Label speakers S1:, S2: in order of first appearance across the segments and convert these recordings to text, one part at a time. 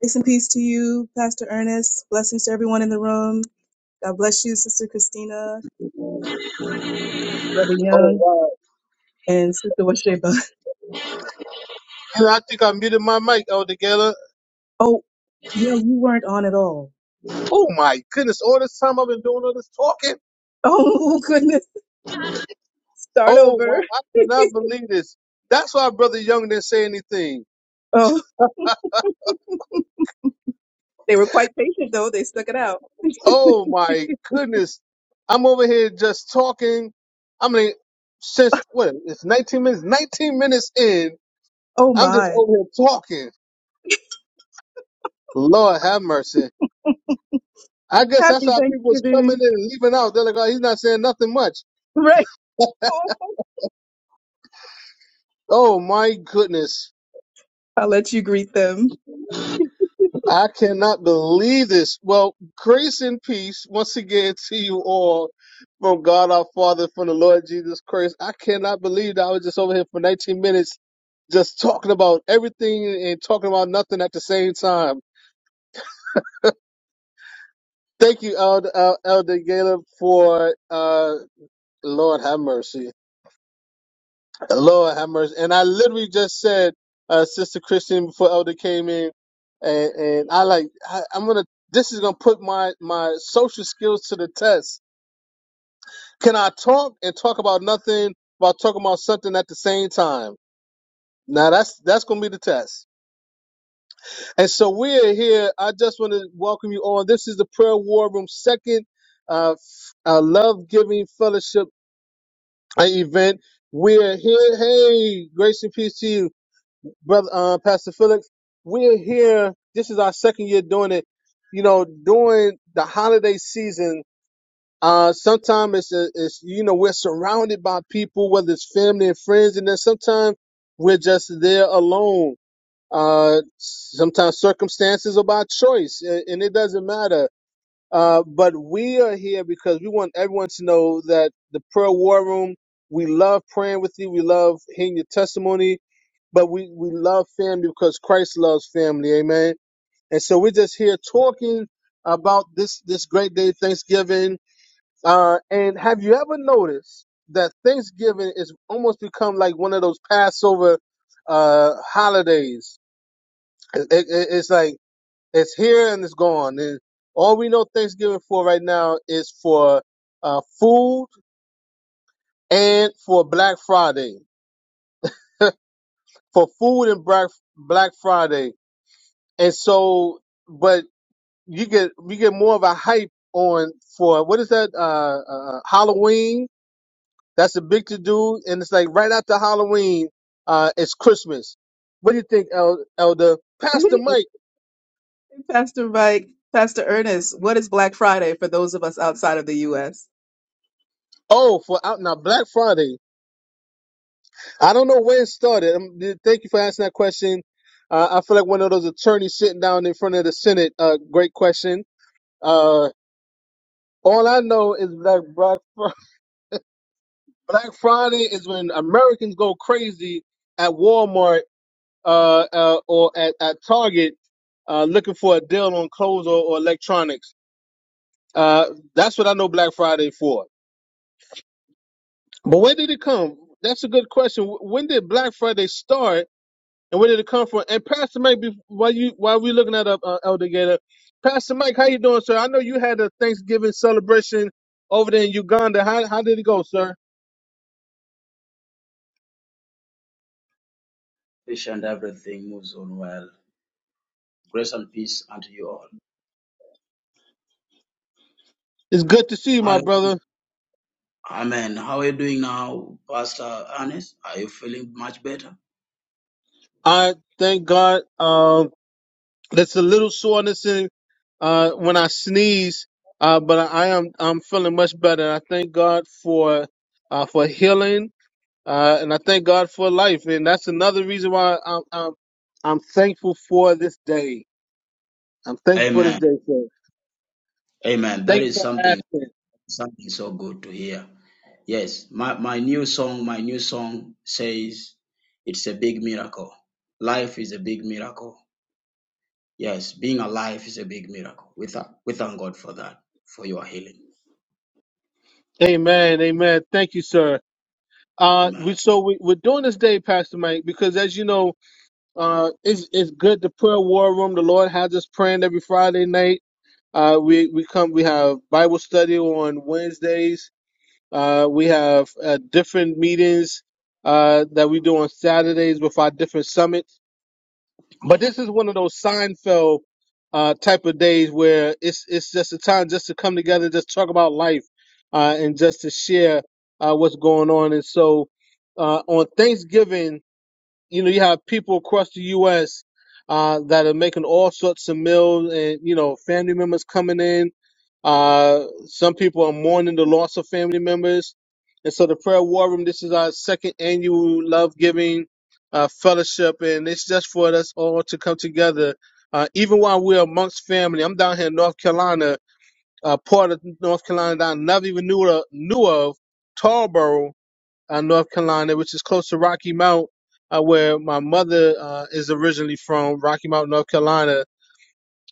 S1: Grace and peace to you, Pastor Ernest. Blessings to everyone in the room. God bless you, Sister Christina, Brother
S2: Oh
S1: Young,
S2: wow.
S1: and Sister Washeba.
S2: And I think I muted my mic altogether.
S1: Oh, yeah, you weren't on at all.
S2: Oh my goodness, all this time I've been doing all this talking.
S1: Oh, goodness. Start
S2: Oh wow,
S1: over.
S2: I cannot believe this. That's why Brother Young didn't say anything.
S1: Oh, they were quite patient, though. They stuck it out.
S2: Oh my goodness. I'm over here just talking. I mean, since what it's 19 minutes, 19 minutes in,
S1: Oh,
S2: I'm just
S1: my.
S2: over here talking. Lord have mercy. I guess that's
S1: Happy
S2: how people was coming
S1: Thanksgiving.
S2: in and leaving out. They're like, oh, he's not saying nothing much.
S1: Right. Oh,
S2: Oh my goodness.
S1: I'll let you greet them.
S2: I cannot believe this. Well, grace and peace once again to you all from God our Father, from the Lord Jesus Christ. I cannot believe that I was just over here for 19 minutes just talking about everything and talking about nothing at the same time. Thank you, Elder, El- Elder Gaylor, for uh, Lord have mercy. Lord have mercy. And I literally just said, uh, Sister Christian, before Elder came in, and, and I like, I, I'm going to this is gonna put my my social skills to the test Can I talk and talk about nothing while talking about something at the same time? Now that's that's gonna be the test. And so we're here. I just want to welcome you all. This is the Prayer War Room second uh, f- uh love giving fellowship uh, event. We're here. Hey, grace and peace to you, brother uh, Pastor Felix. We're here. This is our second year doing it. You know, during the holiday season, Uh, sometimes it's, a, it's, you know, we're surrounded by people, whether it's family and friends, and then sometimes we're just there alone. Uh, sometimes circumstances are by choice, a- and it doesn't matter. Uh, but we are here because we want everyone to know that the prayer war room, we love praying with you. We love hearing your testimony, but we, we love family because Christ loves family. Amen. And so we're just here talking about this, this great day, Thanksgiving uh, and have you ever noticed that Thanksgiving is almost become like one of those Passover uh, holidays? It, it, it's like it's here and it's gone. And all we know Thanksgiving for right now is for uh, food and for Black Friday, for food and Black Black Friday. And so, but you get we get more of a hype on for what is that uh, uh, uh, Halloween? That's a big to do, and it's like right after Halloween, uh, it's Christmas. What do you think, El- Elder Pastor Mike?
S1: Pastor Mike, Pastor Ernest, what is Black Friday for those of us outside of the U.S.?
S2: Oh, for out now Black Friday. I don't know where it started. Um, th- thank you for asking that question. Uh, I feel like one of those attorneys sitting down in front of the Senate. Uh, great question. Uh, all I know is Black Black Fri- Black Friday is when Americans go crazy at Walmart uh, uh, or at, at Target uh, looking for a deal on clothes or, or electronics. Uh, that's what I know Black Friday for. But where did it come? That's a good question. Wh- When did Black Friday start, and where did it come from? And Pastor Mike, bef- while you while we looking at up uh, Elder Gator, Pastor Mike, how you doing, sir? I know you had a Thanksgiving celebration over there in Uganda. How how did it go, sir?
S3: Fish and everything moves on well. Grace and peace unto you all.
S2: It's good to see you, my
S3: Hi,
S2: brother.
S3: Amen. How are you doing now, Pastor Ernest? Are you feeling much better?
S2: I thank God. Um, there's a little soreness in uh when I sneeze, uh, but I, I am I'm feeling much better. I thank God for uh for healing uh, and I thank God for life. And that's another reason why I'm I'm, I'm thankful for this day. I'm thankful for this
S3: Amen.
S2: day, sir.
S3: Amen. That
S2: Thank you
S3: is
S2: for
S3: something
S2: asking.
S3: something so good to hear. Yes, my, my new song, my new song says it's a big miracle. Life is a big miracle. Yes, being alive is a big miracle. We, thank we thank God for that, for your healing.
S2: Amen. Amen. Thank you, sir. Uh, we
S3: Amen.
S2: so we, we're doing this day, Pastor Mike, because as you know, uh, it's it's good. The prayer war room. The Lord has us praying every Friday night. Uh, we we come. We have Bible study on Wednesdays. Uh, we have uh, different meetings uh, that we do on Saturdays with our different summits But this
S3: Yes.
S2: is one of those Seinfeld uh, type of days where it's it's just a time just to come together, and just talk about life, uh, and just to share uh, what's going on. And so uh, on Thanksgiving, you know, you have people across the U.S. Uh, that are making all sorts of meals, and you know, family members coming in uh, some people are mourning the loss of family members. And so the prayer war room, this is our second annual love giving uh, fellowship. And it's just for us all to come together. Uh, even while we're amongst family, I'm down here in North Carolina, uh, part of North Carolina that I never even knew, of- knew of, Tarboro, uh, North Carolina, which is close to Rocky Mount, uh, where my mother uh, is originally from, Rocky Mount, North Carolina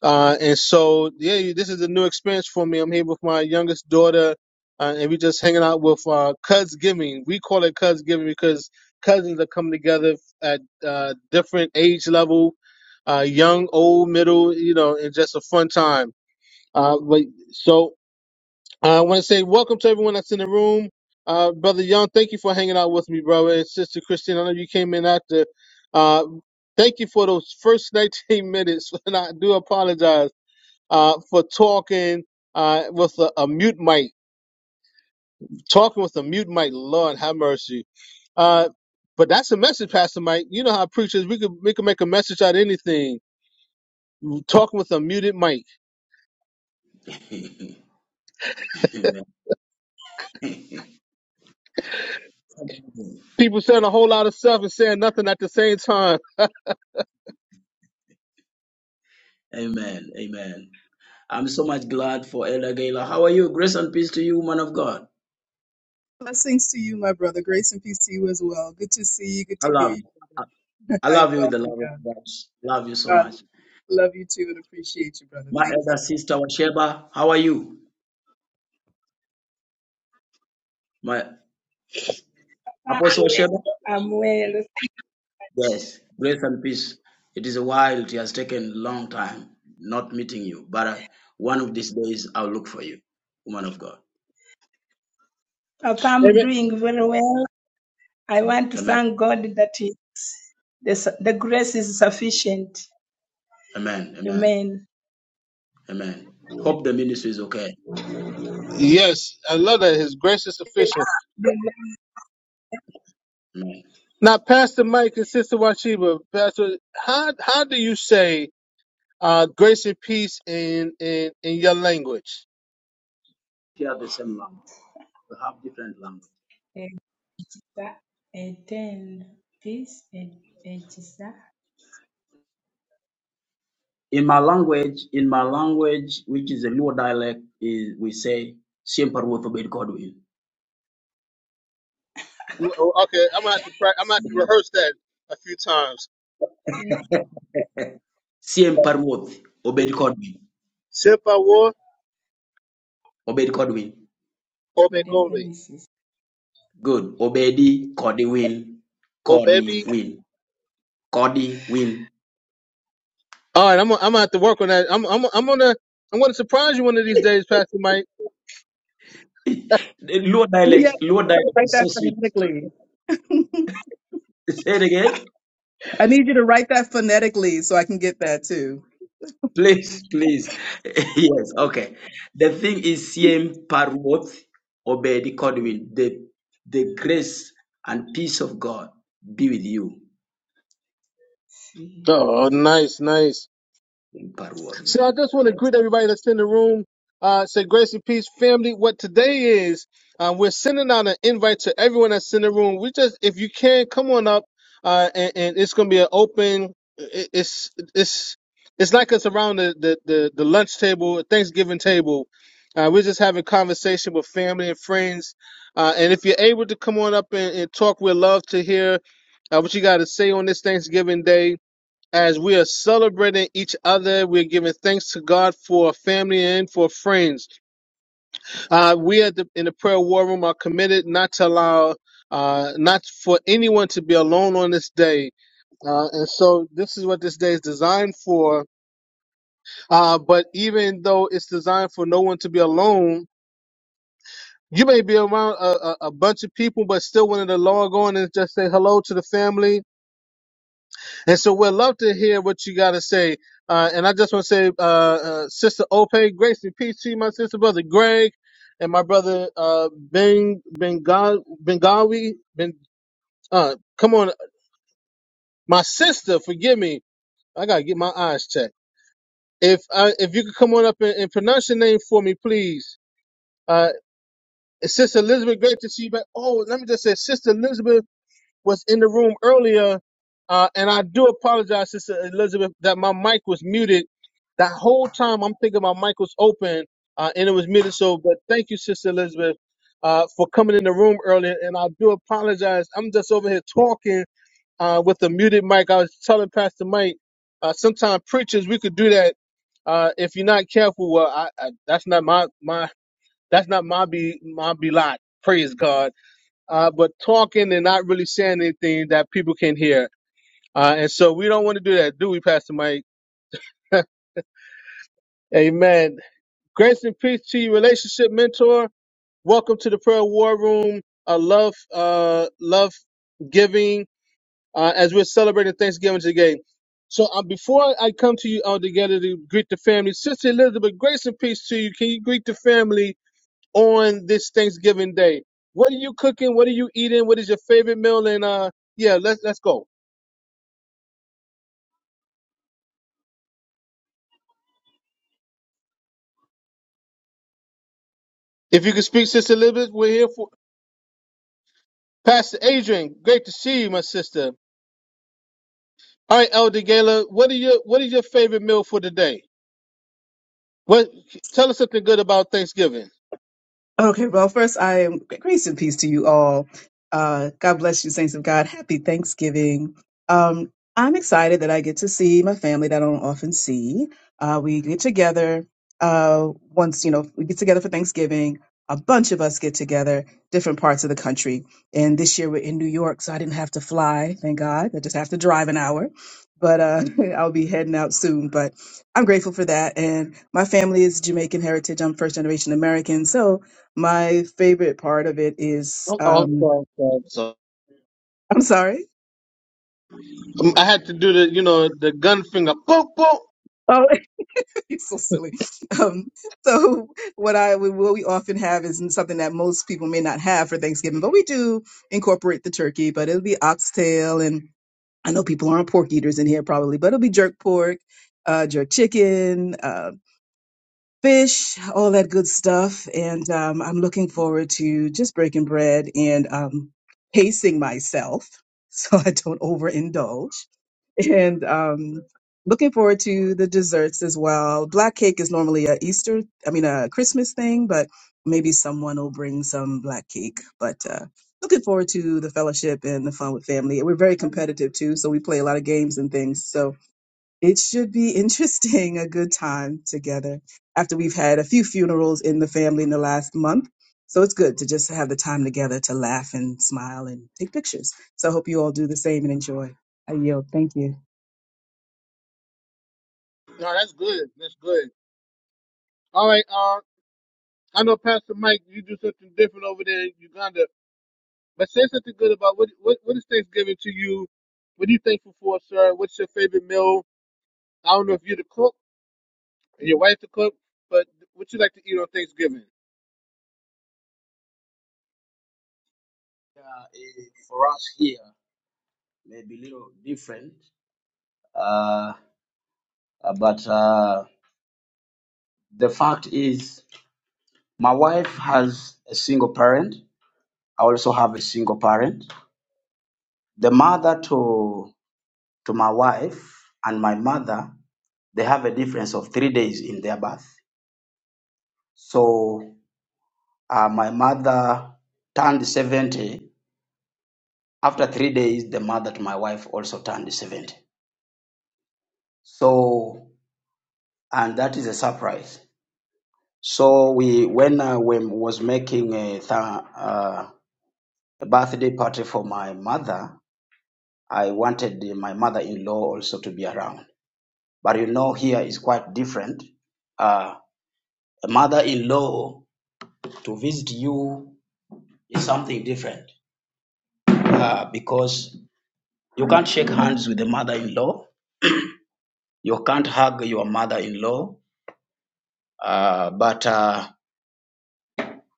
S2: uh, and so, yeah, this is a new experience for me. I'm here with my youngest daughter, uh, and we just hanging out with uh, Giving. We call it Giving because cousins are coming together at uh, different age level, uh, young, old, middle, you know, and just a fun time. Uh, but so uh, I want to say welcome to everyone that's in the room. Uh, brother Young, thank you for hanging out with me, brother, and sister Christine. I know you came in after. Uh, thank you for those first 19 minutes, and I do apologize uh, for talking uh, with a, a mute mic. Talking with a mute mic, Lord have mercy. Uh, but that's a message, Pastor Mike. You know how preachers we could we could make a message out of anything. Talking with a muted mic.
S3: Amen.
S2: People saying a whole lot of stuff and saying nothing at the same time.
S3: Amen. Amen. I'm so much glad for Elder Gala. How are you? Grace and peace to you, man of God.
S1: Blessings to you, my brother. Grace and peace to you as well. Good to see you. Good
S3: I
S1: to hear
S3: love
S1: you.
S3: you. I
S1: brother.
S3: I
S1: I
S3: love you with the
S1: welcome
S3: love of
S1: God.
S3: God. Love you so
S1: God,
S3: much.
S1: love you too and appreciate you, brother.
S3: My
S1: Thank
S3: elder
S1: you.
S3: sister Washeba, how are you? My apostle
S4: I'm well.
S3: Washeba?
S4: I'm well.
S3: Yes. Grace and peace. It is a while. It has taken a long time not meeting you, but I, one of these days I'll look for you, woman of God.
S4: Papa, I'm
S2: Amen.
S4: doing very well. I want to
S3: Amen.
S4: thank God that he, the, su- the grace is sufficient.
S3: Amen. Amen.
S4: Amen.
S3: Amen. Hope the ministry is okay.
S2: Yes, I love that. His grace is sufficient.
S3: Amen.
S2: Now, Pastor Mike and Sister Washiba, Pastor, how how do you say uh, grace and peace in in in your language?
S3: Share the same language. We have different language.
S4: Ekiza- Eten, peace, e- ekiza,
S3: In my language, in my language, which is a Luo dialect, is we say "Siem Parwoth Obed Kodwin."
S2: Well, Oh, Okay, I'm gonna have to prac- I'm gonna have to
S4: si-
S2: rehearse that a few times.
S4: si-
S3: Siem Parwoth Obed Kodwin.
S2: Por favor,
S3: Obed Kodwin.
S2: obedecome.
S4: idembenesis.
S3: Good. Obedi Kodiwin.
S2: Oh baby.
S3: Kodiwin. Kodiwin.
S2: All right, I'm gonna, I'm gonna have to work on that. I'm I'm I'm gonna I'm gonna surprise you one of these days, Pastor Mike.
S3: The Luo
S1: Yes,
S3: dialects, Luo
S1: you gotta
S3: dialect
S1: write
S3: is so
S1: that
S3: sweet.
S1: phonetically.
S3: Say it again,
S1: I need you to write that phonetically so I can get that too.
S3: please, please. yes. Okay. The thing is Siem Parwoth Obed Kodwin. The the grace and peace of God be with you.
S4: Si-
S2: Oh, nice, nice.
S3: in
S4: si.
S3: Parworth.
S2: So I just want to
S3: Yes.
S2: greet everybody that's in the room. Uh, say grace and peace, family. What today is, um, we're sending out an invite to everyone that's in the room. We just, if you can, come on up, uh, and, and it's gonna be an open. it- It's it's it's like us around the the the, the lunch table, Thanksgiving table. Uh, we're just having conversation with family and friends. Uh, and if you're able to come on up and, and talk, we'd love to hear uh, what you got to say on this Thanksgiving Day as we are celebrating each other. We're giving thanks to God for family and for friends. Uh, we at the, in the prayer war room are committed not to allow, uh, not for anyone to be alone on this day. Uh, and so this is what this day is designed for. Uh, but even though it's designed for no one to be alone, you may be around a, a, a bunch of people, but still wanted to log on and just say hello to the family And so we'd love to hear what you got to say. Uh, and I just want to say, uh, uh, Sister Ope, Grace and peace to you, my sister, brother Greg, and my brother uh, Ben Benga- Bengawi. Ben, uh, come on, my sister, forgive me. I gotta get my eyes checked. If I, if you could come on up and, and pronounce your name for me, please. Uh, Sister Elizabeth, great to see you back. Oh, let me just say, Sister Elizabeth. was in the room earlier, uh, and I do apologize, Sister Elizabeth, that my mic was muted. That whole time I'm thinking my mic was open uh, and it was muted. So, but thank you, Sister Elizabeth, uh, for coming in the room earlier. And I do apologize. I'm just over here talking uh, with the muted mic. I was telling Pastor Mike, uh, sometimes preachers we could do that uh, if you're not careful. Well, I, I, that's not my my that's not my be my be lot. Praise God uh, but talking and not really saying anything that people can hear. Uh, and so we don't want to do that, do we, Pastor Mike? Amen. Grace and peace to you, relationship mentor. Welcome to the prayer war room. Uh, love, uh, love giving uh, as we're celebrating Thanksgiving today. So uh, before I come to you all together to greet the family, Sister Elizabeth, grace and peace to you. Can you greet the family on this Thanksgiving day? What are you cooking? What are you eating? What is your favorite meal? And uh, yeah, let's let's go. If you could speak, Sister Elizabeth, we're here for Pastor Adrian. Great to see you, my sister. All right, Elder Gala, what are your what is your favorite meal for today? What tell us something good about Thanksgiving.
S1: Okay, well, first, I am grace and peace to you all. Uh, God bless you, saints of God. Happy Thanksgiving. Um, I'm excited that I get to see my family that I don't often see. Uh, we get together uh, once, you know, we get together for Thanksgiving. A bunch of us get together, different parts of the country. And this year we're in New York, so I didn't have to fly, thank God. I just have to drive an hour. But uh, I'll be heading out soon. But I'm grateful for that. And my family is Jamaican heritage. I'm first generation American. So my favorite part of it is,
S2: Oh, oh,
S1: um,
S2: sorry, sorry, sorry.
S1: I'm sorry.
S2: Um, I had to do the you know the gun finger. Boop boop.
S1: Oh, it's so silly. Um, so what I we, what we often have is something that most people may not have for Thanksgiving, but we do incorporate the turkey. But it'll be oxtail, and I know people aren't pork eaters in here probably, but it'll be jerk pork, uh, jerk chicken, uh, fish, all that good stuff. And um, I'm looking forward to just breaking bread and um, pacing myself so I don't overindulge and um, looking forward to the desserts as well. Black cake is normally a Easter, I mean a Christmas thing, but maybe someone will bring some black cake. But uh, looking forward to the fellowship and the fun with family. We're very competitive too, so we play a lot of games and things. So it should be interesting, a good time together after we've had a few funerals in the family in the last month. So it's good to just have the time together to laugh and smile and take pictures. So I hope you all do the same and enjoy. I yield. Thank you.
S2: No, that's good. That's good. All right. Uh, I know Pastor Mike, you do something different over there in Uganda, but say something good about what what, what is Thanksgiving to you? What are you thankful for, sir? What's your favorite meal? I don't know if you're the cook. And your wife to cook, but what you like to eat on Thanksgiving?
S3: Uh, eh, for us here maybe a little different, uh, uh, but uh, the fact is, my wife has a single parent. I also have a single parent. The mother to to my wife and my mother, they have a difference of three days in their birth. So uh, my mother turned seventy. After three days, the mother to my wife also turned seventy. So and that is a surprise So we, when I when was making a th- uh, a birthday party for my mother, I wanted my mother-in-law also to be around. But you know, here is quite different. Uh, a mother-in-law to visit you is something different uh, because you can't shake hands with the mother-in-law, you can't hug your mother-in-law, uh, but uh,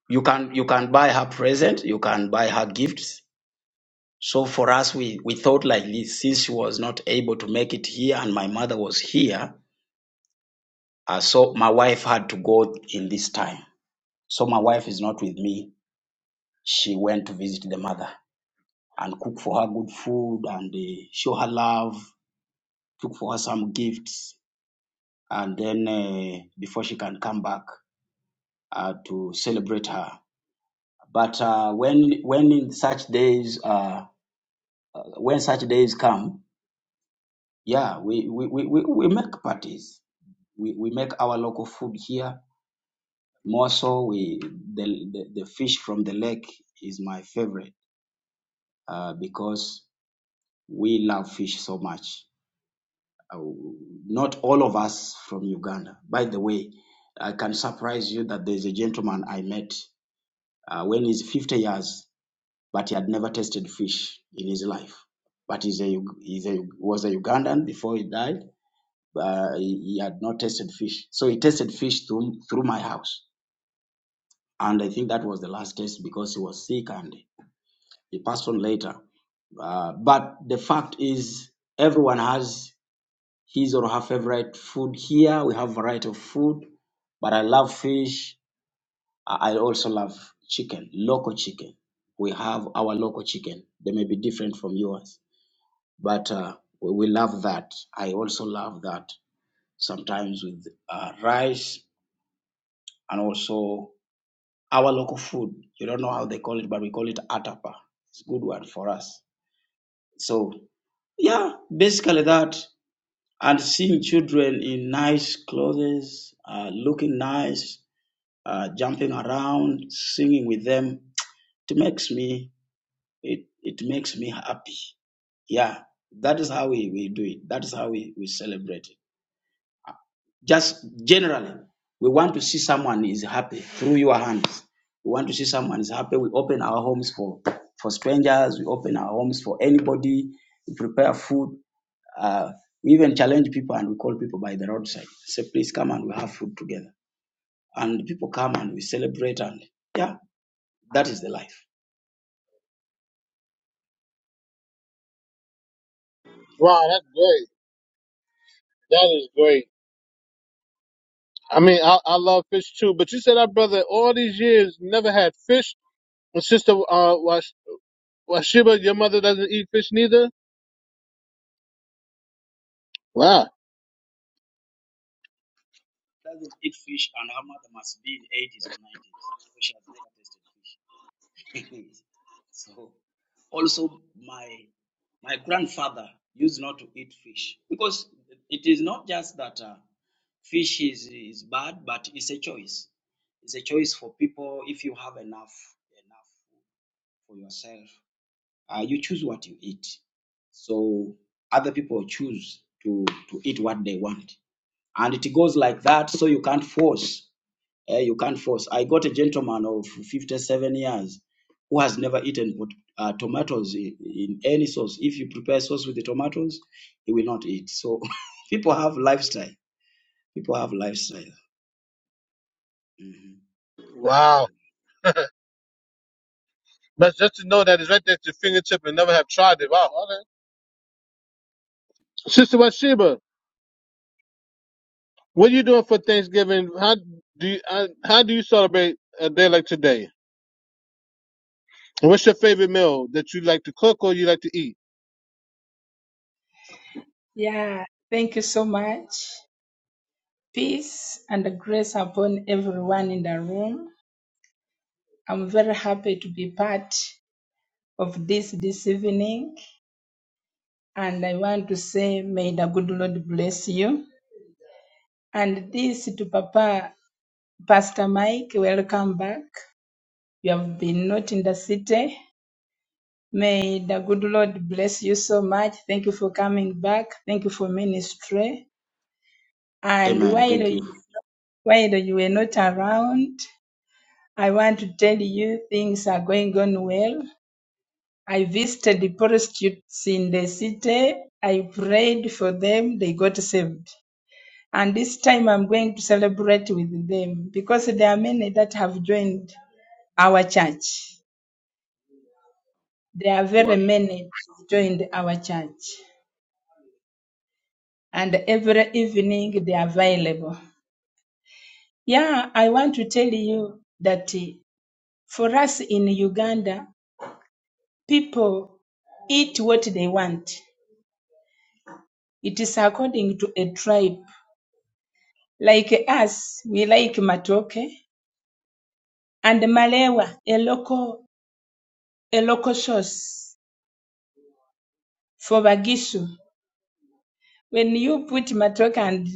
S3: you can you can buy her present, you can buy her gifts, So for us, we, we thought like this, since she was not able to make it here and my mother was here, uh, so my wife had to go in this time. So my wife is not with me. She went to visit the mother and cook for her good food and uh, show her love, cook for her some gifts, and then uh, before she can come back uh, to celebrate her. But uh, when when in such days uh, when such days come, yeah, we, we, we, we we make parties we, we make our local food here. More so, we the, the, the fish from the lake is my favorite uh, because we love fish so much. Uh, not all of us from Uganda. By the way, I can surprise you that there's a gentleman I met uh, when he's 50 years, but he had never tasted fish in his life. But he's a, he's a was a Ugandan before he died. Uh, he, he had not tasted fish, so he tasted fish through through my house And I think that was the last test because he was sick and he passed on later. Uh, but the fact is, everyone has his or her favorite food here. We have variety of food, but I love fish. I I also love chicken, local chicken. We have our local chicken. They may be different from yours, but uh, we, we love that. I also love that sometimes with uh, rice and also Our local food, you don't know how they call it, but we call it atapa. It's a good one for us. So yeah, basically that. And seeing children in nice clothes, uh, looking nice, uh, jumping around, singing with them, it makes me it it makes me happy. Yeah, that is how we, we do it. That is how we, we celebrate it. Just generally, we want to see someone is happy through your hands. We want to see someone is happy. We open our homes for for strangers. We open our homes for anybody. We prepare food. Uh, we even challenge people and we call people by the roadside. Say, please come and we have food together. And people come and we celebrate and yeah, that is the life.
S2: Wow, that's great. That is great. I mean, I, I love fish too, but you said our brother all these years never had fish. My sister, uh, Wash, Washiba, your mother doesn't eat fish neither. Wow.
S3: Doesn't eat fish and her mother must be in 80s or 90s. She has never tasted fish. so also my my grandfather used not to eat fish because it is not just that uh, fish is, is bad but it's a choice it's a choice for people if you have enough enough for yourself uh, you choose what you eat so other people choose to to eat what they want and it goes like that so you can't force Eh, you can't force. I got a gentleman of 57 years who has never eaten uh, tomatoes in, in any sauce. If you prepare sauce with the tomatoes, he will not eat. So people have lifestyle. People have lifestyle. Mhm.
S2: Wow. But just to know that it's right there at your fingertip and never have tried it. Wow. Okay. Sister Washiba, what are you doing for Thanksgiving? How do you, uh, how do you celebrate a day like today? And what's your favorite meal that you like to cook or you like to eat?
S4: Yeah, thank you so much. Peace and grace upon everyone in the room. I'm very happy to be part of this this evening. And I want to say, may the good Lord bless you. And this to Papa, Pastor Mike, welcome back. You have been not in the city. May the good Lord bless you so much. Thank you for coming back. Thank you for ministry. And
S3: Amen.
S4: while
S3: Thank you.
S4: you, while you were not around, I want to tell you things are going on well. I visited the prostitutes in the city. I prayed for them. They got saved. and this time I'm going to celebrate with them because there are many that have joined our church. There are
S3: Wow.
S4: very many who joined our church, and every evening they are available. Yeah, I want to tell you that eh, for us in Uganda, people eat what they want. It is according to a tribe. Like us, we like matoke and malewa, a local, a local sauce for bagisu. When you put matoke and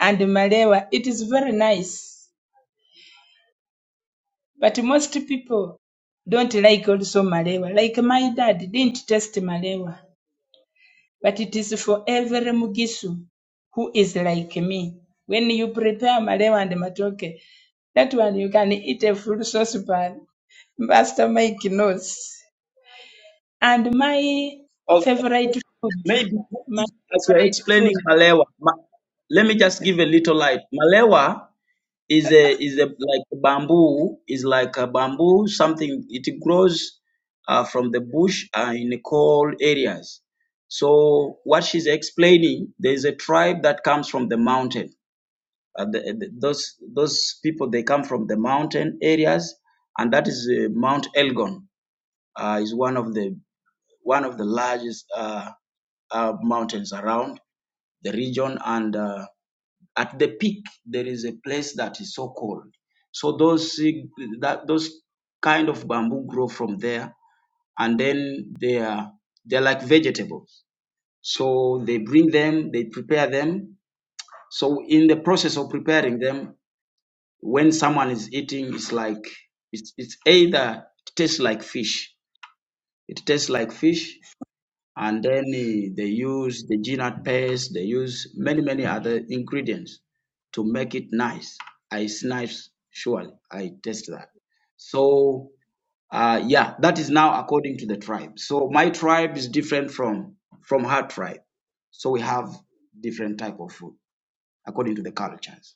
S4: and malewa, it is very nice. But most people don't like also malewa. Like my dad didn't taste malewa, but it is for every mugisu who is like me. When you prepare malewa and matoke, that one you can eat a full saucepan. Master Mike knows. And my
S3: Oh,
S4: favorite food,
S3: maybe
S4: my
S3: as you're
S4: favorite food.
S3: explaining Malewa, ma- let me just give a little light. Malewa is a is a like bamboo is like a bamboo something it grows uh, from the bush uh, in cold areas so what she's explaining there is a tribe that comes from the mountain uh, the, the- those those people they come from the mountain areas and that is uh, mount elgon uh, is one of the one of the largest uh, uh, mountains around the region and uh, at the peak, there is a place that is so cold. So those that those kind of bamboo grow from there, and then they are they're like vegetables. So they bring them, they prepare them. So in the process of preparing them, when someone is eating, it's like it's it's either it tastes like fish. It tastes like fish, and then eh, they use the pears. paste, they use many, many other ingredients to make it nice. I it's nice, surely. I taste that. So, uh, yeah, that is now according to the tribe. So my tribe is different from from her tribe. So we have different type of food according to the cultures.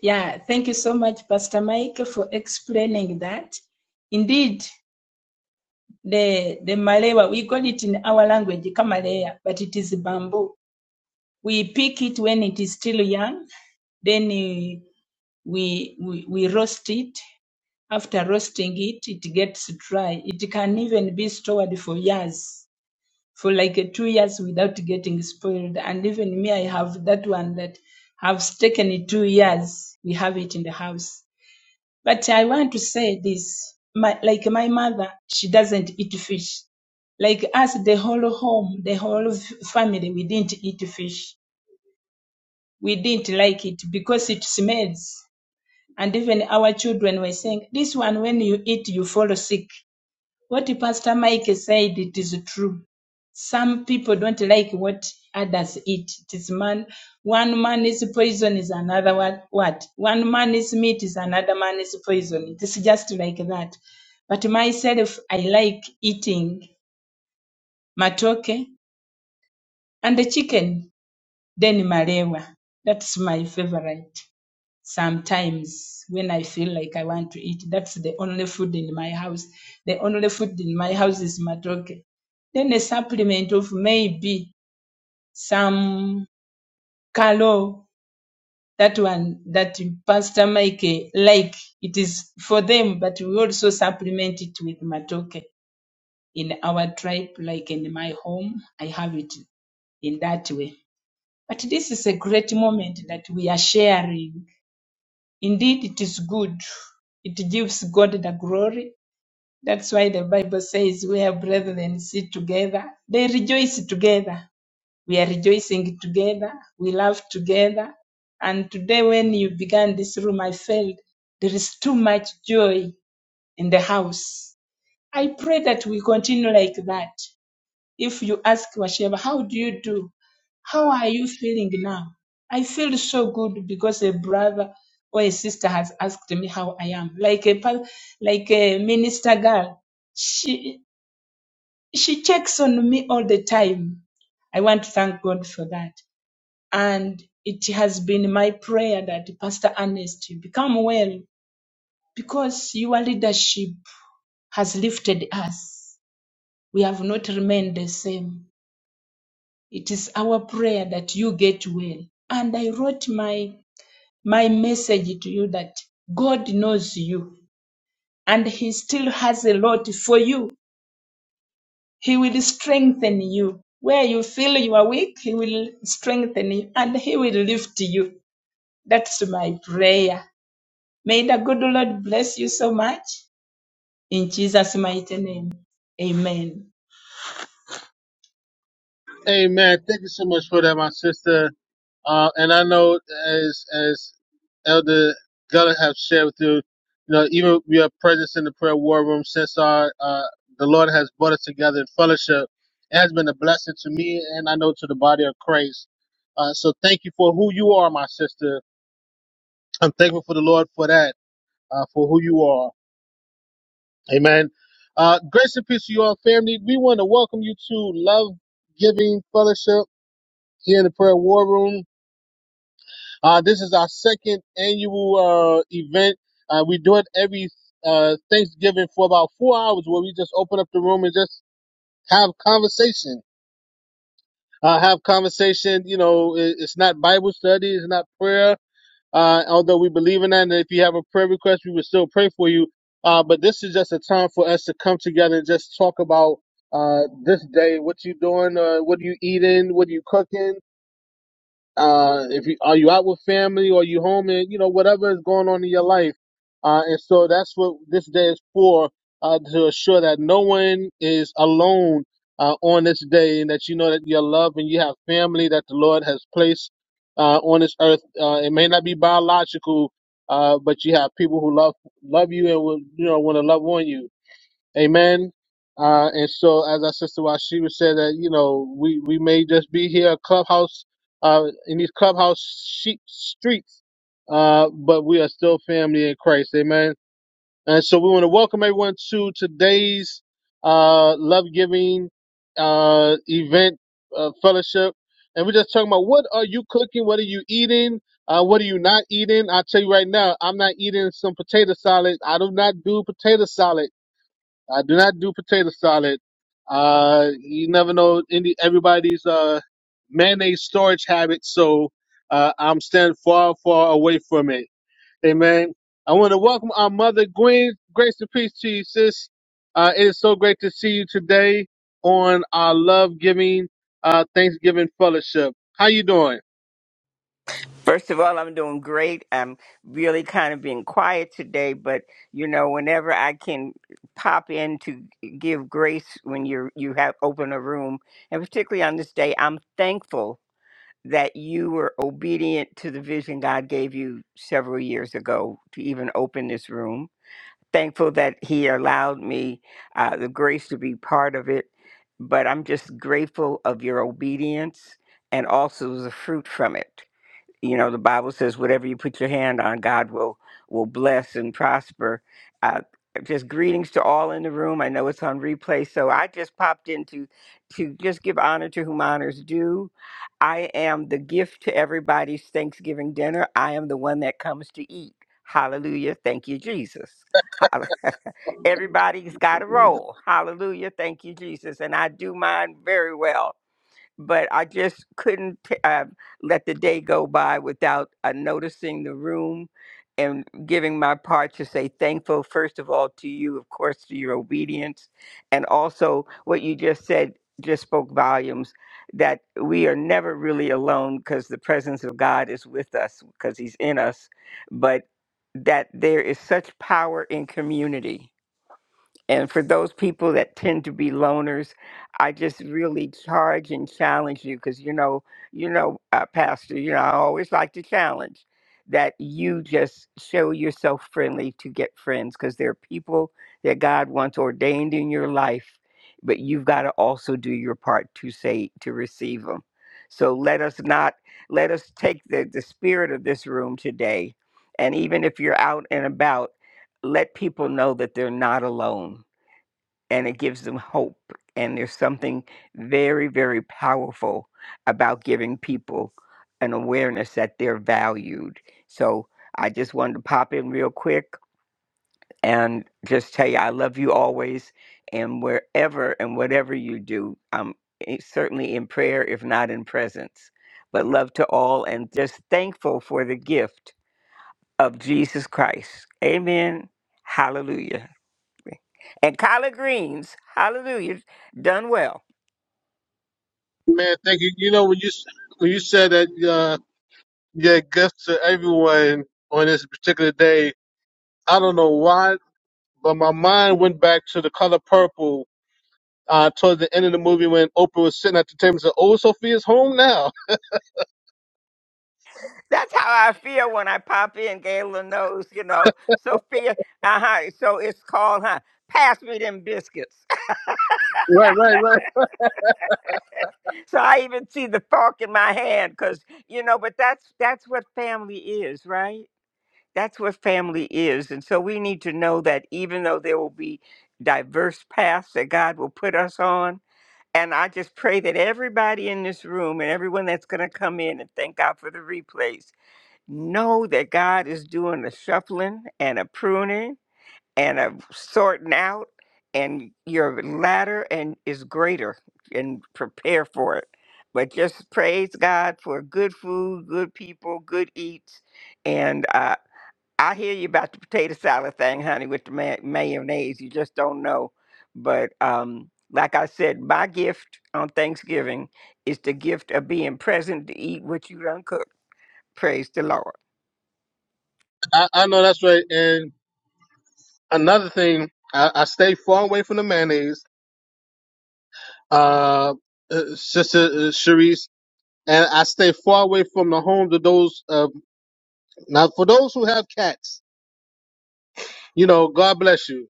S4: Yeah, thank you so much, Pastor Mike, for explaining that. Indeed, the, the malewa, we call it in our language kamalea, but it is bamboo. We pick it when it is still young, then eh, we, we, we roast it. After roasting it, it gets dry. It can even be stored for years, for like eh, two years without getting spoiled. And even me, I have that one that have taken two years. We have it in the house. But I want to say this, my, like my mother, she doesn't eat fish. Like us, the whole home, the whole f- family, we didn't eat fish. We didn't like it because it smells. And even our children were saying, this one, when you eat, you fall sick. What Pastor Mike said, it is true. Some people don't like what others eat. It is man, one man is poison is another one. What? One man is meat is another man is poison. It is just like that. But myself, I like eating matoke and the chicken, then malewa. That's my favorite sometimes when I feel like I want to eat. That's the only food in my house. The only food in my house is matoke. Then a supplement of maybe some kalo, that one that Pastor Mike eh, like. It is for them, but we also supplement it with matoke in our tribe, like in my home. I have it in that way. But this is a great moment that we are sharing. Indeed, it is good. It gives God the glory. That's why the Bible says, Where brethren sit together, they rejoice together. We are rejoicing together. We laugh together. And today, when you began this room, I felt there is too much joy in the house. I pray that we continue like that. If you ask Washeba, how do you do? How are you feeling now? I feel so good because a brother or a sister has asked me how I am. Like a pa- like a minister girl, she she checks on me all the time. I want to thank God for that. And it has been my prayer that Pastor Ernest you become well because your leadership has lifted us. We have not remained the same. It is our prayer that you get well. And I wrote my my message to you that God knows you and he still has a lot for you. He will strengthen you. Where you feel you are weak, he will strengthen you and he will lift you. That's my prayer. May the good Lord bless you so much. In Jesus' mighty name. Amen.
S2: Amen. thank you so much for that, my sister. Uh, and I know as as Elder Geller have shared with you, you know, even we are presence in the prayer war room since our uh, the Lord has brought us together in fellowship. It has been a blessing to me, and I know to the body of Christ. Uh, so thank you for who you are, my sister. I'm thankful for the Lord for that, uh, for who you are. Amen. Uh, grace and peace to you all, family. We want to welcome you to Love Giving Fellowship here in the prayer war room. Uh, this is our second annual uh, event. Uh, we do it every uh, Thanksgiving for about four hours, where we just open up the room and just have conversation. Uh, have conversation. You know, it, it's not Bible study, it's not prayer. Uh, although we believe in that, and if you have a prayer request, we will still pray for you. Uh, but this is just a time for us to come together and just talk about uh, this day. What you doing? Uh, what are you eating? What are you cooking? uh, if you are you out with family or you home and you know whatever is going on in your life, uh, and so that's what this day is for uh, to assure that no one is alone uh, on this day, and that you know that you're loved and you have family that the Lord has placed uh, on this earth. Uh, it may not be biological, uh, but you have people who love love you and will you know want to love on you. Amen. Uh, and so, as our sister Washiba said, that you know, we we may just be here, clubhouse, uh, in these clubhouse sheep streets, uh, but we are still family in Christ. Amen. And so, we want to welcome everyone to today's uh, love giving uh, event uh, fellowship, and we're just talking about what are you cooking, what are you eating. Uh, what are you not eating? I'll tell you right now, I'm not eating some potato salad. I do not do potato salad. I do not do potato salad. Uh, you never know any everybody's uh, mayonnaise storage habits, so uh, I'm staying far, far away from it. Amen. I want to welcome our mother, Gwen. Grace and peace to you, sis. Uh, it is so great to see you today on our love giving uh, Thanksgiving fellowship. How you doing,
S5: First of all, I'm doing great. I'm really kind of being quiet today, but you know, whenever I can pop in to give grace when you you have open a room, and particularly on this day, I'm thankful that you were obedient to the vision God gave you several years ago to even open this room. Thankful that He allowed me uh, the grace to be part of it, but I'm just grateful of your obedience and also the fruit from it you know the bible says whatever you put your hand on god will will bless and prosper uh, just greetings to all in the room i know it's on replay so i just popped in to to just give honor to whom honors due i am the gift to everybody's thanksgiving dinner i am the one that comes to eat hallelujah thank you jesus Hall- everybody's got a role hallelujah thank you jesus and i do mine very well but I just couldn't t- uh, let the day go by without uh, noticing the room and giving my part to say thankful, first of all, to you, of course, to your obedience. And also, what you just said just spoke volumes that we are never really alone because the presence of God is with us because He's in us, but that there is such power in community and for those people that tend to be loners, I just really charge and challenge you because you know, you know, uh, Pastor, you know, I always like to challenge that you just show yourself friendly to get friends because there are people that God wants ordained in your life, but you've got to also do your part to say to receive them. So let us not let us take the, the spirit of this room today. And even if you're out and about, let people know that they're not alone and it gives them hope. And there's something very, very powerful about giving people an awareness that they're valued. So I just wanted to pop in real quick and just tell you I love you always. And wherever and whatever you do, I'm i- certainly in prayer, if not in presence. But love to all and just thankful for the gift of Jesus Christ. Amen. Hallelujah. and collard greens. Hallelujah. Done well.
S2: man? Thank you. You know when you s- when you said that uh, you gave gifts to everyone on this particular day, I don't know why but my mind went back to the color purple uh, toward the end of the movie when Oprah was sitting at the table and said, "Oh, Sophia's home now."
S5: That's how I feel when I pop in, Gayla knows, you know. Sophia, uh-huh. So it's called, huh? Pass me them biscuits.
S2: Right, right, right.
S5: so I even see the fork in my hand because, you know, but that's that's what family is, right? That's what family is. And so we need to know that even though there will be diverse paths that God will put us on, and I just pray that everybody in this room and everyone that's going to come in and thank God for the replays Know that God is doing a shuffling and a pruning and a sorting out, and your ladder and is greater. And prepare for it. But just praise God for good food, good people, good eats, and uh, I hear you about the potato salad thing, honey, with the ma- mayonnaise. You just don't know. But um, like I said, my gift on Thanksgiving is the gift of being present to eat what you done cooked. Praise the Lord.
S2: I, I know that's right. And another thing, I, I stay far away from the mayonnaise, uh, uh, Sister uh, Sharice, and I stay far away from the homes of those. Uh, now, for those who have cats, you know, God bless you.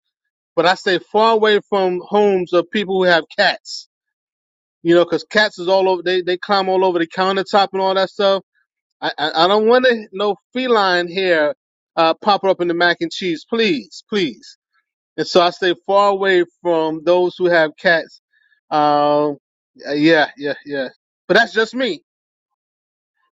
S2: But I stay far away from homes of people who have cats. You know, because cats is all over. They they climb all over the countertop and all that stuff I, I, I don't want to no feline hair uh, pop up in the mac and cheese, please, please. And so I stay far away from those who have cats. Um, yeah, yeah, yeah. yeah. But that's just me.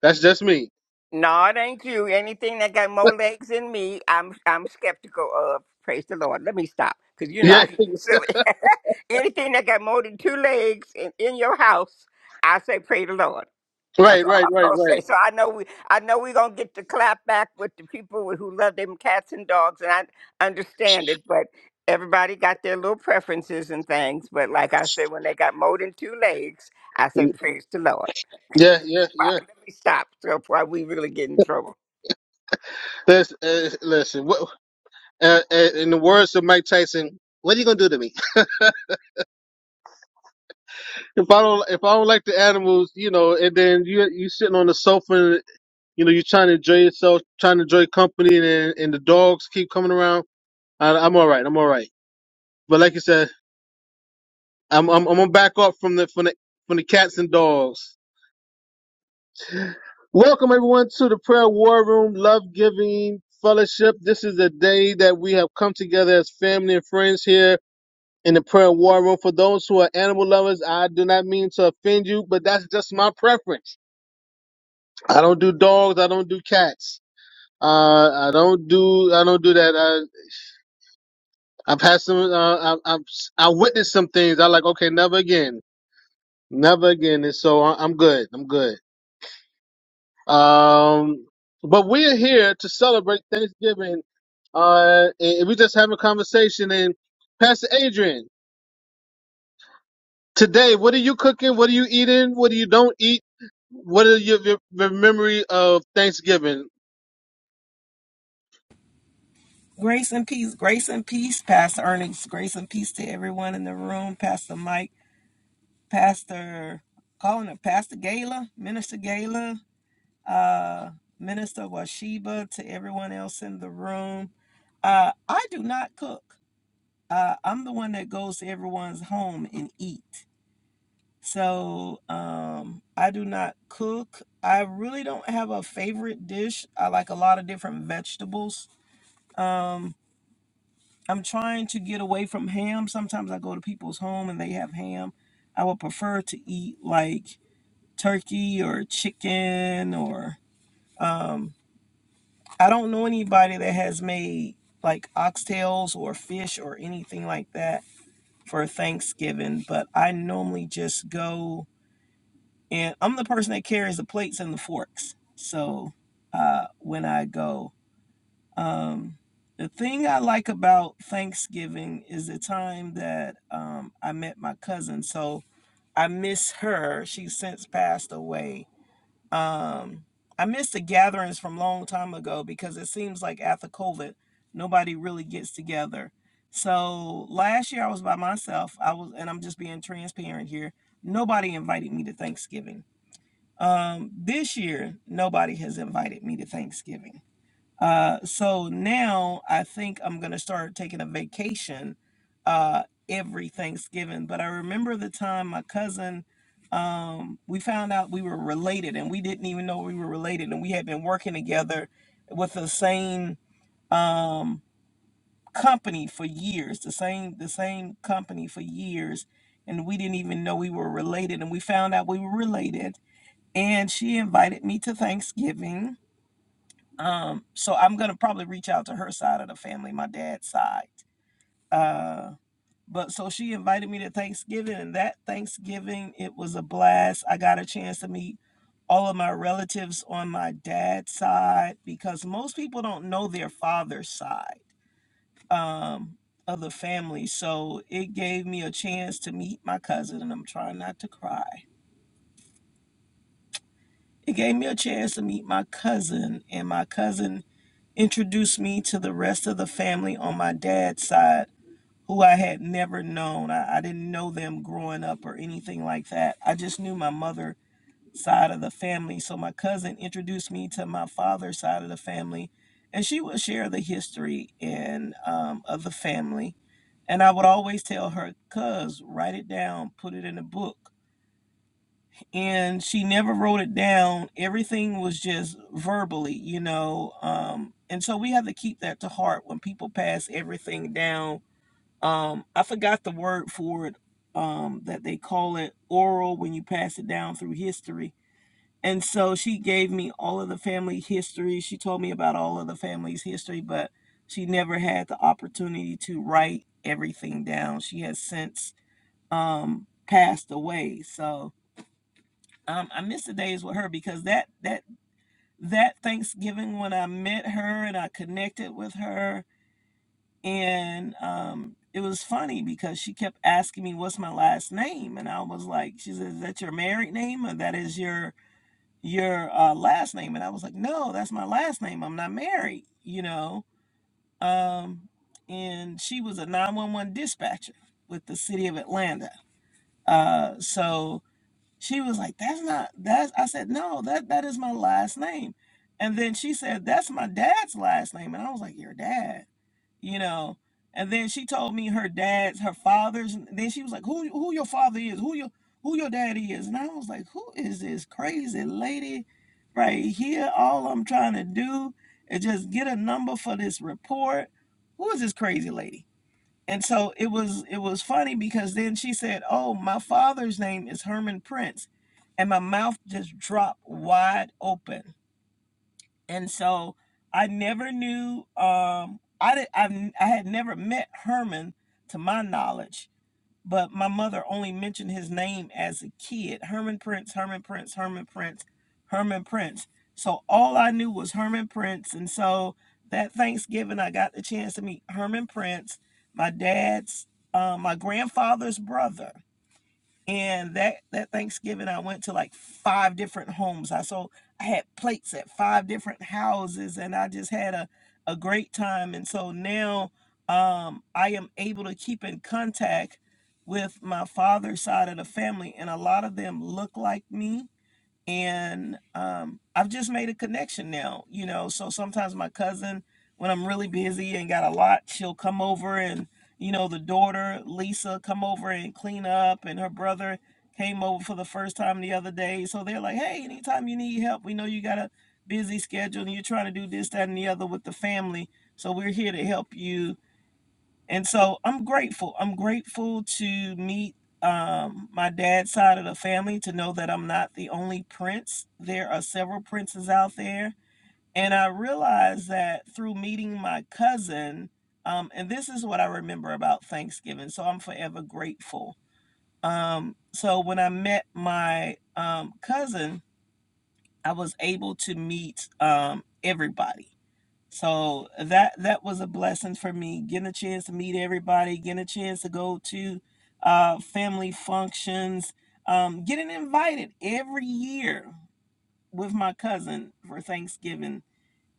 S2: That's just me.
S5: No, it ain't you. Anything that got more legs than me, I'm I'm skeptical of. Praise the Lord. Let me stop, cause you know
S2: Yeah,
S5: I can get silly. Anything that got more than two legs in, in your house, I say praise the Lord.
S2: right,
S5: That's all
S2: right,
S5: I'm
S2: right,
S5: gonna say. So
S2: right.
S5: I know we, I know we're gonna get the clap back with the people who love them cats and dogs, and I understand it. But everybody got their little preferences and things. But like I said, when they got more than two legs, I say praise the Lord.
S2: Yeah, yeah,
S5: Right,
S2: yeah.
S5: let me stop so before we really get in trouble.
S2: Listen, uh, listen. What, uh, uh, in the words of Mike Tyson, what are you gonna do to me if I don't if I don't like the animals, you know? And then you you sitting on the sofa You know, you're trying to enjoy yourself, trying to enjoy company, and and the dogs keep coming around. I, I'm all right. I'm all right. But like you said, I'm I'm, I'm gonna back off from the from the from the cats and dogs. Welcome everyone to the prayer war room, love giving fellowship. This is a day that we have come together as family and friends here in the prayer war room. For those who are animal lovers, I do not mean to offend you, but that's just my preference. I don't do dogs. I don't do cats. Uh, I don't do I don't do that. I've had some. Uh, i I've I witnessed some things. I like. Okay, never again. Never again. And so I, I'm good. I'm good. Um, but we are here to celebrate Thanksgiving. Uh, and and we just having a conversation. And Pastor Adrian, today, what are you cooking? What are you eating? What do you don't eat? What are your, your, your memory of Thanksgiving?
S6: Grace and peace, grace and peace, Pastor Ernest. Grace and peace to everyone in the room. Pastor Mike, Pastor, calling it Pastor Gala, Minister Gala, uh, Minister Washiba, to everyone else in the room. Uh, I do not cook. Uh, I'm the one that goes to everyone's home and eat. So um, I do not cook. I really don't have a favorite dish. I like a lot of different vegetables. Um, I'm trying to get away from ham. Sometimes I go to people's home and they have ham. I would prefer to eat like turkey or chicken or um I don't know anybody that has made like oxtails or fish or anything like that for Thanksgiving, but I normally just go and I'm the person that carries the plates and the forks. So uh when I go. Um, the thing I like about Thanksgiving is the time that um, I met my cousin. So I miss her. She's since passed away. Um, I miss the gatherings from a long time ago because it seems like after COVID, nobody really gets together. So last year I was by myself. I was, and I'm just being transparent here. Nobody invited me to Thanksgiving. Um, this year, nobody has invited me to Thanksgiving uh, so now I think I'm gonna start taking a vacation uh, every Thanksgiving. But I remember the time my cousin, um, we found out we were related, and we didn't even know we were related, and we had been working together with the same um, company for years, the same the same company for years, and we didn't even know we were related, and we found out we were related, and she invited me to Thanksgiving um, so I'm gonna probably reach out to her side of the family, my dad's side. Uh, but so she invited me to Thanksgiving, and that Thanksgiving it was a blast. I got a chance to meet all of my relatives on my dad's side because most people don't know their father's side um, of the family. So it gave me a chance to meet my cousin, and I'm trying not to cry. It gave me a chance to meet my cousin, and my cousin introduced me to the rest of the family on my dad's side who I had never known. I, I didn't know them growing up or anything like that. I just knew my mother side of the family. So my cousin introduced me to my father's side of the family and she would share the history and um, of the family. And I would always tell her, cuz, write it down, put it in a book and she never wrote it down. Everything was just verbally, you know. Um, and so we have to keep that to heart when people pass everything down. Um, I forgot the word for it um, that they call it oral when you pass it down through history. And so she gave me all of the family history. She told me about all of the family's history, but she never had the opportunity to write everything down. She has since um, passed away. So um, I miss the days with her because that that that Thanksgiving when I met her and I connected with her, and um, it was funny because she kept asking me what's my last name, and I was like, she says, "Is that your married name or that is your your uh, last name?" And I was like, "No, that's my last name. I'm not married," you know. Um, and she was a 911 dispatcher with the city of Atlanta. Uh, so She was like, "That's not that's." I said, "No, that that is my last name." And then she said, "That's my dad's last name," and I was like, "Your dad," you know. And then she told me her dad's, her father's. and Then she was like, "Who who your father is? Who your who your daddy is?" And I was like, "Who is this crazy lady right here? All I'm trying to do is just get a number for this report. Who is this crazy lady?" and so it was it was funny because then she said oh my father's name is herman prince and my mouth just dropped wide open and so i never knew um i did, I, I had never met herman to my knowledge but my mother only mentioned his name as a kid Herman Prince, Herman Prince, Herman Prince, Herman Prince. So all I knew was Herman Prince. And so that Thanksgiving, I got the chance to meet Herman Prince, my dad's, uh, my grandfather's brother. And that that Thanksgiving, I went to like five different homes. I so I had plates at five different houses, and I just had a a great time. And so now, um, I am able to keep in contact with my father's side of the family, and a lot of them look like me and um, I've just made a connection now, you know. So sometimes my cousin, when I'm really busy and got a lot, she'll come over and you know the daughter Lisa come over and clean up, and her brother came over for the first time the other day. So they're like, hey, anytime you need help, we know you got a busy schedule and you're trying to do this, that, and the other with the family, so we're here to help you and so I'm grateful. I'm grateful to meet um, my dad's side of the family to know that I'm not the only prince. There are several princes out there. And I realized that through meeting my cousin, um, and this is what I remember about Thanksgiving. So I'm forever grateful. Um, so when I met my um, cousin, I was able to meet um, everybody so that that was a blessing for me, getting a chance to meet everybody, getting a chance to go to uh, family functions, um, getting invited every year with my cousin for Thanksgiving,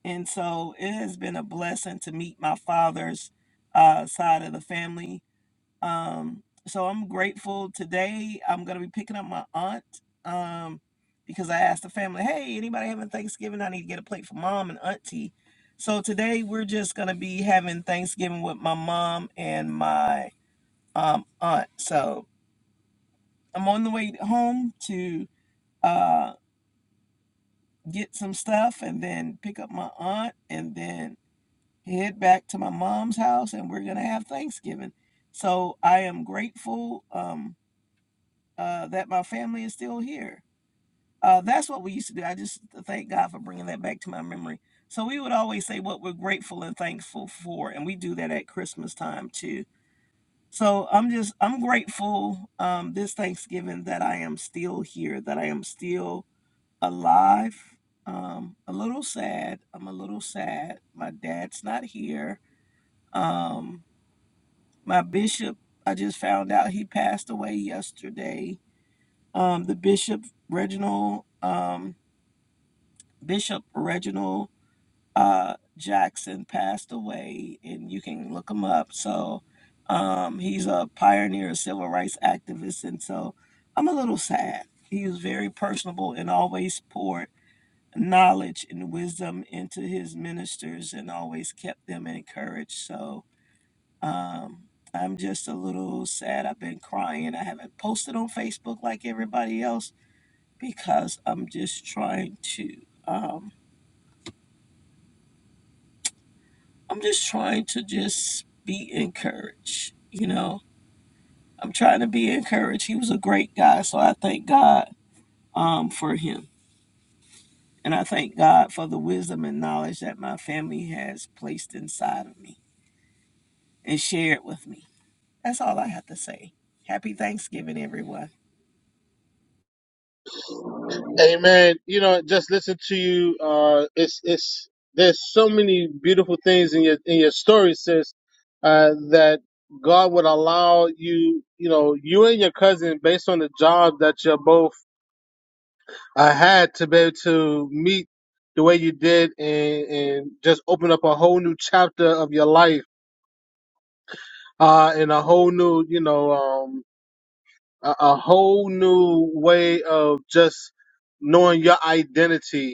S6: and so it has been a blessing to meet my father's uh, side of the family um, so I'm grateful today. I'm gonna be picking up my aunt um, because I asked the family, "Hey, anybody having Thanksgiving? I need to get a plate for mom and auntie." So today we're just gonna be having Thanksgiving with my mom and my um, aunt. So I'm on the way home to uh, get some stuff and then pick up my aunt and then head back to my mom's house and we're gonna have Thanksgiving. So I am grateful. Um, uh, that my family is still here. Uh, that's what we used to do. I just thank God for bringing that back to my memory. So we would always say what we're grateful and thankful for, and we do that at Christmas time too. So I'm just I'm grateful um, this Thanksgiving that I am still here, that I am still alive. Um, a little sad. I'm a little sad. My dad's not here. Um, my bishop, I just found out he passed away yesterday um, the Bishop Reginald um, Bishop Reginald uh, Jackson passed away, and you can look him up. So um, he's a pioneer, civil rights activist, and so I'm a little sad. He was very personable and always poured knowledge and wisdom into his ministers, and always kept them encouraged. So. Um, I'm just a little sad. I've been crying. I haven't posted on Facebook like everybody else because I'm just trying to um I'm just trying to just be encouraged, you know. I'm trying to be encouraged. He was a great guy, so I thank God um for him. And I thank God for the wisdom and knowledge that my family has placed inside of me and shared with me. That's all I have to say. Happy Thanksgiving, everyone.
S2: Amen. You know, just listen to you. Uh, it's it's there's so many beautiful things in your in your story, sis. Uh, that God would allow you, you know, you and your cousin, based on the job that you both uh, had, to be able to meet the way you did, and and just open up a whole new chapter of your life, uh, and a whole new, you know, um, a, a whole new way of just knowing your identity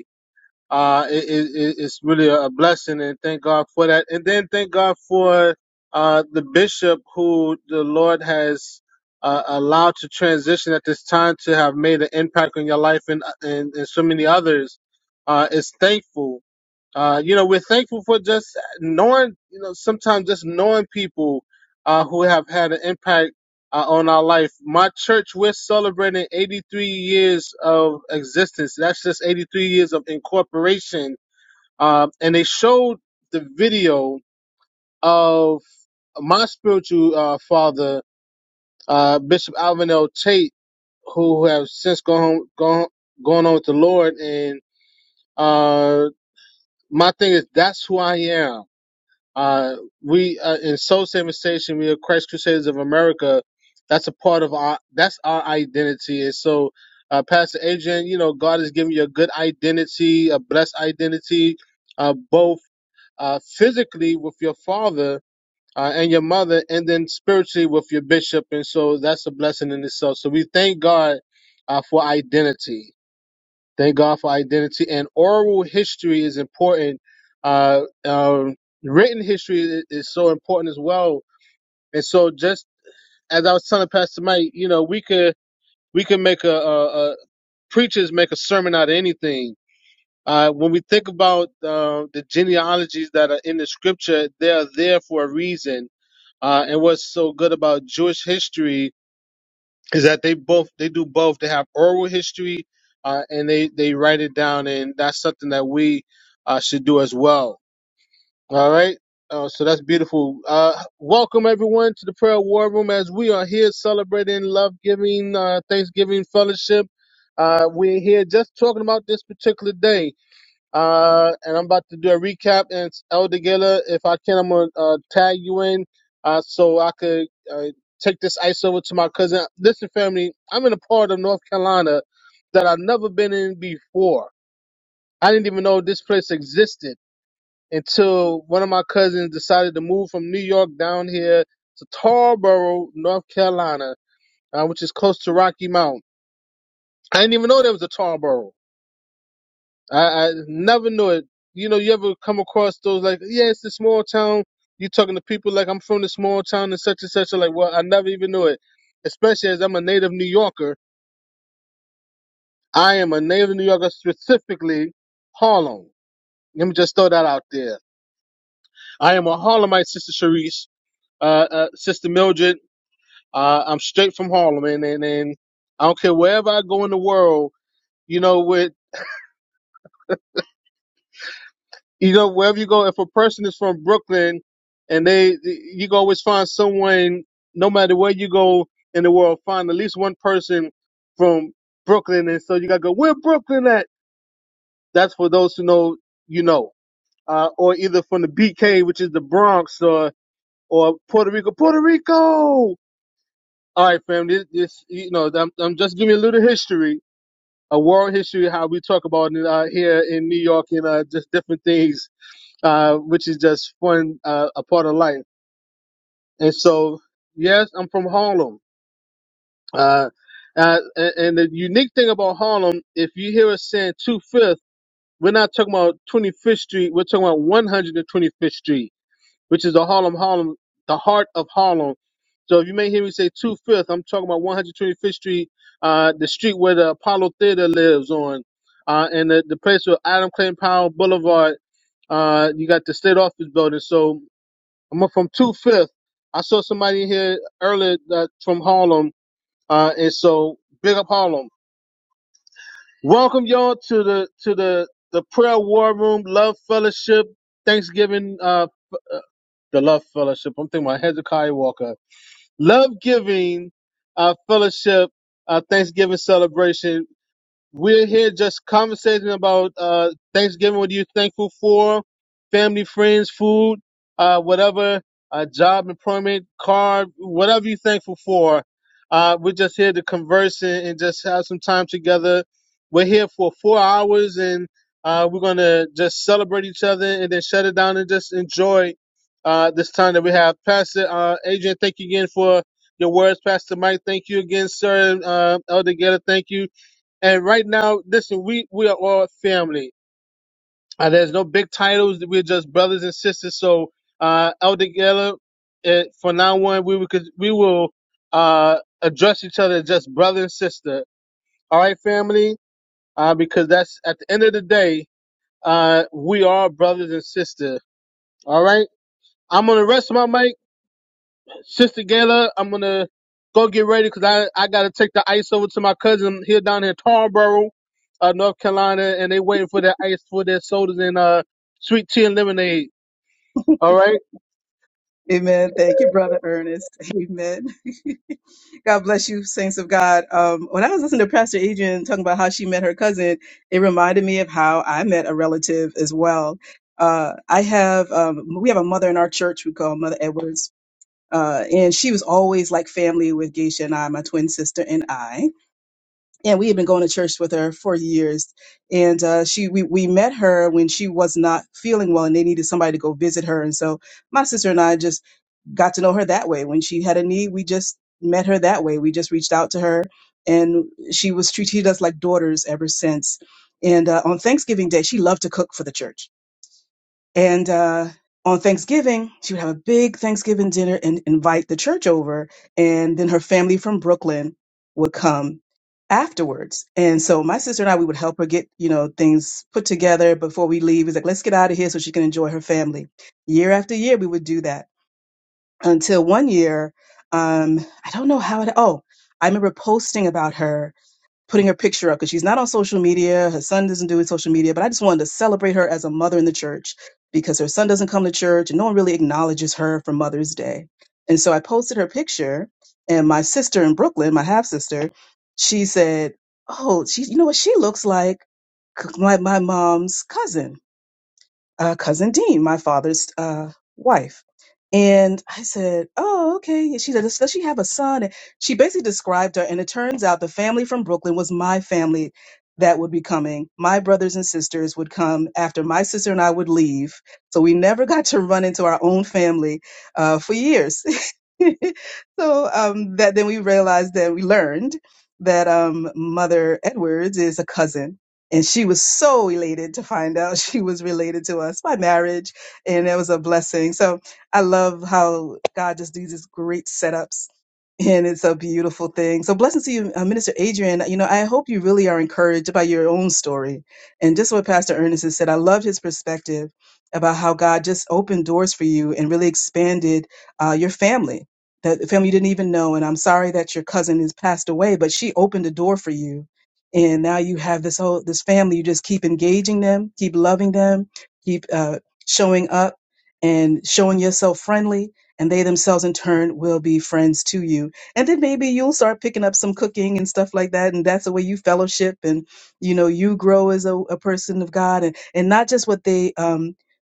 S2: uh, it, it, it- it's really a blessing, and thank God for that. And then thank God for uh, the bishop who the Lord has uh, allowed to transition at this time to have made an impact on your life and and, and so many others. Uh, it's thankful. Uh, you know, we're thankful for just knowing, you know, sometimes just knowing people uh, who have had an impact uh, on our life. My church, we're celebrating 83 years of existence. That's just 83 years of incorporation. Uh, and they showed the video of my spiritual uh, father, uh, Bishop Alvin L. Tate, who have since gone home, gone, gone on with the Lord. And uh, my thing is, that's who I am. Uh, we uh, in Soul Saving Station, we are Christ Crusaders of America. That's a part of our that's our identity. And so, uh, Pastor Adrian, you know, God has given you a good identity, a blessed identity, uh, both uh, physically with your father. Uh, and your mother, and then spiritually with your bishop, and so that's a blessing in itself. So we thank God uh, for identity. Thank God for identity. And oral history is important. Uh, um, written history is, is so important as well. And so, just as I was telling Pastor Mike, you know, we could we could make a, a, a preachers make a sermon out of anything. Uh, when we think about uh, the genealogies that are in the scripture, they are there for a reason. Uh, and what's so good about Jewish history is that they both they do both. They have oral history, uh, and they they write it down, and that's something that we uh, should do as well. All right. Uh, so that's beautiful. Uh, welcome everyone to the prayer war room as we are here celebrating love giving, uh, Thanksgiving fellowship. Uh, we're here just talking about this particular day uh, and I'm about to do a recap. And it's Elder Gaylor, if I can, I'm gonna uh, tag you in, uh, so I could uh, take this ice over to my cousin. Listen, family, I'm in a part of North Carolina that I've never been in before. I didn't even know this place existed until one of my cousins decided to move from New York down here to Tarboro, North Carolina, uh, which is close to Rocky Mount. I didn't even know there was a Tarboro. I, I never knew it. You know, you ever come across those like, yeah, it's a small town. You talking to people like I'm from the small town and such and such. You're like, well, I never even knew it. Especially as I'm a native New Yorker. I am a native New Yorker, specifically Harlem. Let me just throw that out there. I am a Harlemite, Sister Sharice, uh, uh, Sister Mildred. Uh, I'm straight from Harlem, and, and and I don't care wherever I go in the world. You know, with you know, wherever you go, if a person is from Brooklyn and they, you can always find someone, no matter where you go in the world, find at least one person from Brooklyn. And so you gotta go, where Brooklyn at? That's for those who know, you know, uh, or either from the BK, which is the Bronx or, or Puerto Rico, Puerto Rico. All right, fam. This, this you know, I'm, I'm just giving you a little history, a world history, how we talk about it uh, here in New York and uh, just different things uh, which is just fun, uh, a part of life. And so, yes, I'm from Harlem. Uh, uh, and, and the unique thing about Harlem, if you hear us saying two fifth, we're not talking about 25th Street. We're talking about 125th Street, which is the Harlem, Harlem, the heart of Harlem. So if you may hear me say two fifth, I'm talking about 125th Street, uh, the street where the Apollo Theater lives on, uh, and the, the place where Adam Clayton Powell Boulevard. Uh, you got the state office building. So I'm from Two Fifth. I saw somebody in here earlier that from Harlem, uh, and so big up Harlem. Welcome y'all to the to the the prayer war room, love fellowship, Thanksgiving, uh, f- uh, the love fellowship. I'm thinking about Hezekiah Walker, love giving, uh, fellowship, uh, Thanksgiving celebration we're here just conversating about uh, Thanksgiving. What are you thankful for? Family, friends, food, uh, whatever, uh, job, employment, car, whatever you're thankful for. Uh, we're just here to converse and, and just have some time together. We're here for four hours and uh, we're going to just celebrate each other and then shut it down and just enjoy uh, this time that we have. Pastor uh, Adrian, thank you again for your words. Pastor Mike, thank you again, sir. Uh, Elder Getter, thank you. And right now, listen, we we are all family. Uh, there's no big titles. We're just brothers and sisters. So, uh, Elder Geller, uh, for now on, we will cons- we will uh address each other as just brother and sister. All right, family. Uh, because that's at the end of the day, uh, we are brothers and sister. All right. I'm gonna rest my mic. Sister Gayla, I'm gonna go get ready cause I I gotta take the ice over to my cousin here down in Tarboro, uh, North Carolina, and they waiting for their ice for their sodas and uh sweet tea and lemonade. All right,
S1: Amen. Thank you, Brother Ernest. Amen. God bless you, saints of God. Um, when I was listening to Pastor Adrian talking about how she met her cousin, it reminded me of how I met a relative as well. Uh, I have, um, we have a mother in our church we call Mother Edwards. Uh, and she was always like family with Geisha and I, my twin sister and I. And we had been going to church with her for years. And uh, she, we, we met her when she was not feeling well, and they needed somebody to go visit her. And so my sister and I just got to know her that way. When she had a need, we just met her that way. We just reached out to her, and she was she treated us like daughters ever since. And uh, on Thanksgiving Day, she loved to cook for the church. And uh, on Thanksgiving, she would have a big Thanksgiving dinner and invite the church over, and then her family from Brooklyn would come afterwards. And so my sister and I, we would help her get you know things put together before we leave. It's like let's get out of here so she can enjoy her family. Year after year, we would do that until one year, um, I don't know how it, oh, I remember posting about her, putting her picture up because she's not on social media. Her son doesn't do social media, but I just wanted to celebrate her as a mother in the church because her son doesn't come to church and no one really acknowledges her for Mother's Day. And so I posted her picture, and my sister in Brooklyn, my half sister, she said, Oh, she, you know what she looks like? C- My, my mom's cousin uh, cousin Dean, my father's uh, wife. And I said, Oh, okay. And she said, Does does she have a son? And she basically described her. And it turns out the family from Brooklyn was my family that would be coming. My brothers and sisters would come after my sister and I would leave. So we never got to run into our own family uh, for years so um, that then we realized that we learned that um, Mother Edwards is a cousin. And she was so elated to find out she was related to us by marriage. And it was a blessing. So I love how God just does these great setups. And it's a beautiful thing. So blessings to you, uh, Minister Adrian. You know, I hope you really are encouraged by your own story. And just what Pastor Ernest has said, I love his perspective about how God just opened doors for you and really expanded uh, your family that the family you didn't even know. And I'm sorry that your cousin has passed away, but she opened the door for you. And now you have this whole, this family. You just keep engaging them, keep loving them, keep uh, showing up and showing yourself friendly. And they themselves in turn will be friends to you. And then maybe you'll start picking up some cooking and stuff like that. And that's the way you fellowship and, you know, you grow as a, a person of God and, and not just what they, um,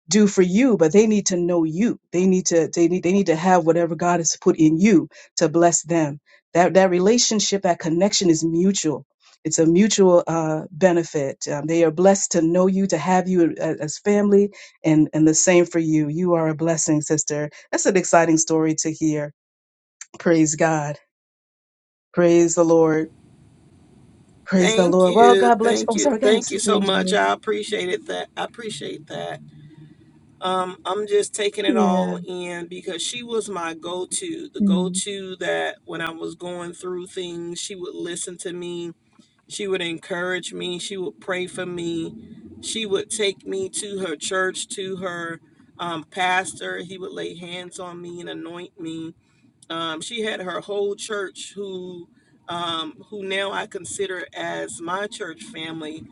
S1: do for you but they need to know you they need to they need they need to have whatever god has put in you to bless them that that relationship that connection is mutual it's a mutual uh, benefit um, they are blessed to know you to have you as, as family and and the same for you you are a blessing sister that's an exciting story to hear praise god praise the lord praise the
S6: Thank
S1: lord well
S6: you.
S1: god bless you
S6: Thank
S1: oh
S6: you.
S1: sorry go ahead
S6: Thank you
S1: sister
S6: so much.
S1: adrian
S6: I appreciate it that I appreciate that. Um, I'm just taking it
S1: yeah
S6: all in because she was my go to, the go
S1: Mm.
S6: to that when I was going through things, she would listen to me, she would encourage me, she would pray for me, she would take me to her church, to her um, pastor. He would lay hands on me and anoint me. Um, she had her whole church who. Um, who now I consider as my church family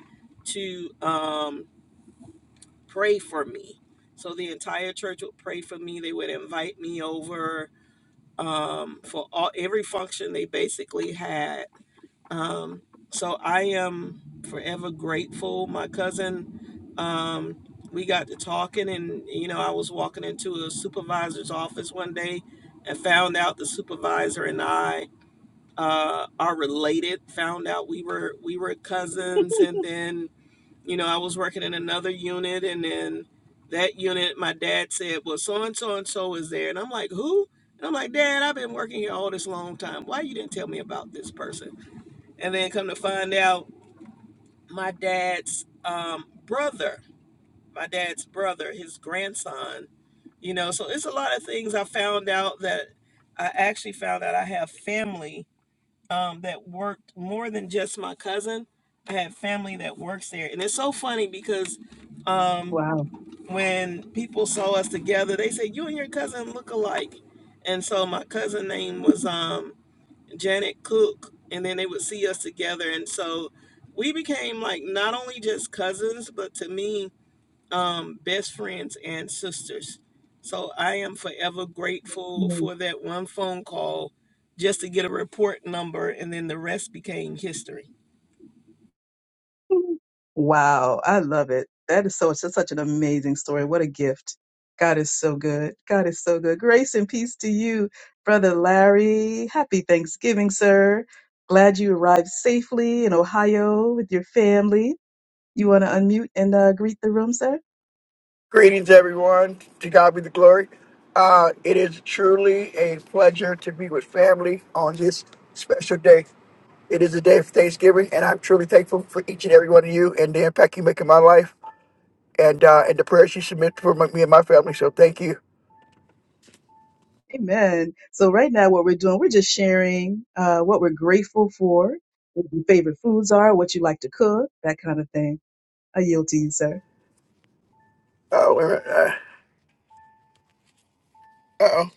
S6: to um, pray for me. So the entire church would pray for me. They would invite me over um, for all every function they basically had. Um, so I am forever grateful. My cousin, um, we got to talking, and you know I was walking into a supervisor's office one day and found out the supervisor and I uh, are related. Found out we were we were cousins, and then you know, I was working in another unit, and then that unit, my dad said, "Well, so and so and so is there," and I'm like, "Who?" And I'm like, "Dad, I've been working here all this long time. Why you didn't tell me about this person?" And then come to find out, my dad's um, brother, my dad's brother, his grandson. You know, so it's a lot of things I found out that I actually found out I have family um, that worked more than just my cousin. I have family that works there, and it's so funny because. Um,
S1: wow
S6: when people saw us together, they said, "You and your cousin look alike." And so my cousin name was um, Janet Cook, and then they would see us together, and so we became like not only just cousins, but to me, um, best friends and sisters. So I am forever grateful for that one phone call, just to get a report number, and then the rest became history.
S1: Wow, I love it. That is so such such an amazing story. What a gift. God is so good. God is so good. Grace and peace to you, brother Larry. Happy Thanksgiving, sir. Glad you arrived safely in Ohio with your family. You want to unmute and uh, greet the room, sir?
S7: Greetings, everyone. To God be the glory. Uh, it is truly a pleasure to be with family on this special day. It is a day of Thanksgiving, and I'm truly thankful for each and every one of you and the impact you make in my life and uh, and the prayers you submit for my, me and my family. So thank you.
S1: Amen. So right now, what we're doing, we're just sharing uh, what we're grateful for, what your favorite foods are, what you like to cook, that kind of thing. I yield to you, sir.
S7: Oh, wait a minute. Uh, uh-oh.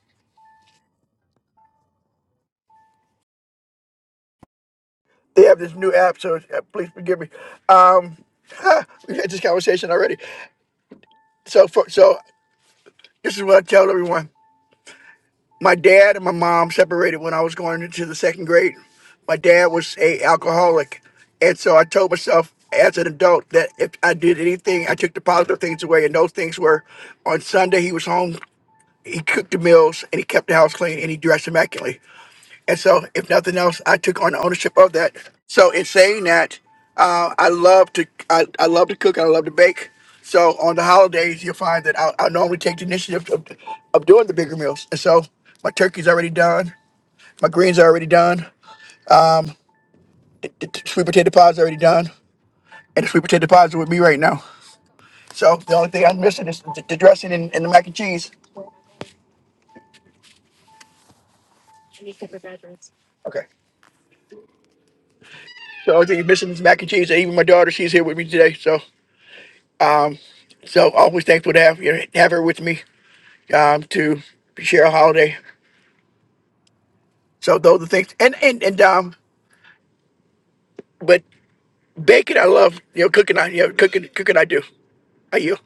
S7: They have this new app, so uh, please forgive me. Um, we had this conversation already. So, for, so this is what I tell everyone. my dad and my mom separated when I was going into the second grade. My dad was a alcoholic, and so I told myself as an adult that if I did anything, I took the positive things away, and those things were on Sunday he was home, he cooked the meals, and he kept the house clean, and he dressed immaculately. And so, if nothing else, I took on ownership of that. So, in saying that, uh, I love to I, I love to cook and I love to bake. So, on the holidays, you'll find that I, I normally take the initiative of, of doing the bigger meals. And so, my turkey's already done, my greens are already done, the t- sweet potato pie's already done, and the sweet potato pies are with me right now. So, the only thing I'm missing is the, the dressing and, and the mac and cheese. Okay. So, the only thing you're missing is mac and cheese. And even my daughter, she's here with me today. So, so always thankful to have, you know, have her with me um, to Cheryl Holiday. So those are the things, and and and um, but baking I love. You know, cooking I you know cooking cooking I do. I you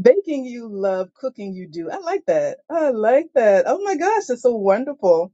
S1: Baking you love, cooking you do. I like that. I like that. Oh my gosh, that's so wonderful.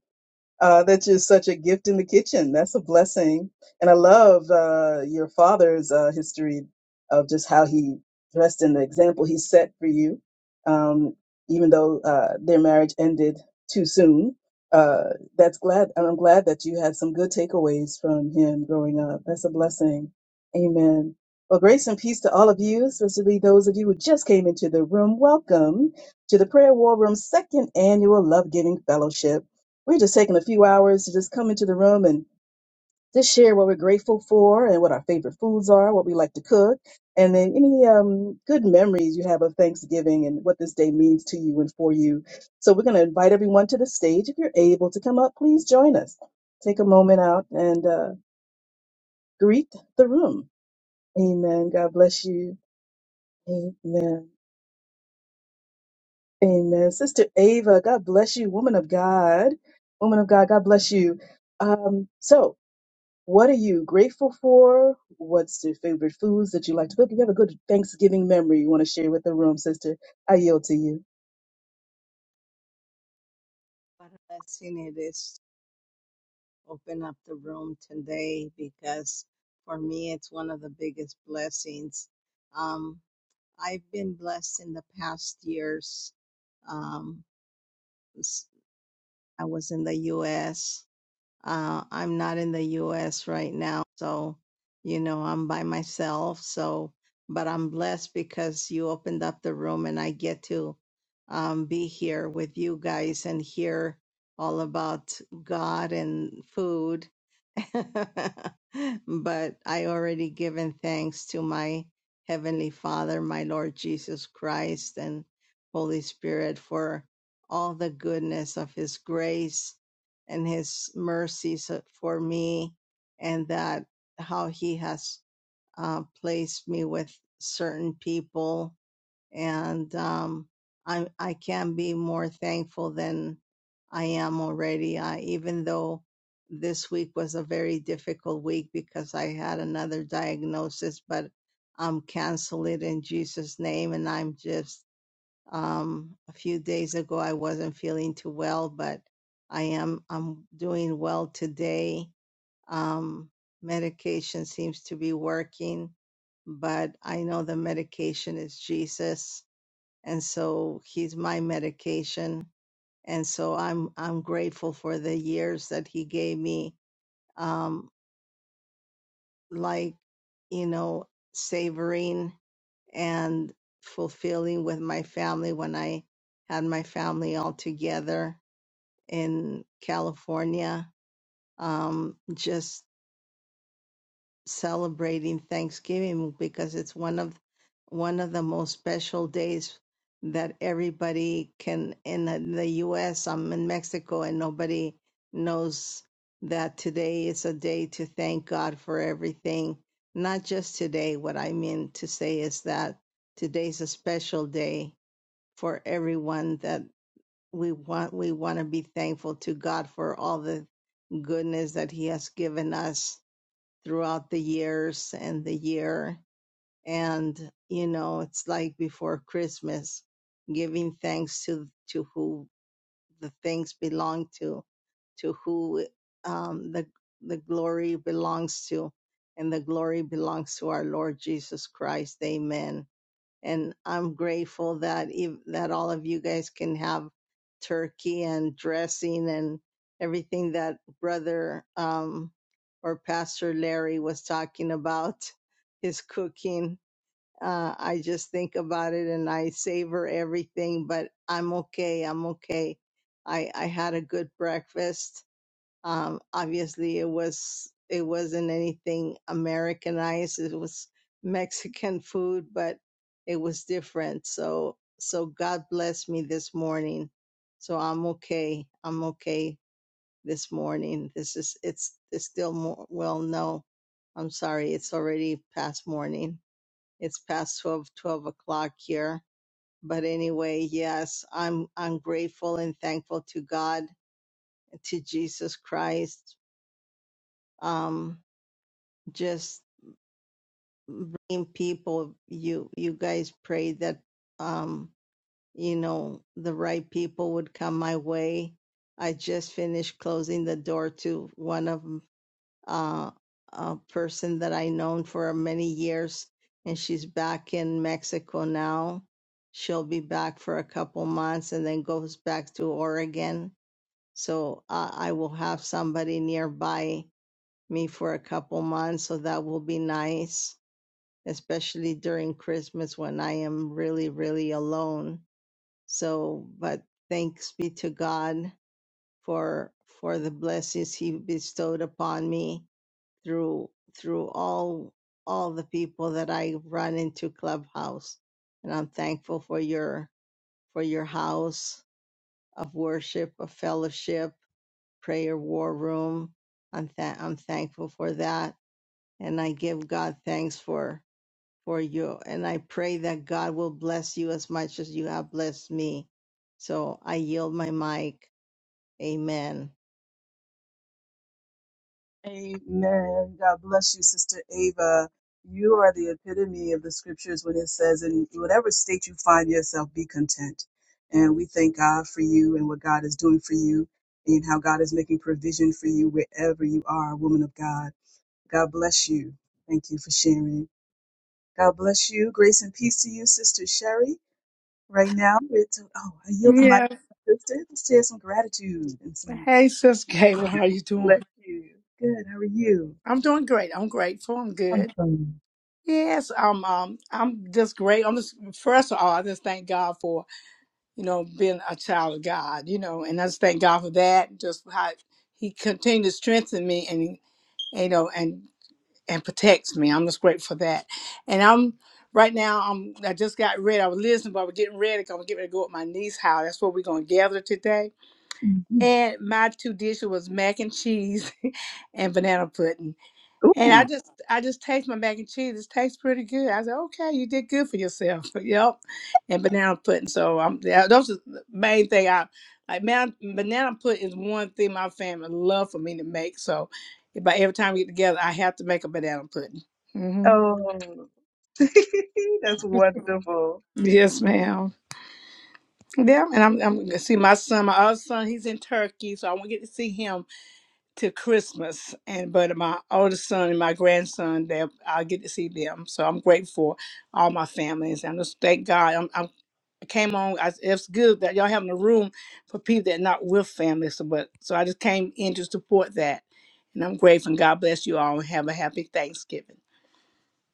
S1: Uh, that's just such a gift in the kitchen. That's a blessing. And I love uh, your father's uh, history of just how he dressed and the example he set for you. Um, even though uh, their marriage ended too soon, uh, that's glad. and I'm glad that you had some good takeaways from him growing up. That's a blessing. Amen. Well, grace and peace to all of you, especially those of you who just came into the room. Welcome to the Prayer War Room Second Annual Love Giving Fellowship. We're just taking a few hours to just come into the room and just share what we're grateful for and what our favorite foods are, what we like to cook, and then any um, good memories you have of Thanksgiving and what this day means to you and for you. So we're going to invite everyone to the stage. If you're able to come up, please join us. Take a moment out and uh, greet the room. Amen. God bless you. Amen. Amen. Sister Ava, God bless you, woman of God. Woman of God, God bless you. Um, so What are you grateful for? What's your favorite foods that you like to cook? You have a good Thanksgiving memory you want to share with the room, sister. I yield to you.
S8: What a blessing it is to open up the room today because for me it's one of the biggest blessings. Um, I've been blessed in the past years. Um, s- I was in the U.S. Uh, I'm not in the U.S. right now, so you know I'm by myself. So, but I'm blessed because you opened up the room and I get to um, be here with you guys and hear all about God and food. but I already given thanks to my heavenly Father, my Lord Jesus Christ, and Holy Spirit for all the goodness of His grace and his mercies for me and that how he has uh, placed me with certain people and um, I, I can be more thankful than i am already I, even though this week was a very difficult week because i had another diagnosis but i'm cancel it in jesus name and i'm just um, a few days ago, I wasn't feeling too well, but I am, I'm doing well today. Um, medication seems to be working, but I know the medication is Jesus. And so he's my medication. And so I'm, I'm grateful for the years that he gave me. Um, like, you know, savoring and fulfilling with my family when I had my family all together in California, um, just celebrating Thanksgiving because it's one of one of the most special days that everybody can in the the U.S. I'm in Mexico and nobody knows that today is a day to thank God for everything. Not just today. What I mean to say is that today's a special day for everyone that we want we want to be thankful to God for all the goodness that he has given us throughout the years and the year and you know it's like before christmas giving thanks to to who the things belong to to who um the the glory belongs to and the glory belongs to our lord jesus christ amen and I'm grateful that ev- that all of you guys can have turkey and dressing and everything that brother um, or Pastor Larry was talking about his cooking. Uh, I just think about it and I savor everything, but I'm okay. I'm okay. I, I had a good breakfast um, obviously, it was it wasn't anything Americanized. It was Mexican food, but it was different. So so God bless me this morning. So I'm okay. I'm okay this morning. This is it's it's still more well no. I'm sorry. It's already past morning. It's past 12 12 o'clock here. But anyway, yes, I'm I'm grateful and thankful to God, to Jesus Christ. Um, just bring people you you guys pray that um you know the right people would come my way i just finished closing the door to one of uh a person that i known for many years and she's back in mexico now she'll be back for a couple months and then goes back to oregon so uh, i will have somebody nearby me for a couple months so that will be nice especially during Christmas when I am really, really alone. So, but thanks be to God for for the blessings He bestowed upon me through through all all the people that I run into Clubhouse, and I'm thankful for your for your house of worship, of fellowship, prayer war room. I'm tha- I'm thankful for that, and I give God thanks for for you. And I pray that God will bless you as much as you have blessed me. So I yield my mic. Amen.
S1: Amen. God bless you, Sister Ava. You are the epitome of the scriptures when it says, in whatever state you find yourself, be content. And we thank God for you and what God is doing for you and how God is making provision for you wherever you are, woman of God. God bless you. Thank you for sharing. God bless you. Grace and peace to you, Sister Sherry. Right now, it's oh, I yield the mic,
S9: Yes.
S1: to my sister. Let's share some gratitude and some.
S9: Hey, Sis Gayla, how you doing?
S1: Bless you. Good. How are you?
S9: I'm doing great. I'm grateful. I'm good.
S1: Awesome.
S9: Yes, I'm. Um, I'm just great. I'm just first of all, I just thank God for you know being a child of God. You know, and I just thank God for that. Just how He continued to strengthen me, and you know, and and protects me. I'm just grateful for that. And I'm right now. I'm. I just got ready. I was listening, but I was getting ready. 'cause I'm getting ready to go up my niece's house. That's where we're gonna gather today
S1: Mhm.
S9: And my two dishes was mac and cheese and banana pudding. And I
S1: Ooh.
S9: just I just taste my mac and cheese. It tastes pretty good. I said, okay, you did good for yourself. yep. And banana pudding. So I'm yeah, those are the main thing I like man, banana pudding is one thing my family love for me to make. So if I every time we get together I have to make a banana pudding. hmm
S1: Oh, that's wonderful.
S9: Yes, ma'am. Yeah, and I'm I'm gonna see my son, my other son, he's in Turkey, so I wanna get to see him to Christmas, and but my oldest son and my grandson, they I get to see them. So I'm grateful for all my families, and just thank God. I'm, I'm I came on. I, it's good that y'all having a room for people that not with families. So, but so I just came in to support that, and I'm grateful. And God bless you all, and have a happy Thanksgiving.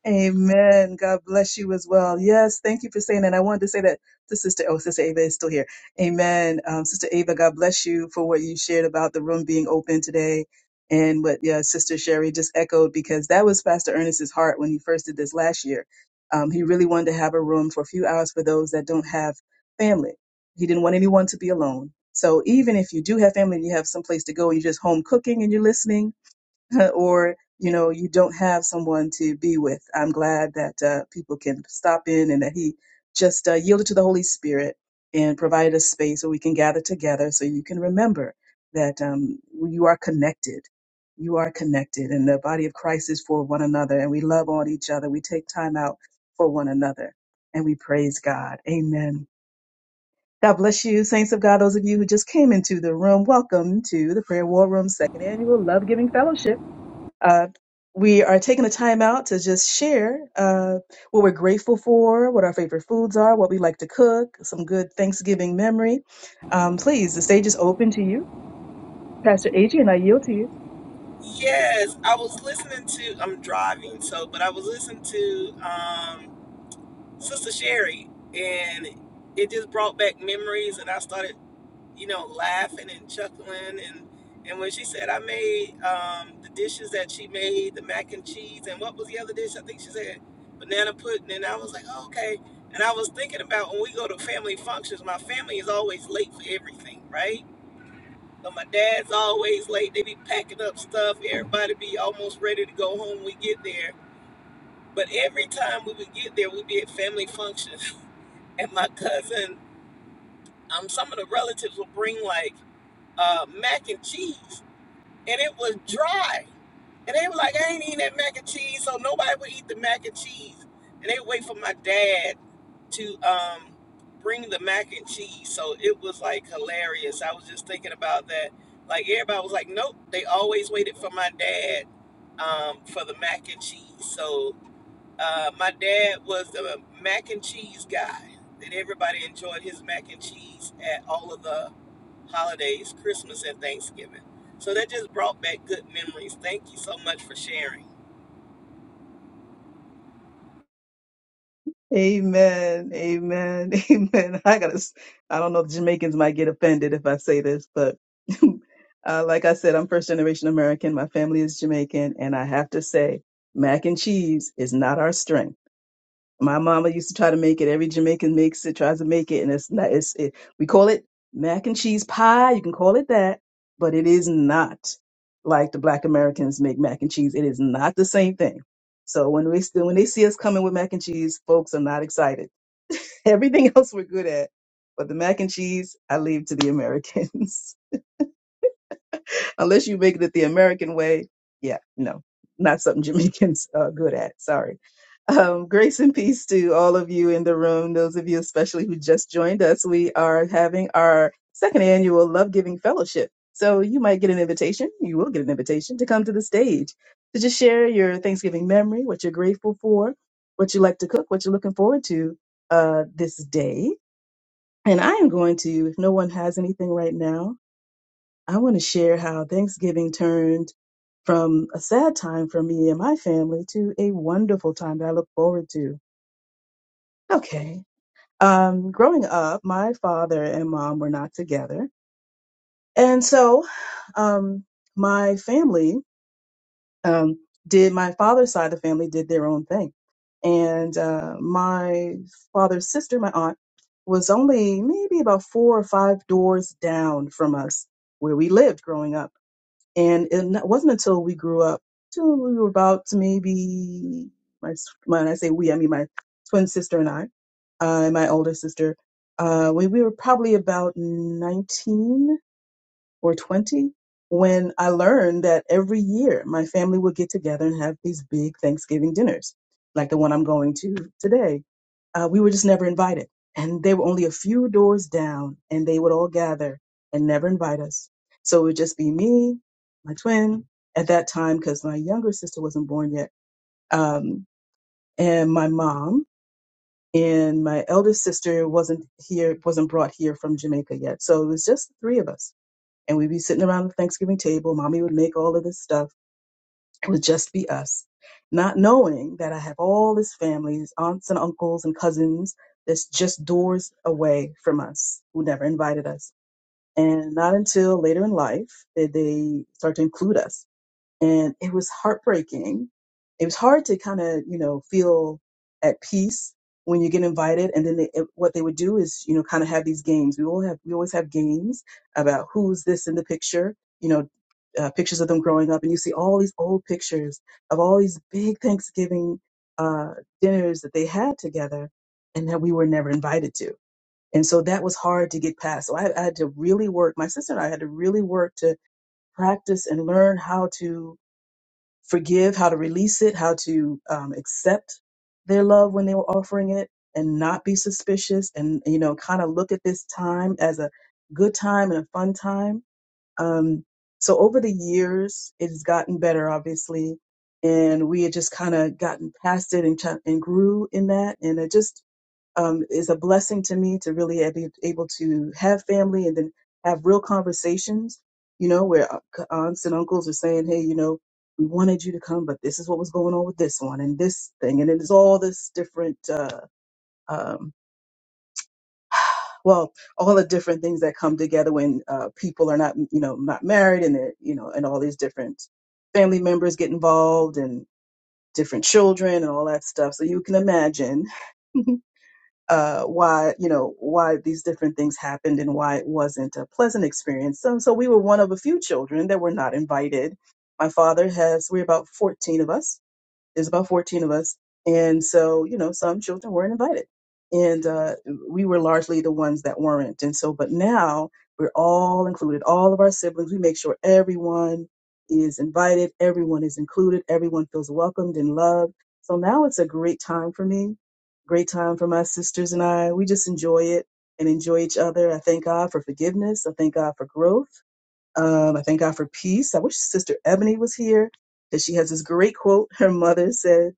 S1: Amen. God bless you as well. Yes, thank you for saying that. I wanted to say that to Sister, oh, Sister Ava is still here. Amen. Um, Sister Ava, God bless you for what you shared about the room being open today and what yeah, Sister Sherry just echoed because that was Pastor Ernest's heart when he first did this last year. Um, he really wanted to have a room for a few hours for those that don't have family. He didn't want anyone to be alone. So even if you do have family and you have some place to go and you're just home cooking and you're listening, or you know you don't have someone to be with i'm glad that uh, people can stop in and that he just uh, yielded to the holy spirit and provided a space where we can gather together so you can remember that um, you are connected you are connected and the body of christ is for one another and we love on each other we take time out for one another and we praise god amen God bless you, saints of God. Those of you who just came into the room, welcome to the Prayer War Room Second Annual Love Giving Fellowship. Uh, we are taking the time out to just share uh, what we're grateful for, what our favorite foods are, what we like to cook, some good Thanksgiving memory. Um, please, the stage is open to you. Pastor Adrian, I yield to you.
S6: Yes, I was listening to. I'm driving, so but I was listening to. Um, Sister Sherry, and it just brought back memories, and I started, you know, laughing and chuckling, and and when she said I made um, the dishes that she made, the mac and cheese, and what was the other dish? I think she said banana pudding, and I was like, oh, okay. And I was thinking about when we go to family functions, my family is always late for everything, right? So my dad's always late. They be packing up stuff. Everybody be almost ready to go home when we get there. But every time we would get there, we'd be at family functions. and my cousin, um, some of the relatives would bring like uh, mac and cheese, and it was dry. And they were like, I ain't eating that mac and cheese, so nobody would eat the mac and cheese. And they would wait for my dad to um, bring the mac and cheese. So it was like hilarious. I was just thinking about that. Like everybody was like, nope, they always waited for my dad um, for the mac and cheese. So uh, my dad was a mac and cheese guy, and everybody enjoyed his mac and cheese at all of the holidays, Christmas and Thanksgiving. So that just brought back good memories. Thank you so much for sharing.
S1: Amen. Amen. Amen. I gotta, s- I don't know if Jamaicans might get offended if I say this, but uh, like I said, I'm first generation American. My family is Jamaican. And I have to say, mac and cheese is not our strength My mama used to try to make it. Every Jamaican makes it, tries to make it, and it's not. It's it. We call it mac and cheese pie. You can call it that, but it is not like the Black Americans make mac and cheese. It is not the same thing. So when we still when they see us coming with mac and cheese, folks are not excited. Everything else we're good at, but the mac and cheese I leave to the Americans unless you make it the American way. Yeah, no, not something Jamaicans uh, good at. Sorry. Um, grace and peace to all of you in the room, those of you especially who just joined us. We are having our second annual Love Giving Fellowship. So you might get an invitation, you will get an invitation to come to the stage to just share your Thanksgiving memory, what you're grateful for, what you like to cook, what you're looking forward to uh, this day. And I am going to, if no one has anything right now, I want to share how Thanksgiving turned from a sad time for me and my family to a wonderful time that I look forward to. Okay. Um, growing up, my father and mom were not together. And so um, my family um, did, my father's side of the family did their own thing. And uh, my father's sister, my aunt, was only maybe about four or five doors down from us where we lived growing up. and it wasn't until we grew up till we were about maybe my s- when I say we, I mean my twin sister and I, uh, and my older sister. Uh, we, we were probably about 19 or 20 when I learned that every year my family would get together and have these big Thanksgiving dinners, like the one I'm going to today. Uh, we were just never invited. And they were only a few doors down, and they would all gather and never invite us. So it would just be me, my twin at that time, because my younger sister wasn't born yet, um, and my mom. And my eldest sister wasn't here, wasn't brought here from Jamaica yet. So it was just the three of us and we'd be sitting around the Thanksgiving table. Mommy would make all of this stuff. It would just be us, not knowing that I have all this family, these aunts and uncles and cousins that's just doors away from us who never invited us. And not until later in life did they start to include us and it was heartbreaking. It was hard to kind of, you know, feel at peace when you get invited. And then they, it- what they would do is, you know, kind of have these games. We all have, we always have games about who's this in the picture, you know, uh, pictures of them growing up. And you see all these old pictures of all these big Thanksgiving uh, dinners that they had together and that we were never invited to. And so that was hard to get past. So I, I had to really work. My sister and I had to really work to practice and learn how to forgive, how to release it, how to um, accept their love when they were offering it and not be suspicious and, you know, kind of look at this time as a good time and a fun time. Um, so over the years, it's gotten better, obviously. And we had just kind of gotten past it and, ch- and grew in that. And it just um, is a blessing to me to really be able to have family and then have real conversations, you know, where aunts and uncles are saying, hey, you know, we wanted you to come, but this is what was going on with this one and this thing. And it's all this different, uh, um, well, all the different things that come together when uh, people are not, you know, not married and, they're, you know, and all these different family members get involved and different children and all that stuff. So you can imagine uh, why you know why these different things happened and why it wasn't a pleasant experience. So, so we were one of a few children that were not invited. My father has we're about fourteen of us there's about 14 of us. And so, you know, some children weren't invited. And uh, we were largely the ones that weren't. And so, but now we're all included, all of our siblings. We make sure everyone is invited, everyone is included, everyone feels welcomed and loved. So now it's a great time for me, great time for my sisters and I. We just enjoy it and enjoy each other. I thank God for forgiveness. I thank God for growth. Um, I thank God for peace. I wish Sister Ebony was here because she has this great quote. Her mother said,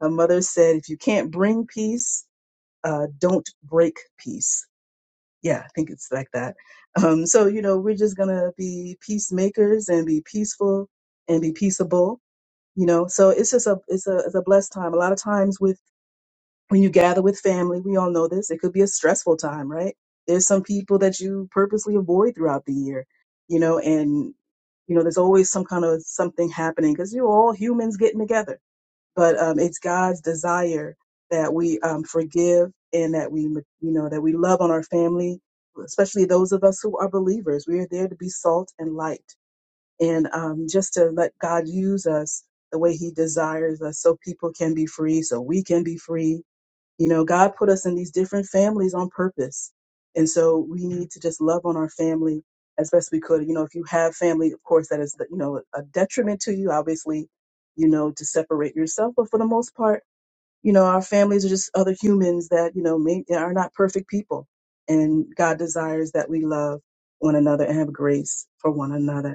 S1: "Her mother said, if you can't bring peace, uh, don't break peace." Yeah, I think it's like that. Um, so you know, we're just gonna be peacemakers and be peaceful and be peaceable. You know, so it's just a it's a it's a blessed time. A lot of times with when you gather with family, we all know this, it could be a stressful time, right? There's some people that you purposely avoid throughout the year, you know, and, you know, there's always some kind of something happening because you're all humans getting together. But um, it's God's desire that we um, forgive and that we, you know, that we love on our family, especially those of us who are believers. We are there to be salt and light and um, just to let God use us the way he desires us so people can be free, so we can be free you know, God put us in these different families on purpose. And so we need to just love on our family as best we could. You know, if you have family, of course, that is, you know, a detriment to you, obviously, you know, to separate yourself. But for the most part, you know, our families are just other humans that, you know, may, are not perfect people. And God desires that we love one another and have grace for one another.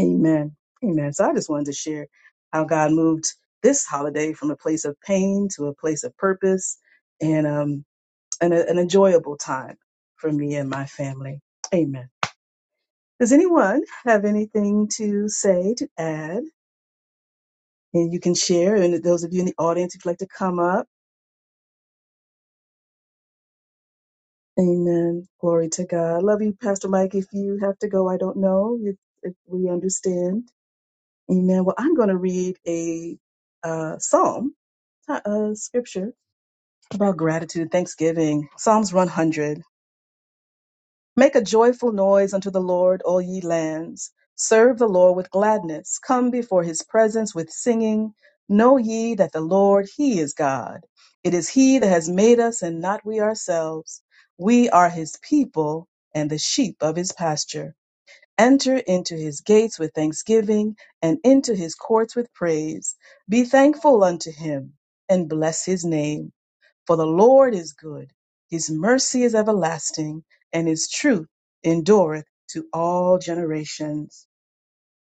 S1: Amen. Amen. So I just wanted to share how God moved this holiday from a place of pain to a place of purpose and um and a, an enjoyable time for me and my family. Amen. Does anyone have anything to say to add? And you can share. And those of you in the audience, if you'd like to come up, Amen. Glory to God. Love you, Pastor Mike. If you have to go, I don't know if, if we understand. Amen. Well, I'm going to read a uh, psalm, uh, uh, scripture About gratitude, thanksgiving. Psalms 100. Make a joyful noise unto the Lord, all ye lands. Serve the Lord with gladness. Come before his presence with singing. Know ye that the Lord, he is God. It is he that has made us and not we ourselves. We are his people and the sheep of his pasture. Enter into his gates with thanksgiving and into his courts with praise. Be thankful unto him and bless his name. For the Lord is good, his mercy is everlasting, and his truth endureth to all generations.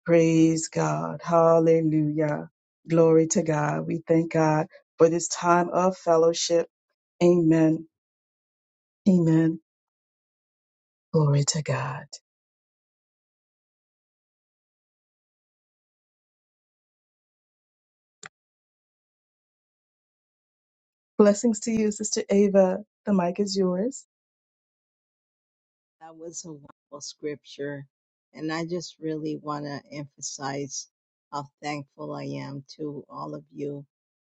S1: Praise God. Hallelujah. Glory to God. We thank God for this time of fellowship. Amen. Amen. Glory to God. Blessings to you, Sister Ava. The mic is yours.
S8: That was a wonderful scripture. And I just really want to emphasize how thankful I am to all of you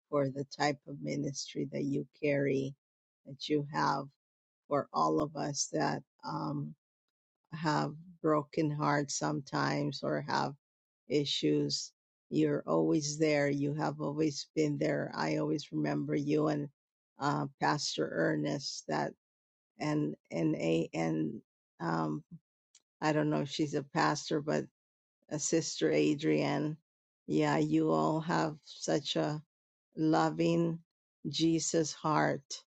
S8: for the type of ministry that you carry, that you have for all of us that, um, have broken hearts sometimes or have issues. You're always there. You have always been there. I always remember you and uh, Pastor Ernest that and and a and um, I don't know if she's a pastor, but a sister Adrienne. Yeah, you all have such a loving Jesus heart,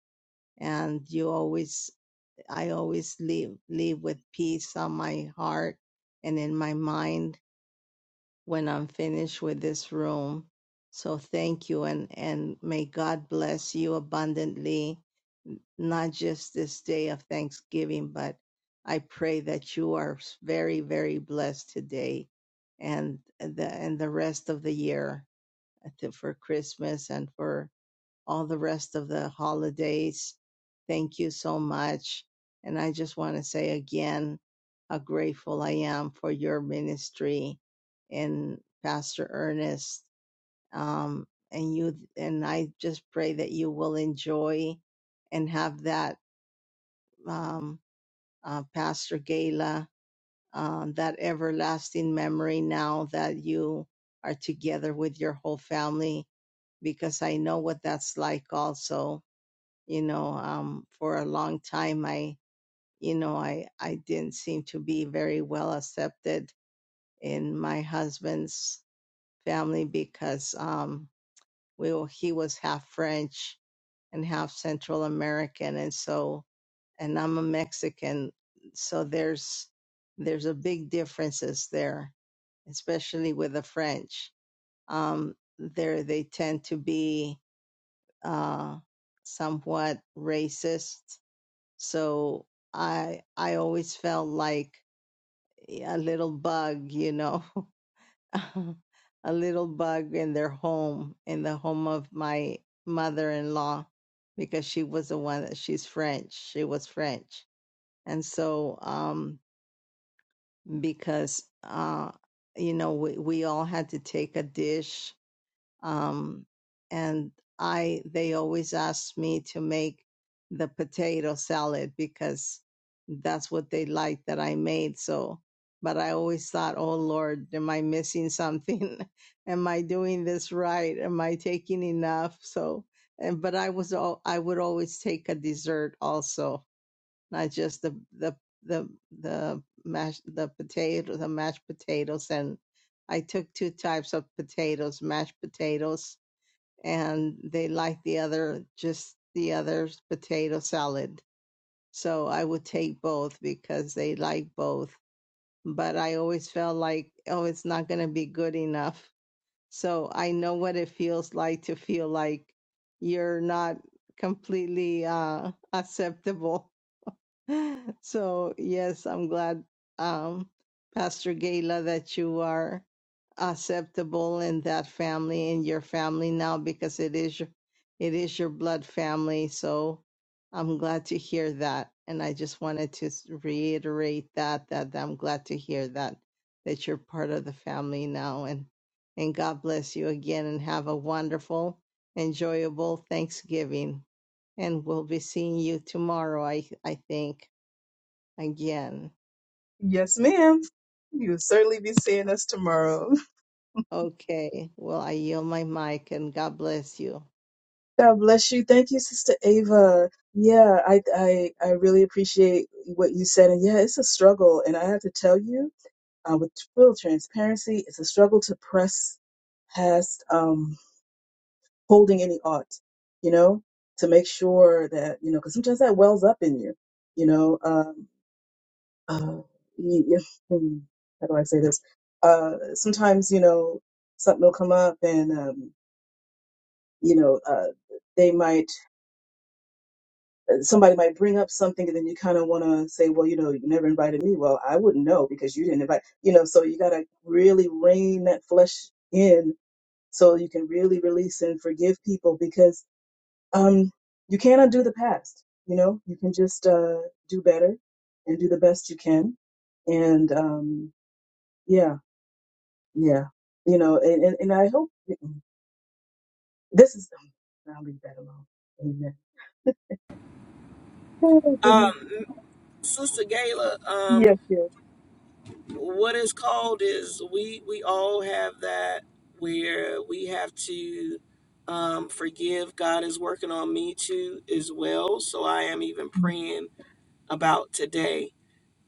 S8: and you always I always leave leave with peace on my heart and in my mind when I'm finished with this room. So thank you and and may God bless you abundantly not just this day of Thanksgiving but I pray that you are very very blessed today and uh, the and the rest of the year uh, to- for Christmas and for all the rest of the holidays. Thank you so much. And I just want to say again how grateful I am for your ministry and Pastor Ernest. Um, and you, and I just pray that you will enjoy and have that, um, uh, Pastor Gala, um, that everlasting memory now that you are together with your whole family, because I know what that's like also you know um for a long time i you know i i didn't seem to be very well accepted in my husband's family because um we were, he was half french and half central american and so and i'm a mexican so there's there's a big differences there especially with the french um there they tend to be uh somewhat racist So I I always felt like e, a little bug, you know, a little bug in their home, in the home of my mother-in-law, because she was the one that she's French. She was French, and so um, because uh, you know we we all had to take a dish um, and I they always ask me to make the potato salad because that's what they like that I made. So, but I always thought, oh Lord, am I missing something? am I doing this right? Am I taking enough? So, and but I was all I would always take a dessert also not just the the the the mashed the potato the mashed potatoes and I took two types of potatoes, mashed potatoes, and they liked the other just the other potato salad. So I would take both because they like both. But I always felt like oh it's not gonna be good enough. So I know what it feels like to feel like you're not completely uh acceptable So yes, I'm glad, um, Pastor Gayla, that you are acceptable in that family in your family now because it is your, it is your blood family. So I'm glad to hear that, and I just wanted to s- reiterate that that I'm glad to hear that that you're part of the family now, and and God bless you again, and have a wonderful, enjoyable Thanksgiving, and we'll be seeing you tomorrow. I I think again.
S1: Yes, ma'am. You'll certainly be seeing us tomorrow.
S8: Okay, well, I yield my mic and God bless you.
S1: God bless you. Thank you, Sister Ava. Yeah, I, I I really appreciate what you said. And yeah, it's a struggle. And I have to tell you, uh, with full transparency, it's a struggle to press past um, holding any ought, you know, to make sure that, you know, because sometimes that wells up in you, you know. Um, uh, you, you- hmm, how do I say this? Uh, sometimes, you know, something will come up and, um, you know, uh, they might. somebody might bring up something and then you kind of want to say well you know you never invited me well i wouldn't know because you didn't invite you know so you got to really rein that flesh in so you can really release and forgive people because um you can't undo the past you know you can just uh do better and do the best you can and um yeah yeah you know and and, and i hope this is um, i'll leave that alone amen oh goodness
S6: Sister Gayla, um,
S1: yes yes
S6: what is called is we we all have that where we have to um, forgive. God is working on me too as well. So I am even praying about today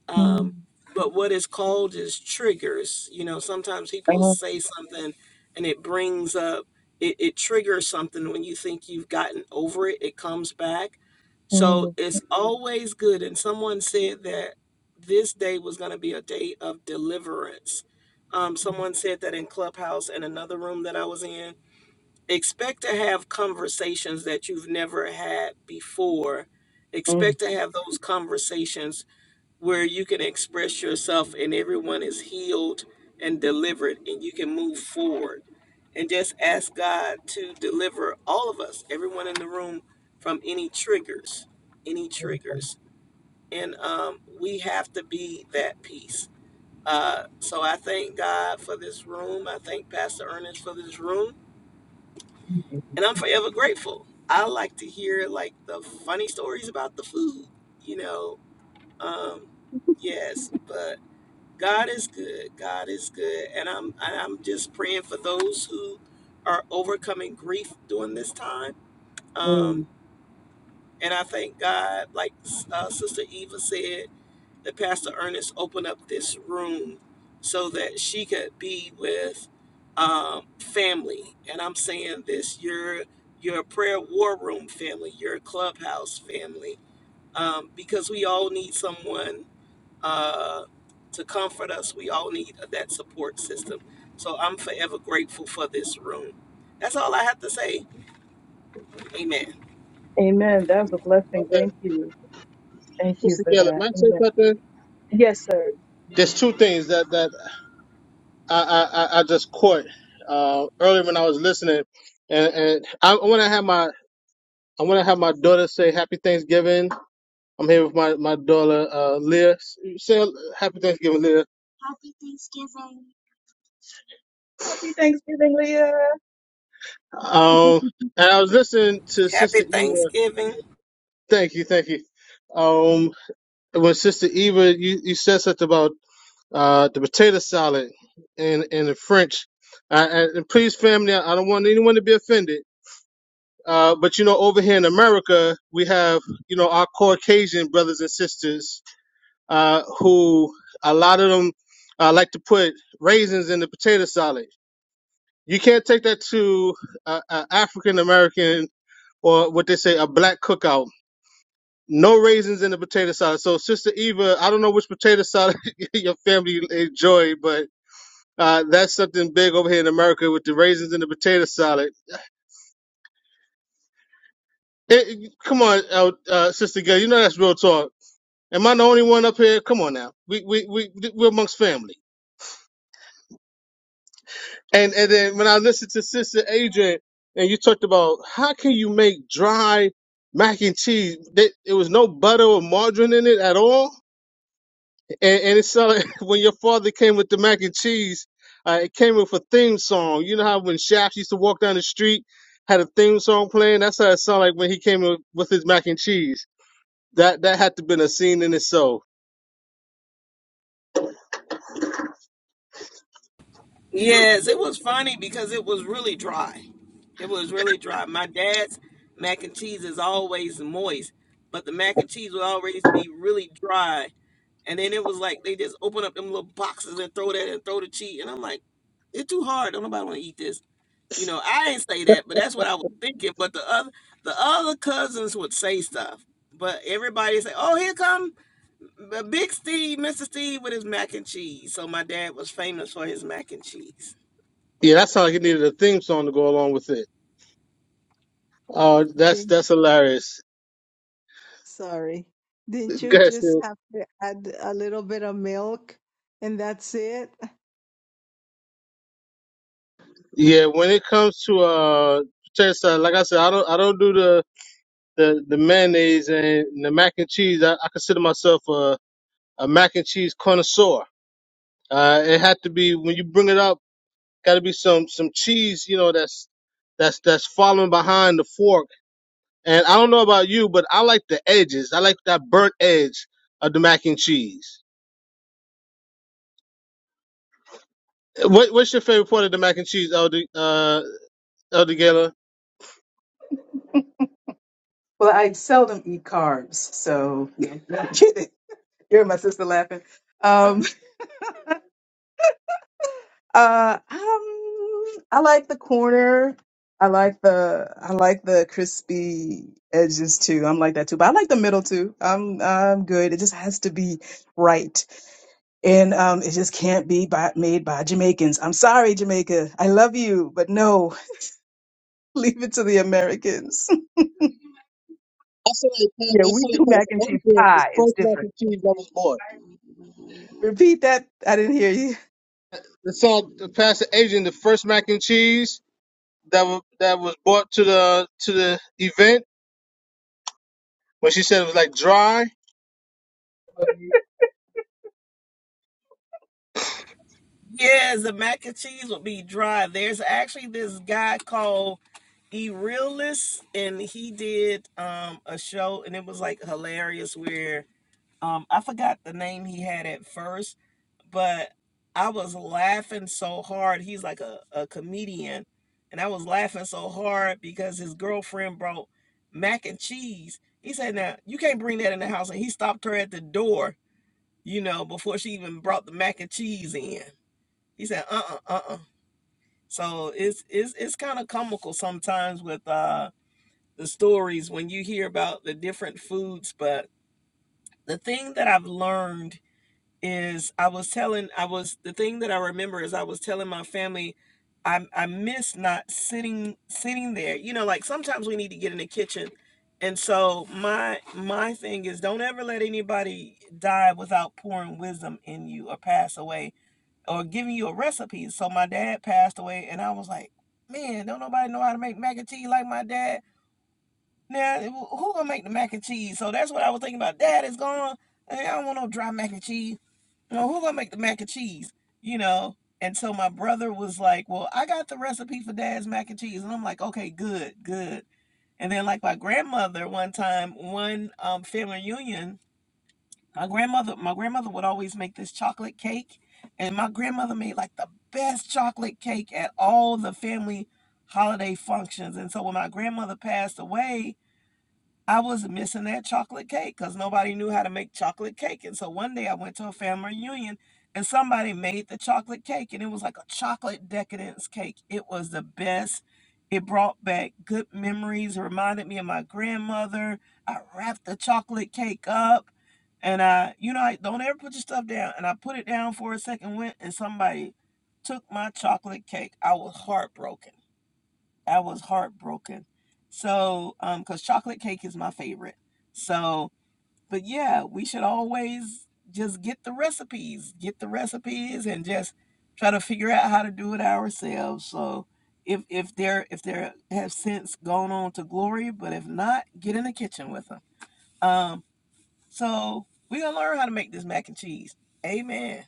S6: um, but what is called is triggers. You know, sometimes people say something and it brings up, it, it triggers something when you think you've gotten over it, it comes back.
S1: Mhm.
S6: So it's Mhm. always good. And someone said that this day was going to be a day of deliverance. Um, someone said that in Clubhouse and another room that I was in. Expect to have conversations that you've never had before.
S1: Mm,
S6: Expect to have those conversations where you can express yourself and everyone is healed and delivered and you can move forward and just ask God to deliver all of us, everyone in the room from any triggers, any
S1: beautiful.
S6: triggers. And um, we have to be that peace. Uh, so I thank God for this room. I thank Pastor Ernest for this room.
S1: Thank you.
S6: And I'm forever grateful. I like to hear like the funny stories about the food, you know. Um, yes, but God is good. God is good. And I'm and I'm just praying for those who are overcoming grief during this time. Um,
S1: Mm,
S6: and I thank God, like uh, Sister Eva said, that Pastor Ernest opened up this room so that she could be with um, family. And I'm saying this, your your prayer war room family, your clubhouse family, um, because we all need someone uh, to comfort us. We all need that support system. So I'm forever grateful for this room. That's all I have to say. Amen.
S1: amen. That was a
S2: uh,
S1: blessing. Thank you. Thank you
S2: Sister
S1: for
S2: Gayla,
S1: that.
S2: may I say
S1: Amen.
S2: something?
S1: Yes, sir.
S2: There's two things that that I I, I I just caught uh earlier when I was listening, and and I, I want to have my I want to have my daughter say Happy Thanksgiving. I'm here with my my daughter uh, Leah. Say Happy Thanksgiving, Leah.
S1: Happy Thanksgiving, Leah.
S2: Um, and I was listening to
S6: Happy
S2: Sister Eva.
S6: Thanksgiving.
S2: Thank you, thank you. Um, when Sister Eva, you, you said something about uh the potato salad in in the French. I, and and please, family, I don't want anyone to be offended. Uh, but you know, over here in America, we have you know our Caucasian brothers and sisters uh who a lot of them uh, like to put raisins in the potato salad. You can't take that to an African American or what they say a black cookout. No raisins in the potato salad. So Sister Eva, I don't know which potato salad your family enjoy, but uh, that's something big over here in America with the raisins in the potato salad. It, it- come on, uh, uh, Sister Gail, you know that's real talk. Am I the only one up here? Come on now, we we we we're amongst family. And and then when I listened to Sister Adrian and you talked about how can you make dry mac and cheese, that it was no butter or margarine in it at all And, and it sounded when your father came with the mac and cheese, uh, it came with a theme song. You know how when Shaft used to walk down the street, had a theme song playing. That's how it sounded like when he came in with his mac and cheese. That that had to been a scene in itself.
S6: Yes, it was funny because it was really dry. It was really dry. My dad's mac and cheese is always moist, but the mac and cheese would always be really dry. And then it was like they just open up them little boxes and throw that and throw the cheese. And I'm like, it's too hard. Don't nobody want to eat this. You know, I ain't say that, but that's what I was thinking. But the other the other cousins would say stuff. But everybody say, "Oh, here come B- Big Steve, Mr. Steve with his mac and cheese." So my dad was famous for his mac and cheese.
S2: Yeah, that sounded like it needed a theme song to go along with it. Oh, that's
S8: Didn't,
S2: that's hilarious.
S8: sorry. Didn't you
S2: That's
S8: just
S2: it.
S8: have to add a little bit of milk and that's it?
S2: Yeah, when it comes to uh, potato salad, like I said, I don't I don't do the the, the mayonnaise and the mac and cheese. I, I consider myself a a mac and cheese connoisseur. Uh, it had to be when you bring it up. Got to be some some cheese, you know. That's that's that's following behind the fork. And I don't know about you, but I like the edges. I like that burnt edge of the mac and cheese. What what's your favorite part of the mac and cheese, Elder uh Elder Gaylor?
S1: well, I seldom eat carbs, so You're my sister laughing. Um, uh, um, I like the corner. I like the I like the crispy edges too. I'm like that too, but I like the middle too. I'm I'm good. It just has to be right. and um, it just can't be by, made by Jamaicans. I'm sorry, Jamaica. I love you, but no, leave it to the Americans.
S2: That's how they pass.
S1: Yeah,
S2: That's
S1: we
S2: how they
S1: do mac
S2: pass
S1: and
S2: the
S1: cheese
S2: Asian the
S1: pie. It's
S2: first mac
S1: different.
S2: and cheese that was bought.
S1: Repeat that. I didn't hear you.
S2: That's how the pass the Asian the first mac and cheese that was that was bought to the to the event when she said it was like dry.
S6: Yes, the mac and cheese would be dry. There's actually this guy called E Realist, and he did um a show, and it was like hilarious. Where um I forgot the name he had at first, but I was laughing so hard. He's like a, a comedian, and I was laughing so hard because his girlfriend brought mac and cheese. He said, "Now you can't bring that in the house," and he stopped her at the door, you know, before she even brought the mac and cheese in. He said, "Uh, uh, uh." uh." So it's it's it's kind of comical sometimes with uh the stories when you hear about the different foods. But the thing that I've learned is I was telling I was the thing that I remember is I was telling my family. I, I miss not sitting sitting there. You know, like sometimes we need to get in the kitchen. And so my my thing is don't ever let anybody die without pouring wisdom in you or pass away or giving you a recipe. So my dad passed away, and I was like, man, don't nobody know how to make mac and cheese like my dad. Now who gonna make the mac and cheese? So that's what I was thinking about. Dad is gone. Hey, I don't want no dry mac and cheese. You know who gonna make the mac and cheese? You know. And so my brother was like, well, I got the recipe for dad's mac and cheese, and I'm like, okay, good, good. And then like my grandmother one time, one um, family reunion my grandmother, my grandmother would always make this chocolate cake, and my grandmother made like the best chocolate cake at all the family holiday functions. And so when my grandmother passed away, I was missing that chocolate cake because nobody knew how to make chocolate cake. And so one day I went to a family reunion and somebody made the chocolate cake and it was like a chocolate decadence cake. It was the best. It brought back good memories, reminded me of my grandmother. I wrapped the chocolate cake up and I, you know, I don't ever put your stuff down. And I put it down for a second, went and somebody took my chocolate cake. I was heartbroken. I was heartbroken. So, um, because chocolate cake is my favorite. So, but yeah, we should always just get the recipes, get the recipes, and just try to figure out how to do it ourselves. So, if if they're if they are have since gone on to glory, but if not, get in the kitchen with them. Um, so we are gonna learn how to make this mac and cheese. Amen.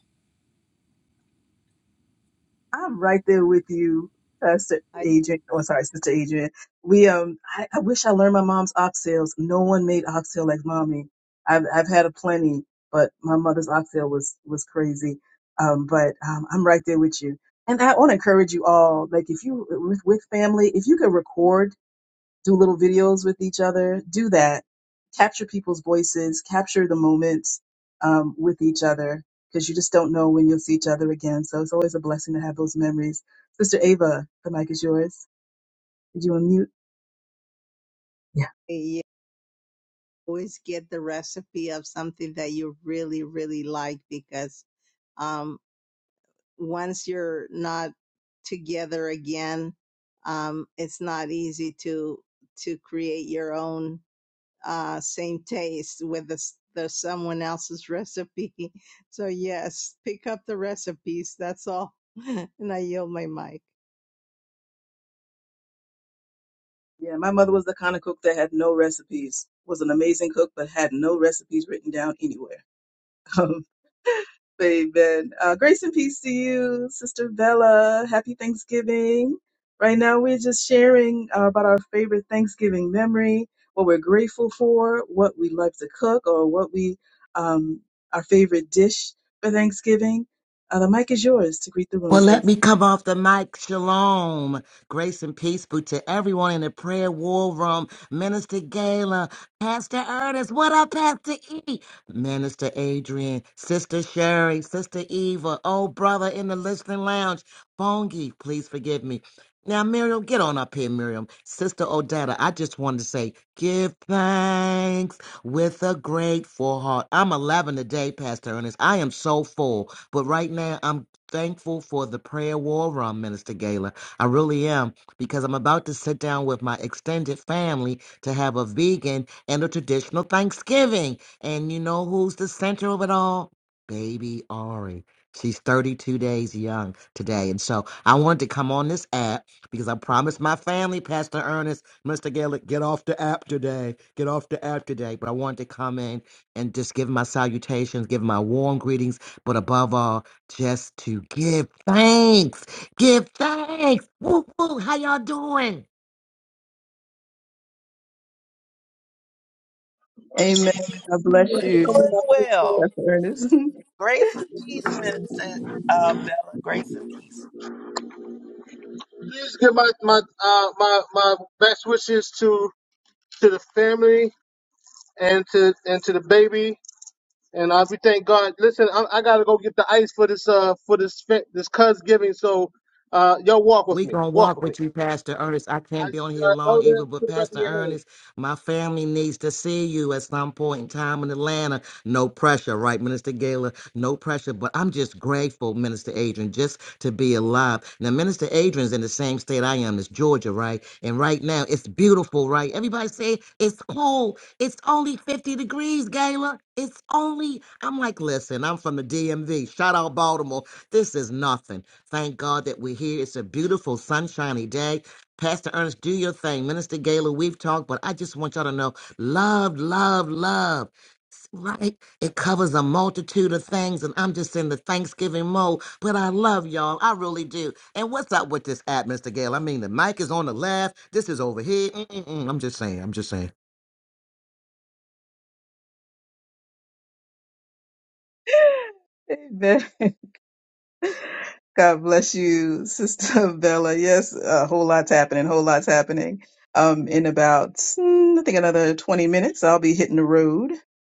S1: I'm right there with you, Pastor
S8: I
S1: Adrian. or sorry, Sister Adrian. We um, I, I wish I learned my mom's oxtails. No one made oxtail like mommy. I've I've had a plenty, but my mother's oxtail was was crazy. Um, but um, I'm right there with you, and I want to encourage you all. Like if you with with family, if you could record do little videos with each other. Do that. Capture people's voices, capture the moments um, with each other because you just don't know when you'll see each other again. So it's always a blessing to have those memories. Sister Ava, the mic is yours. Did you unmute? Yeah.
S8: you always get the recipe of something that you really, really like because um, once you're not together again, um, it's not easy to to create your own uh, same taste with the, s- the someone else's recipe. So yes, pick up the recipes. That's all. and I yield my mic.
S1: Yeah, my mother was the kind of cook that had no recipes. Was an amazing cook, but had no recipes written down anywhere. Amen. Uh, grace and peace to you, Sister Bella. Happy Thanksgiving. Right now, we're just sharing uh, about our favorite Thanksgiving memory, what we're grateful for, what we love to cook, or what we, um, our favorite dish for Thanksgiving. Uh, the mic is yours to greet the room,
S10: Well, let
S1: sis.
S10: me come off the mic. Shalom. Grace and peace be to everyone in the prayer war room. Minister Gala, Pastor Ernest, what up, Pastor E? Minister Adrian, Sister Sherry, Sister Eva, old brother in the listening lounge, Bongi, please forgive me. Now, Miriam, get on up here, Miriam. Sister Odetta, I just wanted to say, give thanks with a grateful heart. I'm 11 today, Pastor Ernest. I am so full, but right now I'm thankful for the prayer war room, Minister Gala. I really am, because I'm about to sit down with my extended family to have a vegan and a traditional Thanksgiving. And you know who's the center of it all? Baby Ari. She's 32 days young today. And so I wanted to come on this app because I promised my family, Pastor Ernest, Mr. Gaelic, get off the app today. Get off the app today. But I wanted to come in and just give my salutations, give my warm greetings, but above all, just to give thanks. Give thanks. Woo woo. How y'all doing?
S1: Amen. God
S6: We're
S1: bless
S6: doing
S1: you,
S6: well.
S1: Pastor Ernest.
S6: Grace and peace, Minister uh, Bella. Grace and peace.
S2: Please give my my uh, my my best wishes to to the family and to and to the baby. And uh, we thank God. Listen, I, I gotta go get the ice for this uh for this fe- this cuz giving. So, uh, y'all walk with
S10: We
S2: me.
S10: gonna
S2: Walk
S10: walk
S2: with me.
S10: with you, Pastor Ernest. I
S2: I
S10: can't be on here
S2: uh,
S10: long
S2: elder,
S10: either, but
S2: put it back in
S10: Pastor
S2: your hand.
S10: Ernest, my family needs to see you at some point in time in Atlanta. No pressure, right, Minister Gaylor? No pressure, but I'm just grateful, Minister Adrian, just to be alive. Now, Minister Adrian's in the same state I am, it's Georgia, right? And right now, it's beautiful, right? Everybody say it's cold. It's only 50 degrees, Gaylor. It's only. I'm like, listen, I'm from the DMV. Shout out Baltimore. This is nothing. Thank God that we're here. It's a beautiful, sunshiny day. Pastor Ernest, do your thing. Minister Gala, we've talked, but I just want y'all to know love, love, love. S- Right? It covers a multitude of things, and I'm just in the Thanksgiving mode, but I love y'all. I really do. And what's up with this app, Mr. Gale? I mean, the mic is on the left. This is over here. Mm-mm-mm. I'm just saying. I'm just saying.
S1: Amen. God bless you, Sister Bella. Yes, a whole lot's happening, whole lot's happening. Um, in about, mm, I think, another 20 minutes, I'll be hitting the road.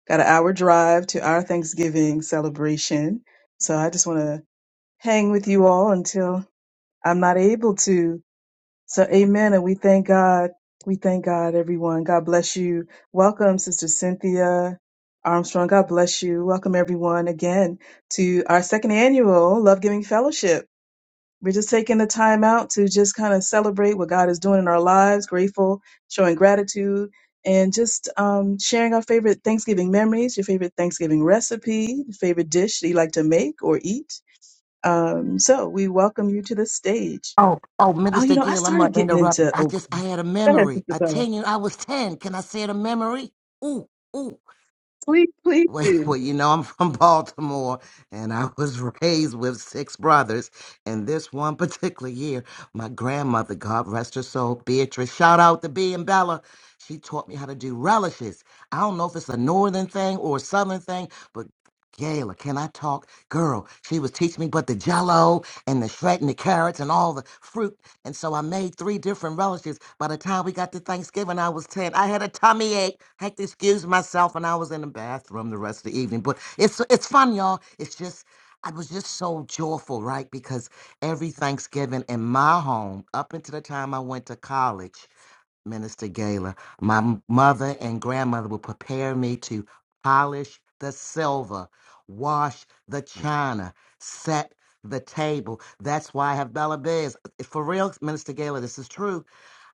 S1: Got an hour drive to our Thanksgiving celebration. So I just want to hang with you all until I'm not able to. So, amen. And we thank God. We thank God, everyone. God bless you. Welcome, Sister Cynthia Armstrong. God bless you. Welcome, everyone, again to our second annual Love Giving Fellowship. We're just taking the time out to just kind of celebrate what God is doing in our lives, grateful, showing gratitude, and just um, sharing our favorite Thanksgiving memories, your favorite Thanksgiving recipe, your favorite dish that you like to make or eat. Um, so we welcome you to the stage.
S10: Oh, oh,
S1: Oh, you
S10: Minister
S1: know, I
S10: Gale, I'm going
S1: started
S10: to
S1: getting
S10: interrupt you.
S1: into
S10: I
S1: oh,
S10: just, I had a
S1: go ahead,
S10: memory.
S1: Sister
S10: I
S1: Donna.
S10: tell you, I was 10. Can I say it a memory? Ooh, ooh.
S1: Please, please
S10: Wait,
S1: do.
S10: well, you know, I'm from Baltimore and I was raised with six brothers. And this one particular year, my grandmother, God rest her soul, Beatrice, shout out to B and Bella. She taught me how to do relishes. I don't know if it's a northern thing or a southern thing, but Gayla, can I talk? Girl, she was teaching me but the jello and the shredding the carrots and all the fruit and so I made three different relishes. By the time we got to Thanksgiving, I was 10. I had a tummy ache. I Had to excuse myself, and I was in the bathroom the rest of the evening. But it's it's fun, y'all. It's just I was just so joyful, right? Because every Thanksgiving in my home, up until the time I went to college, Minister Gala. My mother and grandmother will prepare me to polish the silver, wash the china, set the table. That's why I have Bella Biz. For real, Minister Gala, this is true.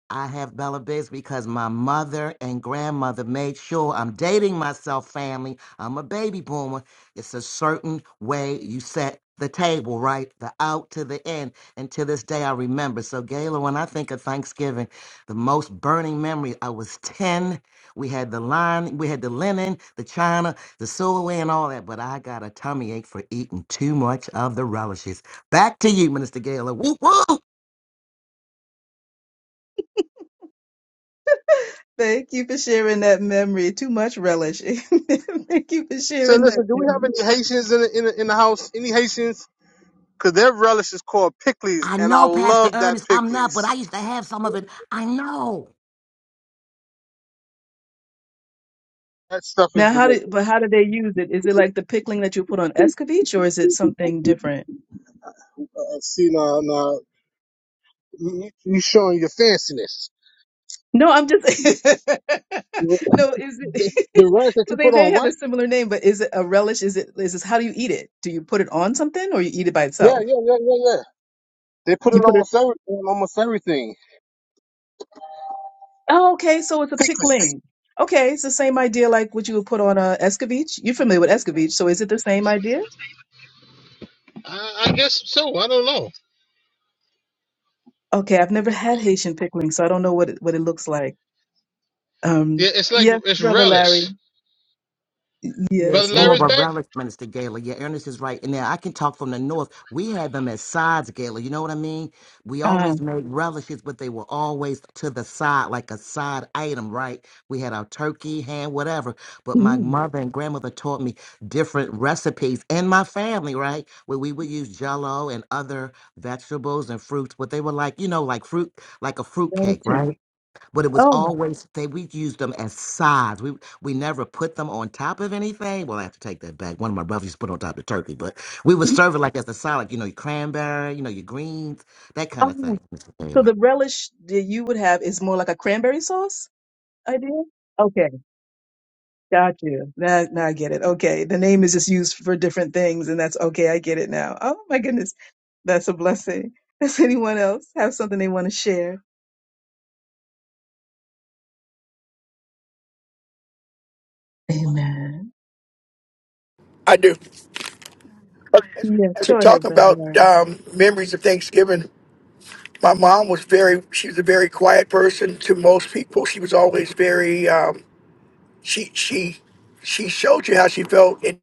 S10: I have Bella Biz because my mother and grandmother made sure I'm dating myself, family. I'm a baby boomer. It's a certain way you set the table, right? The out to the end. And to this day, I remember. So, Gayla, when I think of Thanksgiving, the most burning memory, I was 10. We had the line, we had the linen, the china, the silverware, and all that. But I got a tummy ache for eating too much of the relishes. Back to you, Minister Gayla. Woo woo!
S1: Thank you for sharing that memory. Too much relish. Thank you for
S2: So
S1: sharing
S2: listen, do we
S1: that.
S2: have any Haitians in the in the, in the house? Any Haitians? Cause their relish is called pickles,
S10: I
S2: and I
S10: know, Pastor
S2: love that
S10: Ernest, I'm not, but
S2: pickles.
S10: I used to have some of it. I know.
S2: That stuff is
S1: Now, how
S2: delicious.
S1: did but how do they use it? Is it like the pickling that you put on escovitch, or is it something different?
S2: Uh, see now, now you, you showing your fanciness.
S1: No, I'm just no. Is
S2: The,
S1: it
S2: the rush that
S1: because
S2: you
S1: they
S2: put
S1: they
S2: on
S1: have a
S2: what?
S1: similar name? But is it a relish? Is it is this how do you eat it? Do you put it on something, or you eat it by
S2: Yeah, yeah,
S1: itself?
S2: yeah, yeah, yeah. They put it
S1: You
S2: on
S1: put it.
S2: almost every, on almost everything.
S1: Oh, okay. So it's a pickling. Okay, it's the same idea like what you would put on a escovitch. You're familiar with escovitch, so is it the same idea?
S2: Oh,
S1: Okay, I've never had Haitian pickling, so I don't know what it, what it looks like. Um,
S2: yeah, it's like
S1: yes,
S2: it's
S1: brother Larry.
S2: relish.
S10: Yeah,
S2: Brother
S1: Yes,
S10: it's more of
S2: Larry's
S10: a
S1: amen.
S2: back.
S10: relic, Minister Gala. Yeah, Ernest is right. And now I can talk from the north. We had them as sides, Gala. You know what I mean? We always made relishes, but they were always to the side, like a side item, right? We had our turkey, ham, whatever. But my
S1: Mm,
S10: mother and grandmother taught me different recipes and my family, right? Where we would use jello and other vegetables and fruits, but they were like, you know, like fruit, like a fruit cake,
S1: gelatin.
S10: right? but it was
S1: Oh,
S10: always they we used them as sides. We we never put them on top of anything. Well, I have to take that back. One of my brothers used to put on top of turkey, but we would serve it like as a salad. You know, your cranberry, you know, your greens, that kind of
S1: oh.
S10: thing. Mr.
S1: So
S10: Gaylor.
S1: the relish that you would have is more like a cranberry sauce idea? Okay, got you. Now, now I get it. Okay, the name is just used for different things, and that's okay. I get it now. Oh my goodness, that's a blessing. Does anyone else have something they want to share? Amen.
S7: I do. Okay, As,
S1: Yes,
S7: as we're
S1: go ahead,
S7: talking
S1: Brother
S7: about
S1: Larry.
S7: um, memories of Thanksgiving, my mom was very. She was a very quiet person to most people. She was always very. Um, she she she showed you how she felt in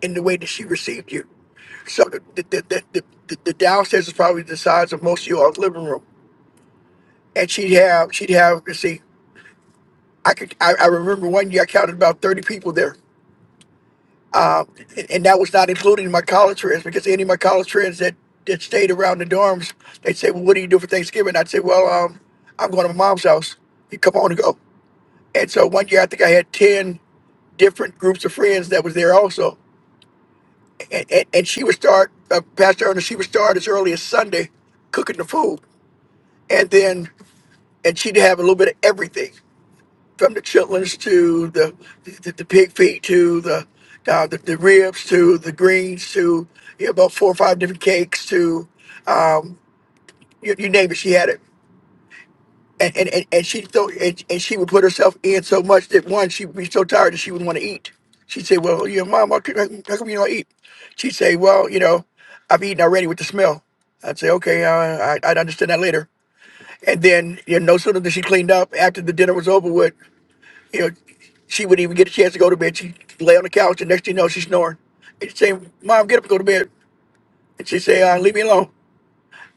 S7: in the way that she received you. So the the, the, the, the, the downstairs is probably the size of most of your living room. And she'd have she'd have let's see. I could I, I remember one year I counted about thirty people there, um, and, and that was not including my college friends because any of my college friends that that stayed around the dorms, they'd say, "Well, what do you do for Thanksgiving?" I'd say, "Well, um, I'm going to my mom's house. You come on and go." And so one year I think I had ten different groups of friends that was there also, and and, and she would start uh, Pastor Ernest. She would start as early as Sunday cooking the food, and then and she'd have a little bit of everything. from the chitlins to the the, the pig feet to the, uh, the the ribs to the greens to you know, about four or five different cakes to um, you, you name it, she had it. And and, and, and she thought and, and she would put herself in so much that one she would be so tired that she wouldn't want to eat. She'd say, "Well, you know, mom, how come, how come you don't eat?" She'd say, "Well, you know, I've eaten already with the smell." I'd say, "Okay, uh, I, I'd understand that later." And then you know, no sooner than she cleaned up after the dinner was over with you know, she wouldn't even get a chance to go to bed. She lay on the couch, and next thing you know, she's snoring. And she'd say, "Mom, get up and go to bed." And she'd say, uh, "Leave me alone."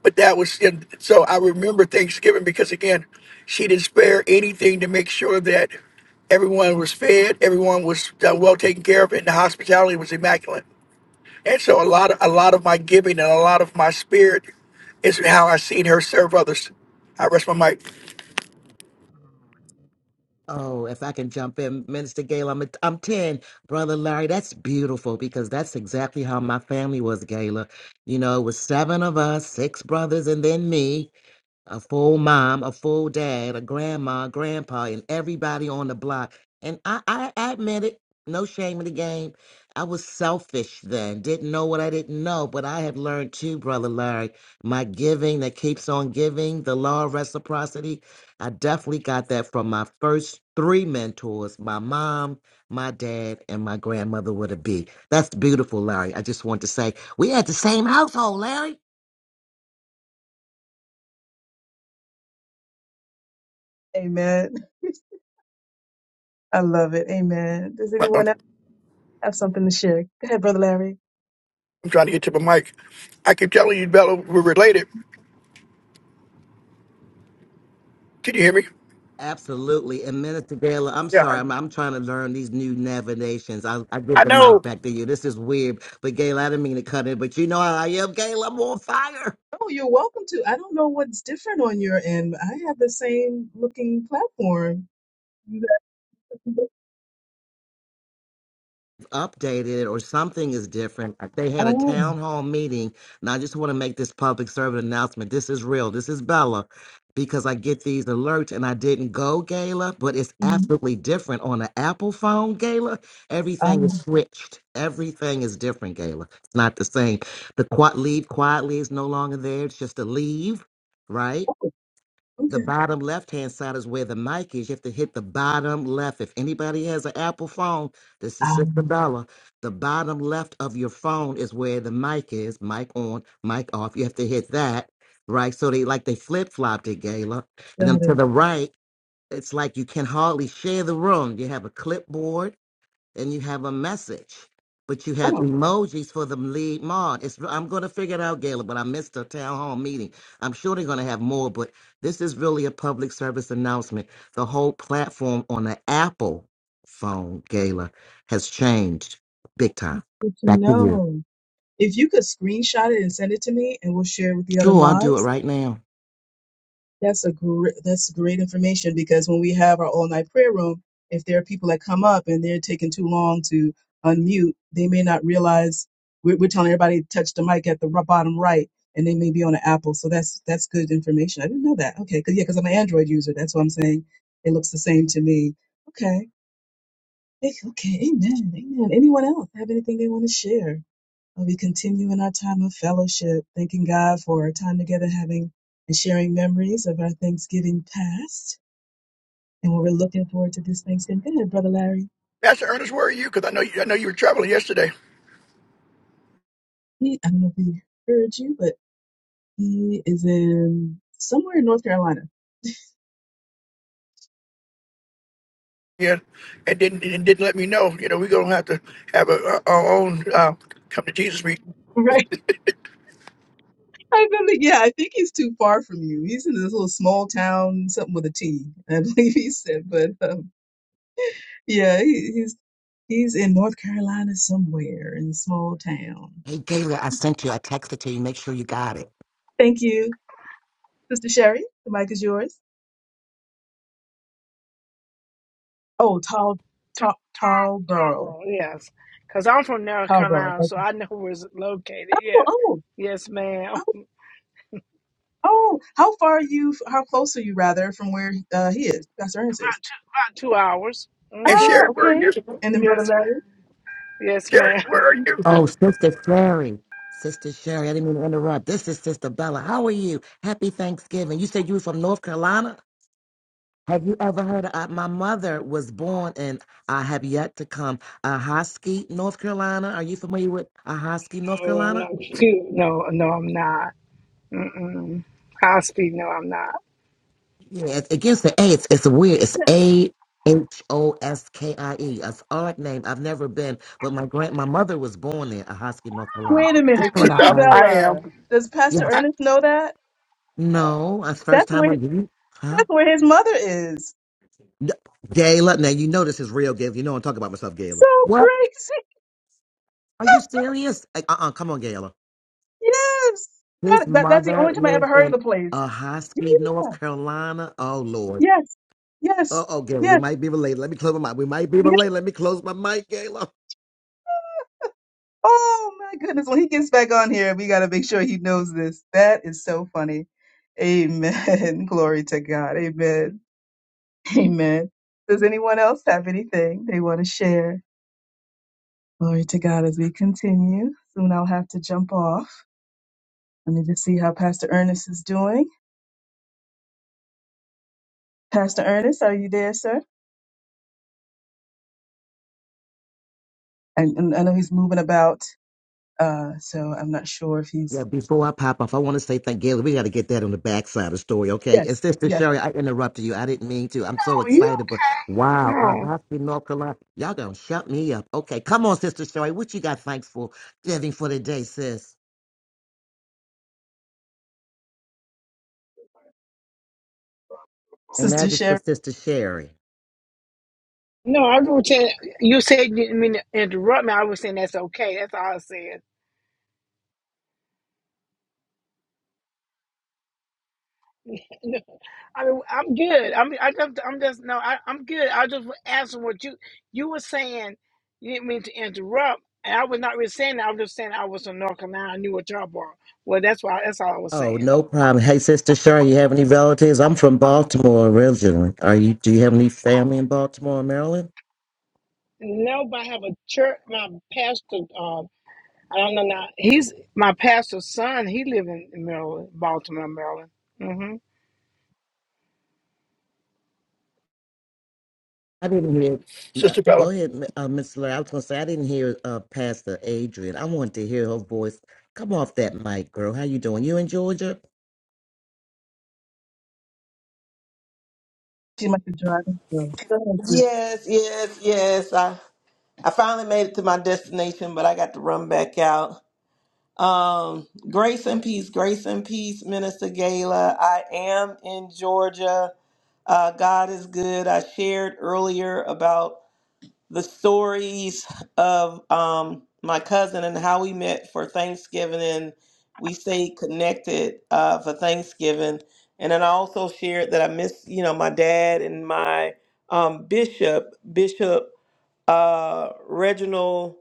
S7: But that was and so I remember Thanksgiving because again, she didn't spare anything to make sure that everyone was fed, everyone was uh, well taken care of, and the hospitality was immaculate. And so a lot of a lot of my giving and a lot of my spirit is how I seen her serve others. I rest my mic.
S10: Oh, if I can jump in, Minister Gaylor, I'm a, I'm ten, brother Larry. That's beautiful because that's exactly how my family was, Gaylor. You know, it was seven of us, six brothers, and then me. a full mom, a full dad, a grandma, grandpa, and everybody on the block. And I, I, I admit it, no shame in the game. I was selfish then, didn't know what I didn't know, but I have learned too, Brother Larry. My giving that keeps on giving, the law of reciprocity. I definitely got that from my first three mentors my mom, my dad, and my grandmother with a B. That's beautiful, Larry. I just want to say we had the same household, Larry.
S1: Amen. I love it. Amen. Does anyone else
S7: I'm
S1: have something to share? Go ahead, Brother Larry.
S7: trying to get to my mic. I keep telling you, Bella, we're related. Can you hear me?
S10: Absolutely. And Minister Gala, I'm
S7: Yeah,
S10: sorry, I'm, I'm trying to learn these new navigations. I, I
S7: I
S10: give the
S7: know,
S10: mic back to you. This is weird. But Gayla, I didn't mean to cut it, but you know how I am, Gayla. I'm on fire.
S1: Oh, you're welcome to. I don't know what's different on your end. I have the same looking platform. You guys-
S10: updated or something is different. They had a
S1: Oh,
S10: town hall meeting, and I just want to make this public servant announcement. This is real. This is Bella, because I get these alerts, and I didn't go gala, but it's
S1: mhm.
S10: absolutely different on the Apple phone gala. Everything is
S1: oh,
S10: switched. Everything is different gala. It's not the same. The quiet leave quietly is no longer there. It's just a leave, right?
S1: oh,
S10: the
S1: okay.
S10: bottom left hand side is where the mic is. You have to hit the bottom left. If anybody has an Apple phone, this is Sister
S1: Um,
S10: Dollar. The bottom left of your phone is where the mic is. Mic on, mic off. You have to hit that, right? So they like they flip flopped it, Gayla. And then
S1: got
S10: to
S1: it.
S10: the right, it's like you can hardly share the room. You have a clipboard and you have a message, but you have
S1: Oh,
S10: emojis for the lead mod. It's, I'm going to figure it out, Gayla, but I missed a town hall meeting. I'm sure they're going to have more, but this is really a public service announcement. The whole platform on the Apple phone, Gayla, has changed big time.
S1: that's good to
S10: Back to you.
S1: know. If you could screenshot it and send it to me, and we'll share it with the other
S10: Sure, I'll do
S1: mods.
S10: it right now.
S1: That's a great that's great information because when we have our all night prayer room, if there are people that come up and they're taking too long to unmute, they may not realize we're, we're telling everybody to touch the mic at the ro- bottom right, and they may be on an Apple. So that's that's good information. I didn't know that. Okay, because yeah, because I'm an Android user. That's what I'm saying. It looks the same to me. Okay. Hey, Okay. Amen. Amen. Anyone else have anything they want to share? Uh, We continue in our time of fellowship, thanking God for our time together, having and sharing memories of our Thanksgiving past and what we're looking forward to this Thanksgiving. Good night, Brother Larry.
S7: Pastor Ernest. Where are you? Because I know you, I know you were traveling yesterday.
S1: He, I don't know if he heard you, but he is in somewhere in North Carolina,
S7: Yeah, and didn't and didn't let me know. You know, we're gonna have to have a, our own uh, come to Jesus meeting.
S1: right? I believe, yeah, I think he's too far from you. He's in this little small town, something with a T, I believe he said. But um, yeah, he, he's he's in North Carolina somewhere in a small town.
S10: Hey, Gayla, I sent you. I texted to you. Make sure you got it.
S1: Thank you, Sister Sherry. The mic is yours. Oh, Tal,
S9: T-
S1: Tal, Tarboro,
S9: Tomball, yes. Because I'm from North
S1: Tarboro.
S9: Carolina, so
S1: Okay.
S9: I know where it's located.
S1: Oh,
S9: Yeah.
S1: oh,
S9: Yes, ma'am.
S1: oh, oh. How far are you? How close are you, rather, from where uh, he is, Pastor Ernest
S9: About
S1: is?
S9: two, about two hours.
S7: And
S1: Ah,
S7: Sherry,
S9: Mm-hmm.
S7: where are
S1: okay.
S7: you?
S1: And then Brother
S9: Yes, ma'am.
S1: Larry.
S9: Yes, ma'am.
S7: Sherry, where are
S10: Oh,
S7: you?
S10: Sister Sherry. Sister Sherry, I didn't mean to interrupt. This is Sister Bella. How are you? Happy Thanksgiving. You said you were from North Carolina? Have you ever heard of uh, my mother was born in I have yet to come Ahoskie, North Carolina. Are you familiar with Ahoskie, North
S9: No, I'm
S10: Carolina?
S9: not cute. No, no, I'm not. Mm-mm. High speed. No, I'm not.
S10: Yeah, it's against the A. It's, it's weird. It's A H O S K I E. It's an odd name. I've never been, but my grand my mother was born there, Ahoskie, North Carolina.
S1: Wait a
S10: Just
S1: minute,
S9: But
S10: thought
S7: Sister,
S10: I
S1: Sister
S7: Bella,
S10: uh
S7: I am
S1: Bella. Does Pastor
S10: yes.
S1: Ernest know that?
S10: No, that's
S1: That's
S10: first time
S1: where
S10: I'm here. huh?
S1: that's where his mother is.
S10: N- Gayla, now you know this is real, Gayla. You know I'm talking about myself, Gayla.
S1: So
S10: What?
S1: crazy.
S10: Are you serious? Like, uh-uh, come on, Gayla.
S1: Yes.
S10: His
S1: That, that that's the only
S10: mother
S1: time I ever
S10: lives
S1: heard of
S10: in
S1: the place.
S10: a high speed North
S1: Yeah.
S10: Carolina. Oh, Lord.
S1: Yes. Yes.
S10: Uh-oh, Gayla, we
S1: Yes.
S10: might be related. Let me close my mic. We might be
S1: yes.
S10: related. Let me close my mic, Gayla.
S1: Oh my goodness. When he gets back on here, we got to make sure he knows this. That is so funny. Amen. Glory to God. Amen. Amen. Does anyone else have anything they want to share? Glory to God as we continue. Soon I'll have to jump off. Let me just see how Pastor Ernest is doing. Pastor Ernest, are you there, sir? And, and I know he's moving about, uh, so I'm not sure if
S10: Yeah,
S1: he's.
S10: before I pop off, I want to say thank Gayla. We got to get that on the backside of the story, okay? And
S1: Yes,
S10: Sister
S1: yes.
S10: Sherry, I interrupted you. I didn't mean to. I'm so
S9: no, you
S10: excited, but
S9: don't.
S10: wow, a
S9: no.
S10: high speed North Carolina. Y'all gonna shut me up. Okay, come on, Sister Sherry. What you got thanks for, giving for today, sis? And
S1: Sister
S10: that was for
S1: Sherry,
S10: Sister Sherry.
S9: No, I was saying you said you didn't mean to interrupt me. I was saying that's okay. That's all I said. No, I mean, I'm good. I mean, I just, I'm just no. I, I'm good. I just was asking what you you were saying. You didn't mean to interrupt, and I was not really saying that. I was just saying I was from North Carolina. I knew what y'all were. Well, that's why. That's all I was
S10: Oh,
S9: saying.
S10: no problem. Hey, Sister Sherry, you have any relatives? I'm from Baltimore originally. Are you? Do you have any family in Baltimore, or Maryland?
S9: No, but I have a church. My pastor. uh, I don't know now. He's my pastor's son. He live in Maryland, Baltimore, Maryland. Mm-hmm.
S10: I didn't hear. uh,
S7: Sister
S10: Go
S7: Bella.
S10: ahead, m- uh, Miss Larry. I was going to say I didn't hear uh, Pastor Adrian. I wanted to hear her voice. Come off that mic, girl. How you doing? You in Georgia?
S1: she might be driving. So go ahead,
S6: destination, but I got to run back out. Um, grace and peace, grace and peace, Minister Gala. I am in Georgia. Uh, God is good. I shared earlier about the stories of um, my cousin and how we met for Thanksgiving, and we stayed connected uh, for Thanksgiving. And then I also shared that I miss, you know, my dad and my um, bishop, Bishop uh, Reginald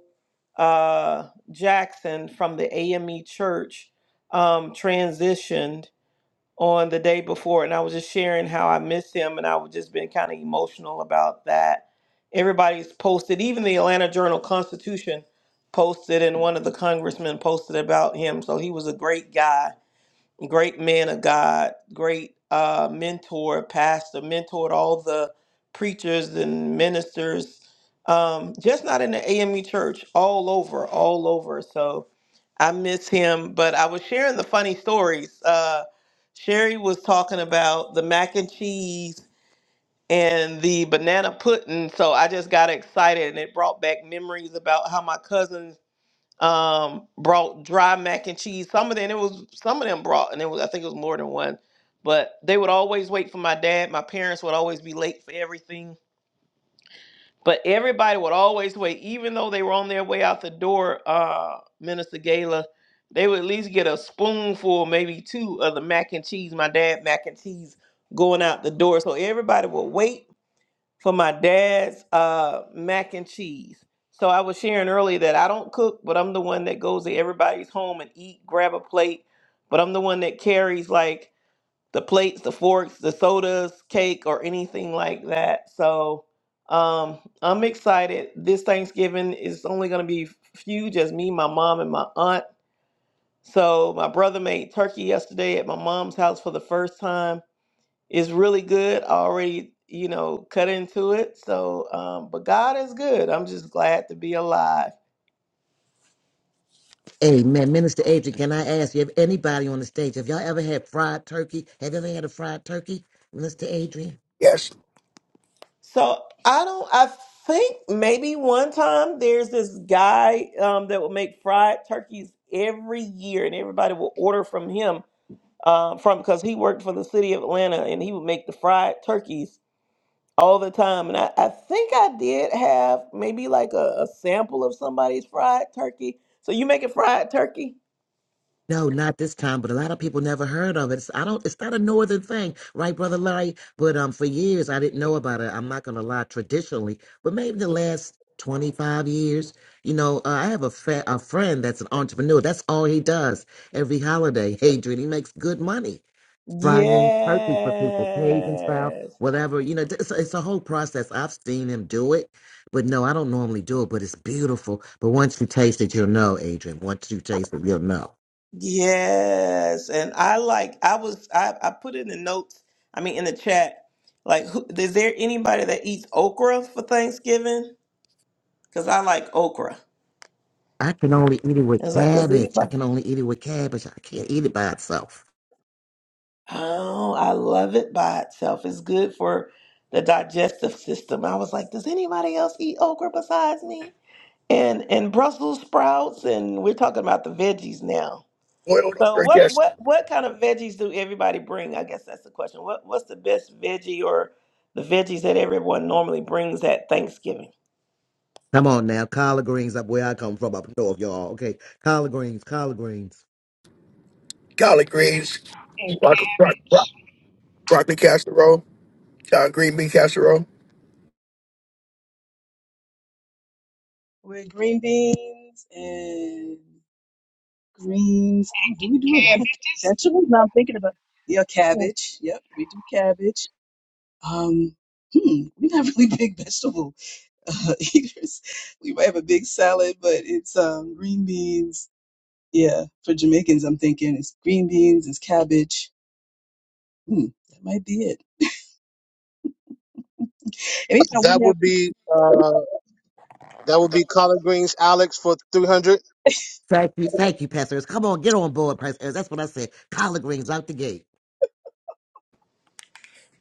S6: uh, Jackson from the AME Church um, transitioned on the day before, and I was just sharing how I miss him, and I was just been kind of emotional about that. Everybody's posted, even the Atlanta Journal Constitution posted, and one of the congressmen posted about him. So he was a great guy great man of God, great uh, mentor, pastor, mentored all the preachers and ministers, um, just not in the AME church, all over, all over. So I miss him, but I was sharing the funny stories. Uh, Sherry was talking about the mac and cheese and the banana pudding. So I just got excited and it brought back memories about how my cousins um brought dry mac and cheese. Some of them it was some of them brought and it was I think it was more than one. But they would always wait for my dad. My parents would always be late for everything. But everybody would always wait, even though they were on their way out the door, uh, Minister Gala, they would at least get a spoonful, maybe two, of the mac and cheese, my dad mac and cheese going out the door. So everybody would wait for my dad's uh, mac and cheese. So I was sharing earlier that I don't cook, but I'm the one that goes to everybody's home and eat, grab a plate. But I'm the one that carries like the plates, the forks, the sodas, cake, or anything like that. So um, I'm excited. This Thanksgiving is only going to be huge as me, my mom, and my aunt. So my brother made turkey yesterday at my mom's house for the first time it's really good. I already, you know, cut into it. So, um, but God is good. I'm just glad to be alive.
S10: Amen. Minister Adrian, can I ask you, if anybody on the stage, have y'all ever had fried turkey? Have you ever had a fried turkey, Minister Adrian?
S7: Yes,
S6: So I don't. I think maybe one time there's this guy um, that will make fried turkeys every year, and everybody will order from him um, from because he worked for the city of Atlanta, and he would make the fried turkeys all the time. And I, I think I did have maybe like a, a sample of somebody's fried turkey. So you making fried turkey?
S10: No, not this time, but a lot of people never heard of it. It's, I don't. It's not a northern thing, right, brother Larry? But um, for years I didn't know about it. I'm not gonna lie. Traditionally, but maybe the last 25 years, you know, uh, I have a fa- a friend that's an entrepreneur. That's all he does every holiday. Adrian, he makes good money frying turkey for people, Cajun style,
S6: Yes.
S10: whatever. You know, it's, it's a whole process. I've seen him do it, but no, I don't normally do it. But it's beautiful. But once you taste it, you'll know, Adrian. Once you taste it, you'll know.
S6: Yes. And I like I was I, I put in the notes, I mean in the chat, like who, is there anybody that eats okra for Thanksgiving? Cuz I like okra.
S10: I can only eat it
S6: And
S10: with
S6: it's like does
S10: cabbage. I
S6: anybody?
S10: can only eat it with cabbage. I can't eat it by itself.
S6: Oh, I love it by itself. It's good for the digestive system. I was like, does anybody else eat okra besides me? And and Brussels sprouts and we're talking about the veggies now.
S7: boiled
S6: So
S7: over.
S6: what
S7: Yes,
S6: what what kind of veggies do everybody bring? I guess that's the question. What what's the best veggie or the veggies that everyone normally brings at Thanksgiving?
S10: Come on now, collard greens up where I come from, up north, y'all. Okay, collard greens, collard greens.
S7: collard greens,
S9: And
S7: broccoli, broccoli, broccoli casserole, uh, green bean casserole.
S1: with green beans and greens. Oh, do we do a lot of
S9: cabbages,
S1: vegetables? Now I'm thinking about yeah,
S9: and
S1: cabbage. Yep, we do cabbage. Um, hmm, we're not really big vegetable uh, eaters. We might have a big salad, but it's um, green beans. Yeah, for Jamaicans, I'm thinking it's green beans, it's cabbage. Hmm, that might be it. Anytime
S2: That
S1: we have
S2: would be uh that would be collard greens, Alex for three hundred.
S10: Thank you, thank you, pastors. Come on, get on board, pastors. That's what I said. Collard greens out the gate.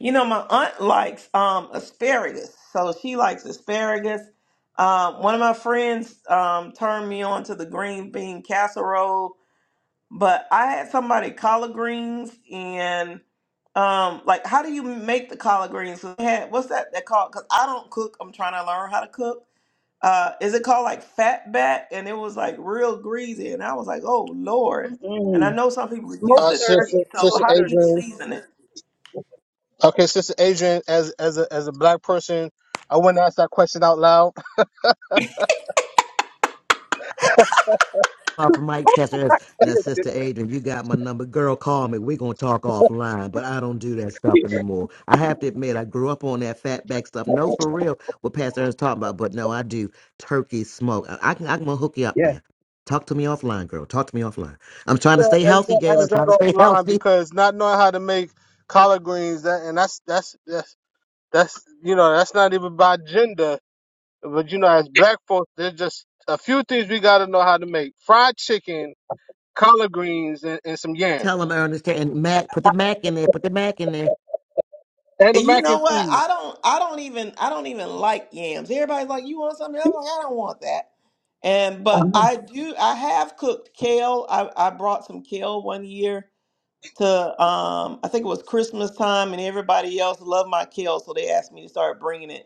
S6: You know, my aunt likes um asparagus. So she likes asparagus. Um, one of my friends um turned me on to the green bean casserole, but I had somebody collard greens and um like how do you make the collard greens? So they had what's that that called? Because I don't cook. I'm trying to learn how to cook. uh is it called like fat back and it was like real greasy and i was like oh lord and i
S1: mm-mm,
S6: know some people use
S1: smoked
S2: Uh,
S6: the
S2: sister,
S1: turkey,
S6: turkey so
S2: sister
S1: smoked
S6: how do you
S1: turkey.
S2: Adrian.
S6: season it
S2: Okay, sister Adrian, as as a as a black person, I wouldn't ask that question out loud.
S10: off
S1: oh
S10: the mic, Pastor
S1: my
S10: Ernest. Now,
S1: goodness.
S10: Sister Adrian, you got my number. Girl, call me. We're going to talk offline, but I don't do that stuff anymore. I have to admit, I grew up on that fat back stuff. No, for real, what Pastor Ernest talking about, but no, I do turkey smoke. I, I can, I'm going to hook you up
S1: Yeah.
S10: now. Talk to me offline, girl. Talk to me offline. I'm trying to
S2: Yeah,
S10: stay
S2: and you
S10: healthy,
S2: gotta
S10: Galen.
S2: ask
S10: I'm trying to
S2: that
S10: stay
S2: offline
S10: healthy.
S2: because not knowing how to make collard greens, that and that's that's that's that's you know that's not even by gender. But you know, as black folks, there's just a few things we gotta know how to make: fried chicken, collard greens, and, and some
S10: Tell
S2: yams,
S10: him, Ernest, and Mac, put the Mac in there. Put the Mac in there.
S2: and the
S6: and you
S2: mac
S6: know
S2: and
S6: what
S2: cheese.
S6: i don't i don't even i don't even like yams everybody's like you want something i'm like i don't want that and but i
S1: Uh-huh.
S6: do i have cooked kale i, I brought some kale one year to um i think it was christmas time and everybody else loved my kale so they asked me to start bringing it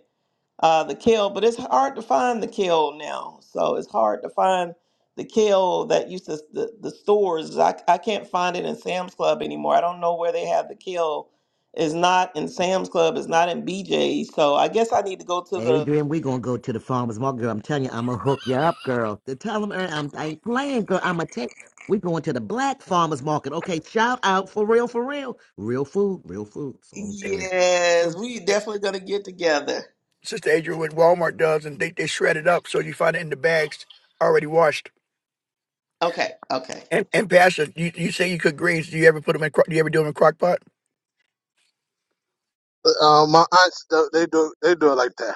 S6: uh, the kale, but it's hard to find the kale now. So it's hard to find the kale that used to the, the stores. I, I can't find it in Sam's Club anymore. I don't know where they have the kale. It's not in Sam's Club. It's not in BJ's. So I guess I need to go to the.
S10: Adrian, we gonna go to the farmers market, girl. I'm telling you, I'm gonna hook you up, girl. To tell them, Ernie, I'm, I ain't playing, girl. I'm gonna take. We going to the black farmers market. Okay, shout out for real, for real, real food, real food. That's all I'm saying.
S6: Yes, we definitely gonna get together.
S7: Sister Adrian, what Walmart does, and they, they shred it up so you find it in the bags already washed.
S6: Okay, okay.
S7: And and Pastor, you, you say you cook greens. Do you ever put them in? cro- Do you ever do them in crock pot?
S2: Uh, my aunts, th- they do they do it like that.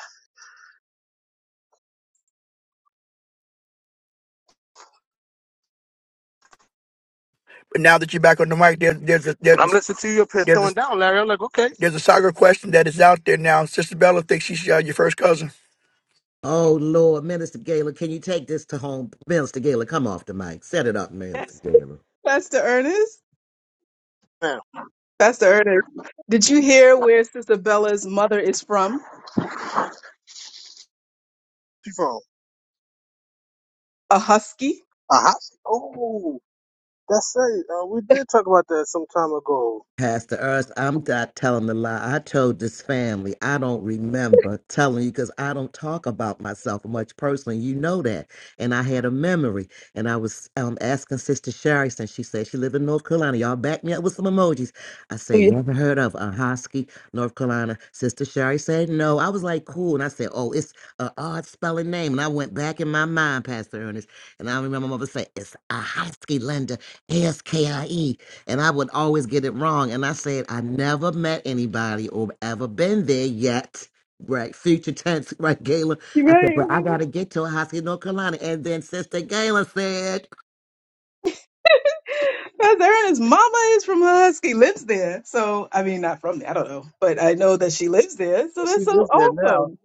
S7: But now that you're back on the mic, there, there's a there's a,
S2: I'm listening to you up here
S7: there's
S2: throwing
S7: a,
S2: down, Larry. I'm like, okay,
S7: there's a saga question that is out there now. Sister Bella thinks she's uh, your first cousin.
S10: Oh Lord, Minister Gaylor, can you take this to home, Minister Gaylor? Come off the mic, set it up, Minister Gaylor.
S1: Pastor Ernest?
S2: man,
S1: Pastor Ernest, did you hear where Sister Bella's mother is from?
S2: she from
S1: A husky?
S2: a hot. Oh, that's right. Uh, we did talk about that some time ago.
S10: Pastor Ernst, I'm not telling a lie. I told this family I don't remember telling you because I don't talk about myself much personally. You know that. And I had a memory. And I was um, asking Sister Sherry, since she said she lived in North Carolina. Y'all back me up with some emojis. I said,
S1: Yeah.
S10: You ever heard of a Hosky, North Carolina? Sister Sherry said no. I was like, Cool. And I said, Oh, it's an odd spelling name. And I went back in my mind, Pastor Ernest. And I remember my mother say It's a Hosky, Linda, A S K I E and I would always get it wrong. And I said, I never met anybody or ever been there yet. Right, future tense, right, Gayla. I said,
S1: Right,
S10: but I
S1: right.
S10: gotta get to a hospital, North Carolina. And then Sister Gayla said,
S1: Pastor Ernest's mama is from a husky, lives there. So, I mean, not from there, I don't know, but I know that she lives there. So
S2: But
S1: that's
S2: she
S1: so
S2: lives there now.
S1: awesome.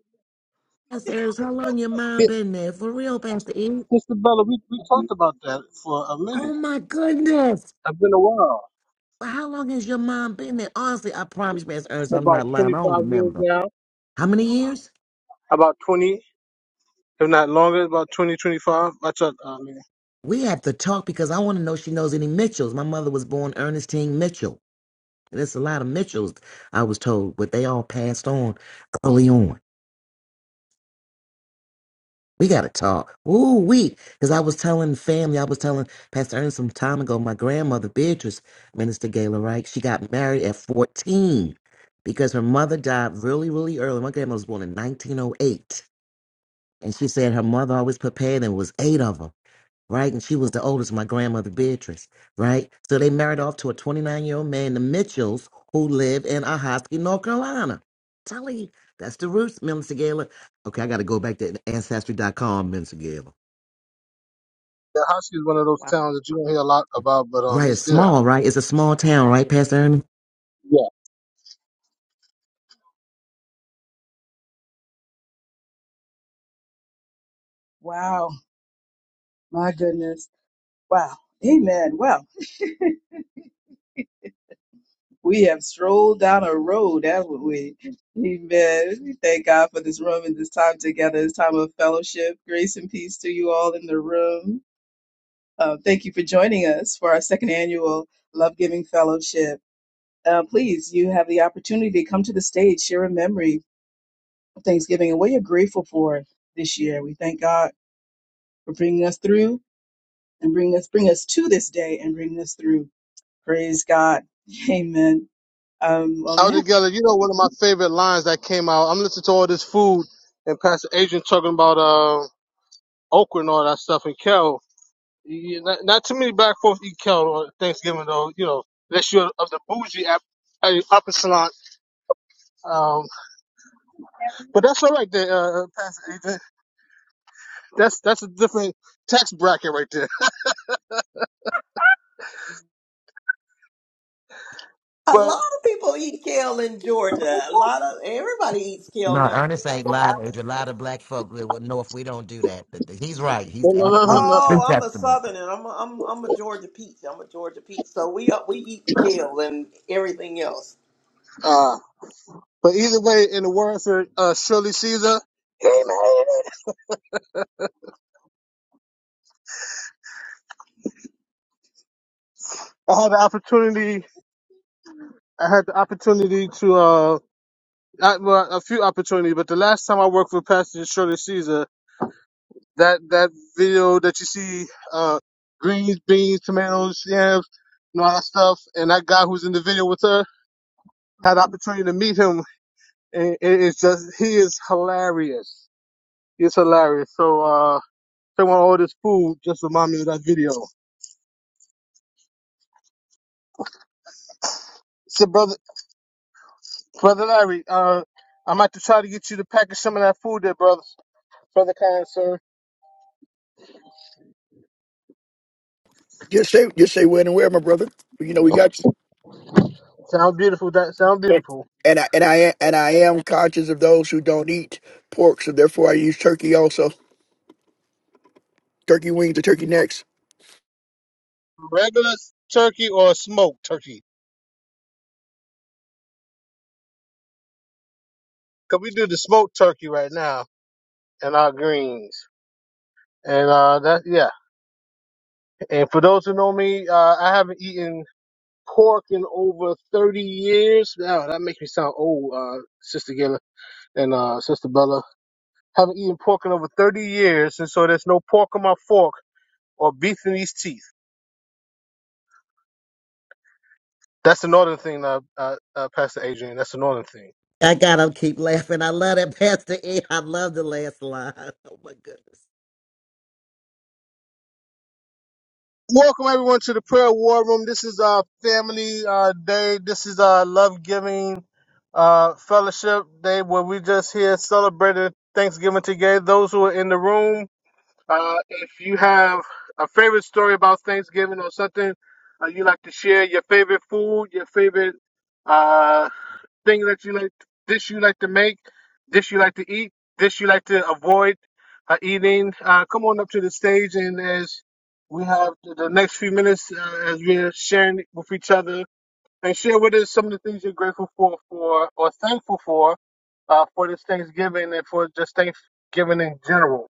S10: Pastor, how long your mom
S2: Yeah,
S10: been there? For real, Pastor E?
S2: Sister Bella, we we talked about that for a
S10: Oh
S2: minute.
S10: my goodness.
S2: It's been a while.
S10: Well, How long has your mom been there? Honestly, I promise, Miss Ernst, I'm
S2: About
S10: not lying. I don't
S2: 25 years
S10: remember.
S2: now.
S10: How many years?
S2: About 20. if not longer, about 2025. I thought, I mean,
S10: We have to talk because I want to know if she knows any Mitchells. My mother was born Ernestine Mitchell. There's a lot of Mitchells, I was told, but they all passed on early on. We got to talk. Ooh, we. Because I was telling the family, I was telling Pastor Ernest some time ago, my grandmother, Beatrice, Minister Gayla Wright, she got married at 14 because her mother died really, really early. My grandma was born in 1908. And she said her mother always prepared, and it was eight of them. right? And she was the oldest, my grandmother Beatrice, right? So they married off to a 29 year old man, the Mitchells, who live in Ahoskie, North Carolina. Telling you, that's the roots, Minister Gala. Okay, I got to go back to ancestry.com, Minister Gala.
S2: Tallahassee is one of those
S1: Wow.
S2: towns that you don't hear a lot about, but um,
S10: Right,
S2: it's
S10: it's
S2: there.
S10: small, right? It's a small town, right, Pastor Ernie?
S2: Yeah.
S1: Wow. My goodness. Wow. Amen. Well, we have strolled down a road, haven't we? Amen. We thank God for this room and this time together, this time of fellowship. Grace and peace to you all in the room. Uh, thank you for joining us for our second annual Love Giving Fellowship. Uh, please, you have the opportunity to come to the stage, share a memory of Thanksgiving and what you're grateful for this year. We thank God for bringing us through and bring us bring us to this day and bring us through. Praise God. Amen. Um, well,
S2: Out together, you know, one of my favorite lines that came out. I'm listening to all this food and Pastor Adrian talking about uh, okra and all that stuff and kale. Yeah, not, not too many black folks eat kale on Thanksgiving, though. You know, unless you're of the bougie app, uh, upper salon. Um, but that's all right there, uh, uh, Pastor Adrian. That's that's a different tax bracket right there.
S6: A
S2: But
S6: lot of people eat kale in Georgia. A lot of everybody eats kale
S10: No,
S6: now.
S10: Ernest ain't lying. There's a lot of black folk that will know if we don't do that. But He's right. He's
S2: no, no, no, no.
S10: absolutely
S2: no.
S10: true
S6: Oh, I'm a
S10: testament.
S6: Southerner. I'm a, I'm I'm a Georgia peach. I'm a Georgia peach. So we uh, we eat the kale and everything else.
S2: Uh, But either way, in the words of uh, Shirley Caesar, Hey, I had the opportunity. I had the opportunity to uh, I, well, a few opportunities, but the last time I worked for Pastor Shirley Caesar, that that video that you see, uh, greens, beans, tomatoes, yams, and all that stuff, and that guy who's in the video with her, had the opportunity to meet him, and it is just he is hilarious. He's hilarious. So uh, someone this food just remind me of that video. So brother. Brother Larry, uh, I'm about to try to get you to package some of that food there, brother. Brother Khan, sir.
S7: Just say just say when and where, my brother. You know we got you.
S2: Sound beautiful. That sound beautiful.
S7: And I and I am- and I am conscious of those who don't eat pork, so therefore I use turkey also. Turkey wings or turkey necks.
S2: Regular turkey or smoked turkey? Cause we do the smoked turkey right now and our greens. And uh, that yeah. And for those who know me, uh, I haven't eaten pork in over 30 years. Now that makes me sound old, uh, Sister Gilla and uh, Sister Bella. Haven't eaten pork in over 30 years, and so there's no pork on my fork or beef in these teeth. That's the northern thing, uh, uh, uh, Pastor Adrian. That's the northern thing.
S10: I gotta keep laughing. I love that, Pastor E. I love the last line. Oh my goodness.
S2: Welcome everyone to the prayer war room. This is uh family uh day. This is uh love giving uh fellowship day where we just here celebrating Thanksgiving together. Those who are in the room, uh, if you have a favorite story about Thanksgiving or something, uh, you like to share your favorite food, your favorite. uh, thing that you like, dish you like to make, dish you like to eat, dish you like to avoid uh, eating, uh, come on up to the stage. And as we have the the next few minutes, uh, as we're sharing with each other, and share with us some of the things you're grateful for, for or thankful for, uh, for this Thanksgiving and for just Thanksgiving in general.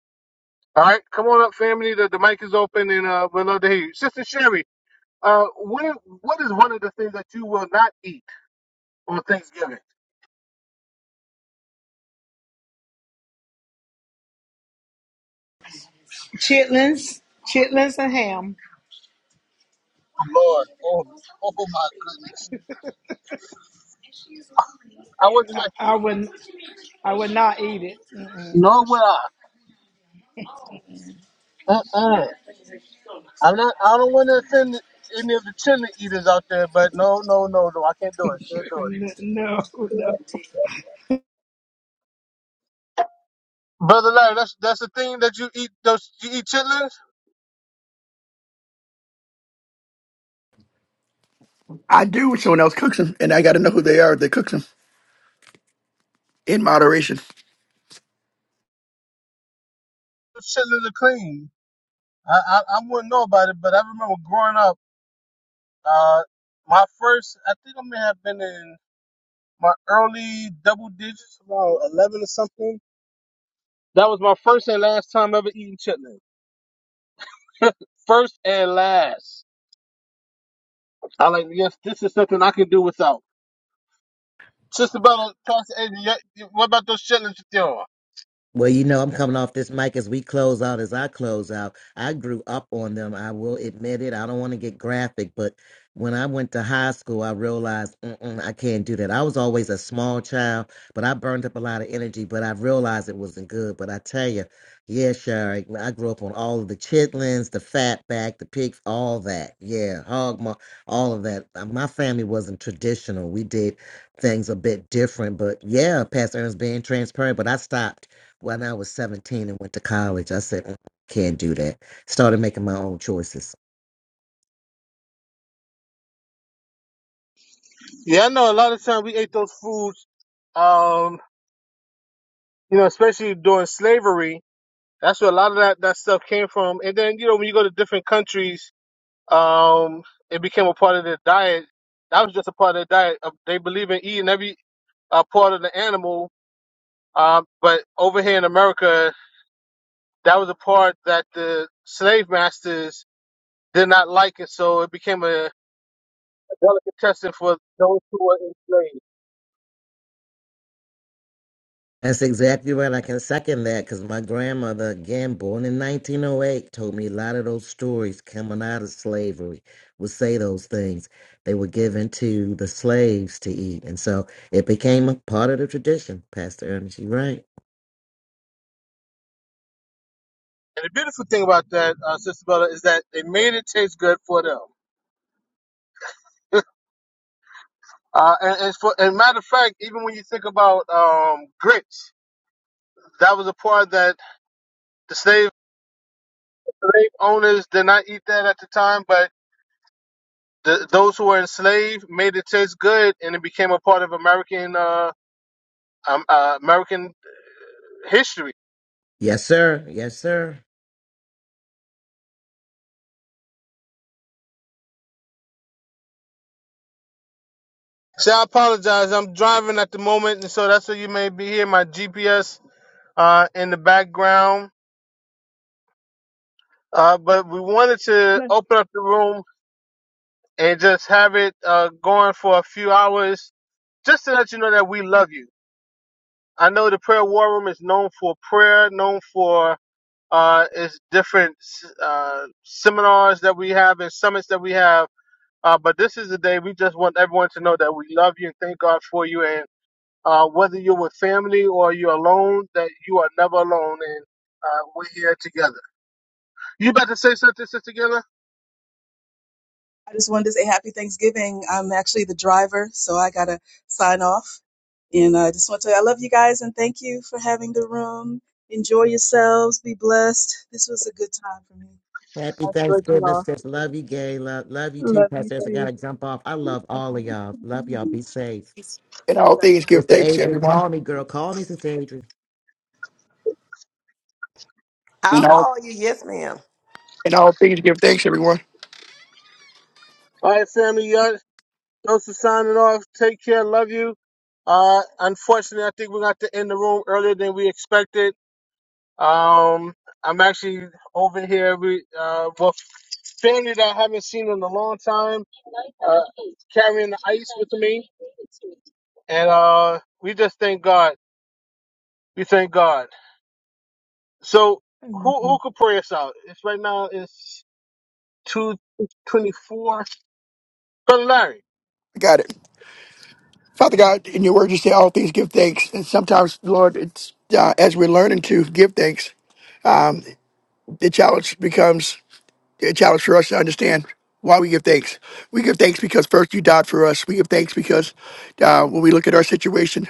S2: All right, come on up, family. The, the mic is open, and uh, we'd love to hear you, Sister Sherry. Uh, what what is one of the things that you will not eat on Thanksgiving?
S9: chitlins, chitlins, and ham.
S2: Lord. Oh, oh my goodness. I wasn't
S9: I,
S2: like,
S9: I wouldn't. I would not eat it. Mm-mm.
S2: nor would I. Uh-uh. I'm not, I don't want to offend any of the chili eaters out there, but no, no, no, no. I can't do it. Can't do
S9: No, no.
S2: it. Brother Larry, that's, that's the thing that you eat. Those, you eat chitlins?
S7: I do when someone else cooks them, and I got to know who they are that cooks them in moderation.
S2: Those chitlins are clean. I, I, I wouldn't know about it, but I remember growing up, uh, my first, I think I may have been in my early double digits, around 11 or something. That was my first and last time ever eating chitlins. first and last. I like, yes, this is something I can do without. Sister Bella, Pastor Adrian, yeah, you- what about those chitlins with y'all?
S10: Well, you know, I'm coming off this mic as we close out, as I close out. I grew up on them. I will admit it. I don't want to get graphic, but when I went to high school, I realized Mm-mm, I can't do that. I was always a small child, but I burned up a lot of energy, but I realized it wasn't good. But I tell you, yeah, Sherry, I grew up on all of the chitlins, the fat back, the pig, all that. Yeah, hog, maw, all of that. Uh, My family wasn't traditional. We did things a bit different, but yeah, Pastor Ernest being transparent, but I stopped when I was 17 and went to college, I said, "Mm, can't do that. Started making my own choices.
S2: Yeah, I know a lot of times we ate those foods, um, you know, especially during slavery. That's where a lot of that, that stuff came from. And then, you know, when you go to different countries, um, it became a part of their diet. That was just a part of their diet. Uh, They believe in eating every uh, part of the animal. Um, but over here in America, that was a part that the slave masters did not like. And so it became a, Bella contested for those who were enslaved.
S10: That's exactly right. I can second that because my grandmother, again, born in 1908, told me a lot of those stories coming out of slavery would say those things. They were given to the slaves to eat. And so it became a part of the tradition, Pastor Ernest. you right.
S2: And the beautiful thing about that, uh, Sister Bella, is that they made it taste good for them. Uh, and, and, for, and matter of fact, even when you think about um, grits, that was a part that the slave, slave owners did not eat that at the time, but the, those who were enslaved made it taste good, and it became a part of American uh, um, uh, American history.
S10: Yes, sir. Yes, sir.
S2: So I apologize. I'm driving at the moment, and so that's why you may be hearing my GPS uh, in the background. Uh, but we wanted to
S1: now.
S2: open up the room and just have it uh, going for a few hours just to let you know that we love you. I know the prayer war room is known for prayer, known for uh, its different uh, seminars that we have and summits that we have. Uh, but this is the day we just want everyone to know that we love you and thank God for you. And uh, whether you're with family or you're alone, that you are never alone. And uh, we're here together. You about to say something, Sister Gilla?
S1: I just wanted to say happy Thanksgiving. I'm actually the driver, so I gotta sign off. And I just want to I love you guys and thank you for having the room. Enjoy yourselves. Be blessed. This was a good time for me.
S10: Happy
S1: I enjoyed you
S10: Thanksgiving,
S1: all.
S10: sis. Love you, gay. Love, love you too,
S1: Love you
S10: Pastor Ernest. I got
S1: too.
S10: to jump off. I love all of y'all. Love y'all. Be safe.
S7: In all things,
S1: Blessings.
S7: give
S10: Mr.
S7: thanks,
S10: Adrian,
S7: everyone.
S10: call me, girl. Call me, Sister Adrian.
S7: In
S6: I'll
S7: all
S6: call you. Yes, ma'am.
S7: in all things, give thanks, everyone.
S2: All right, family. Y'all Joseph signing off. Take care. Love you. Uh, unfortunately, I think we got to end the room earlier than we expected. Um, I'm actually over here. with uh, well, family that I haven't seen in a long time, uh, carrying the ice with me. And, uh, we just thank God. We thank God. So who, who
S1: Amen.
S2: could pray us out? It's right now, it's 224. Brother Larry.
S7: I got it. Father God, in your word, you say all things give thanks. And sometimes, Lord, it's uh, as we're learning to give thanks, um, the challenge becomes a challenge for us to understand why we give thanks. We give thanks because first you died for us. We give thanks because uh, when we look at our situation,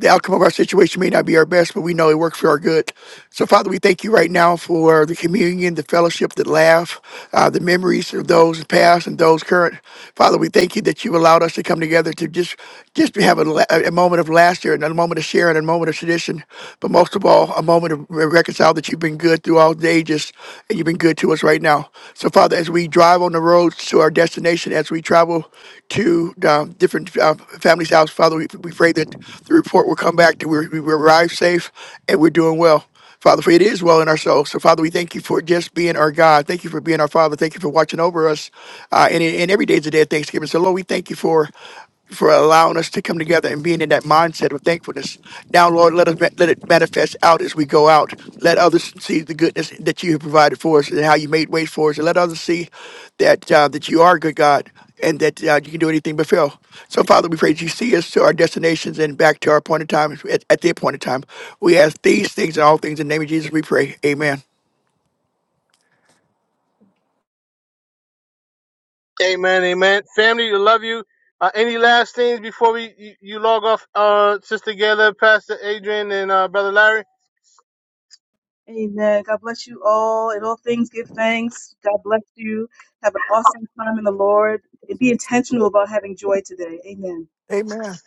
S7: the outcome of our situation may not be our best, but we know it works for our good. So, Father, we thank you right now for the communion, the fellowship, the laugh, uh, the memories of those past and those current. Father, we thank you that you allowed us to come together to just just to have a, la- a moment of laughter and a moment of sharing and a moment of tradition, but most of all, a moment of reconcile that you've been good through all the ages and you've been good to us us right now. So, Father, as we drive on the roads to our destination, as we travel to um, different uh, families' house, Father, we, we pray that the report will come back that we, we arrive safe and we're doing well. Father, for it is well in our souls. So, Father, we thank you for just being our God. Thank you for being our Father. Thank you for watching over us. Uh, and, and every day is a day of thanksgiving. So, Lord, we thank you for for allowing us to come together and being in that mindset of thankfulness. Now, Lord, let us let it manifest out as we go out. Let others see the goodness that you have provided for us and how you made ways for us, and let others see that uh, that you are a good God and that uh, you can do anything but fail. So, Father, we pray that you see us to our destinations and back to our appointed time. At, at the appointed time, we ask these things and all things in the name of Jesus. We pray. Amen.
S2: Amen, amen. Family, we love you. Uh, any last things before we you, you log off, uh, Sister Gayla, Pastor Adrian, and uh, Brother Larry?
S1: Amen. God bless you all. In all things, give thanks. God bless you. Have an awesome time in the Lord. And be intentional about having joy today. Amen.
S7: Amen.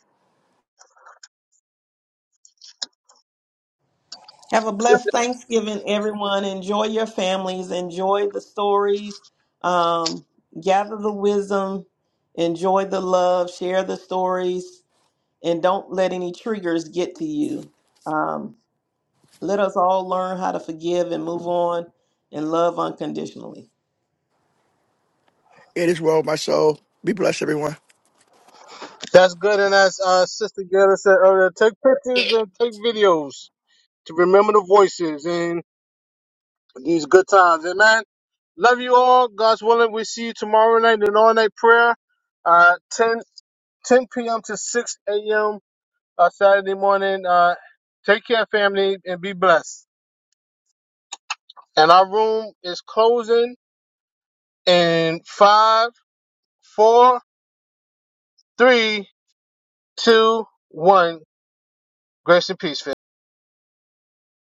S6: Have a blessed Thanksgiving, everyone. Enjoy your families. Enjoy the stories. Um, gather the wisdom. Enjoy the love. Share the stories, and don't let any triggers get to you. Um, let us all learn how to forgive and move on and love unconditionally.
S7: It is well, my soul. Be blessed, everyone.
S2: That's good. And as uh, Sister Gayla said earlier, take pictures and take videos to remember the voices in these good times. Amen. Love you all. God's willing, we see you tomorrow night in all night prayer, uh, 10 10 p.m. to 6 a.m. Uh, Saturday morning. Uh, take care, family, and be blessed. And our room is closing. In five, four, three, two, one. Grace and peace, family.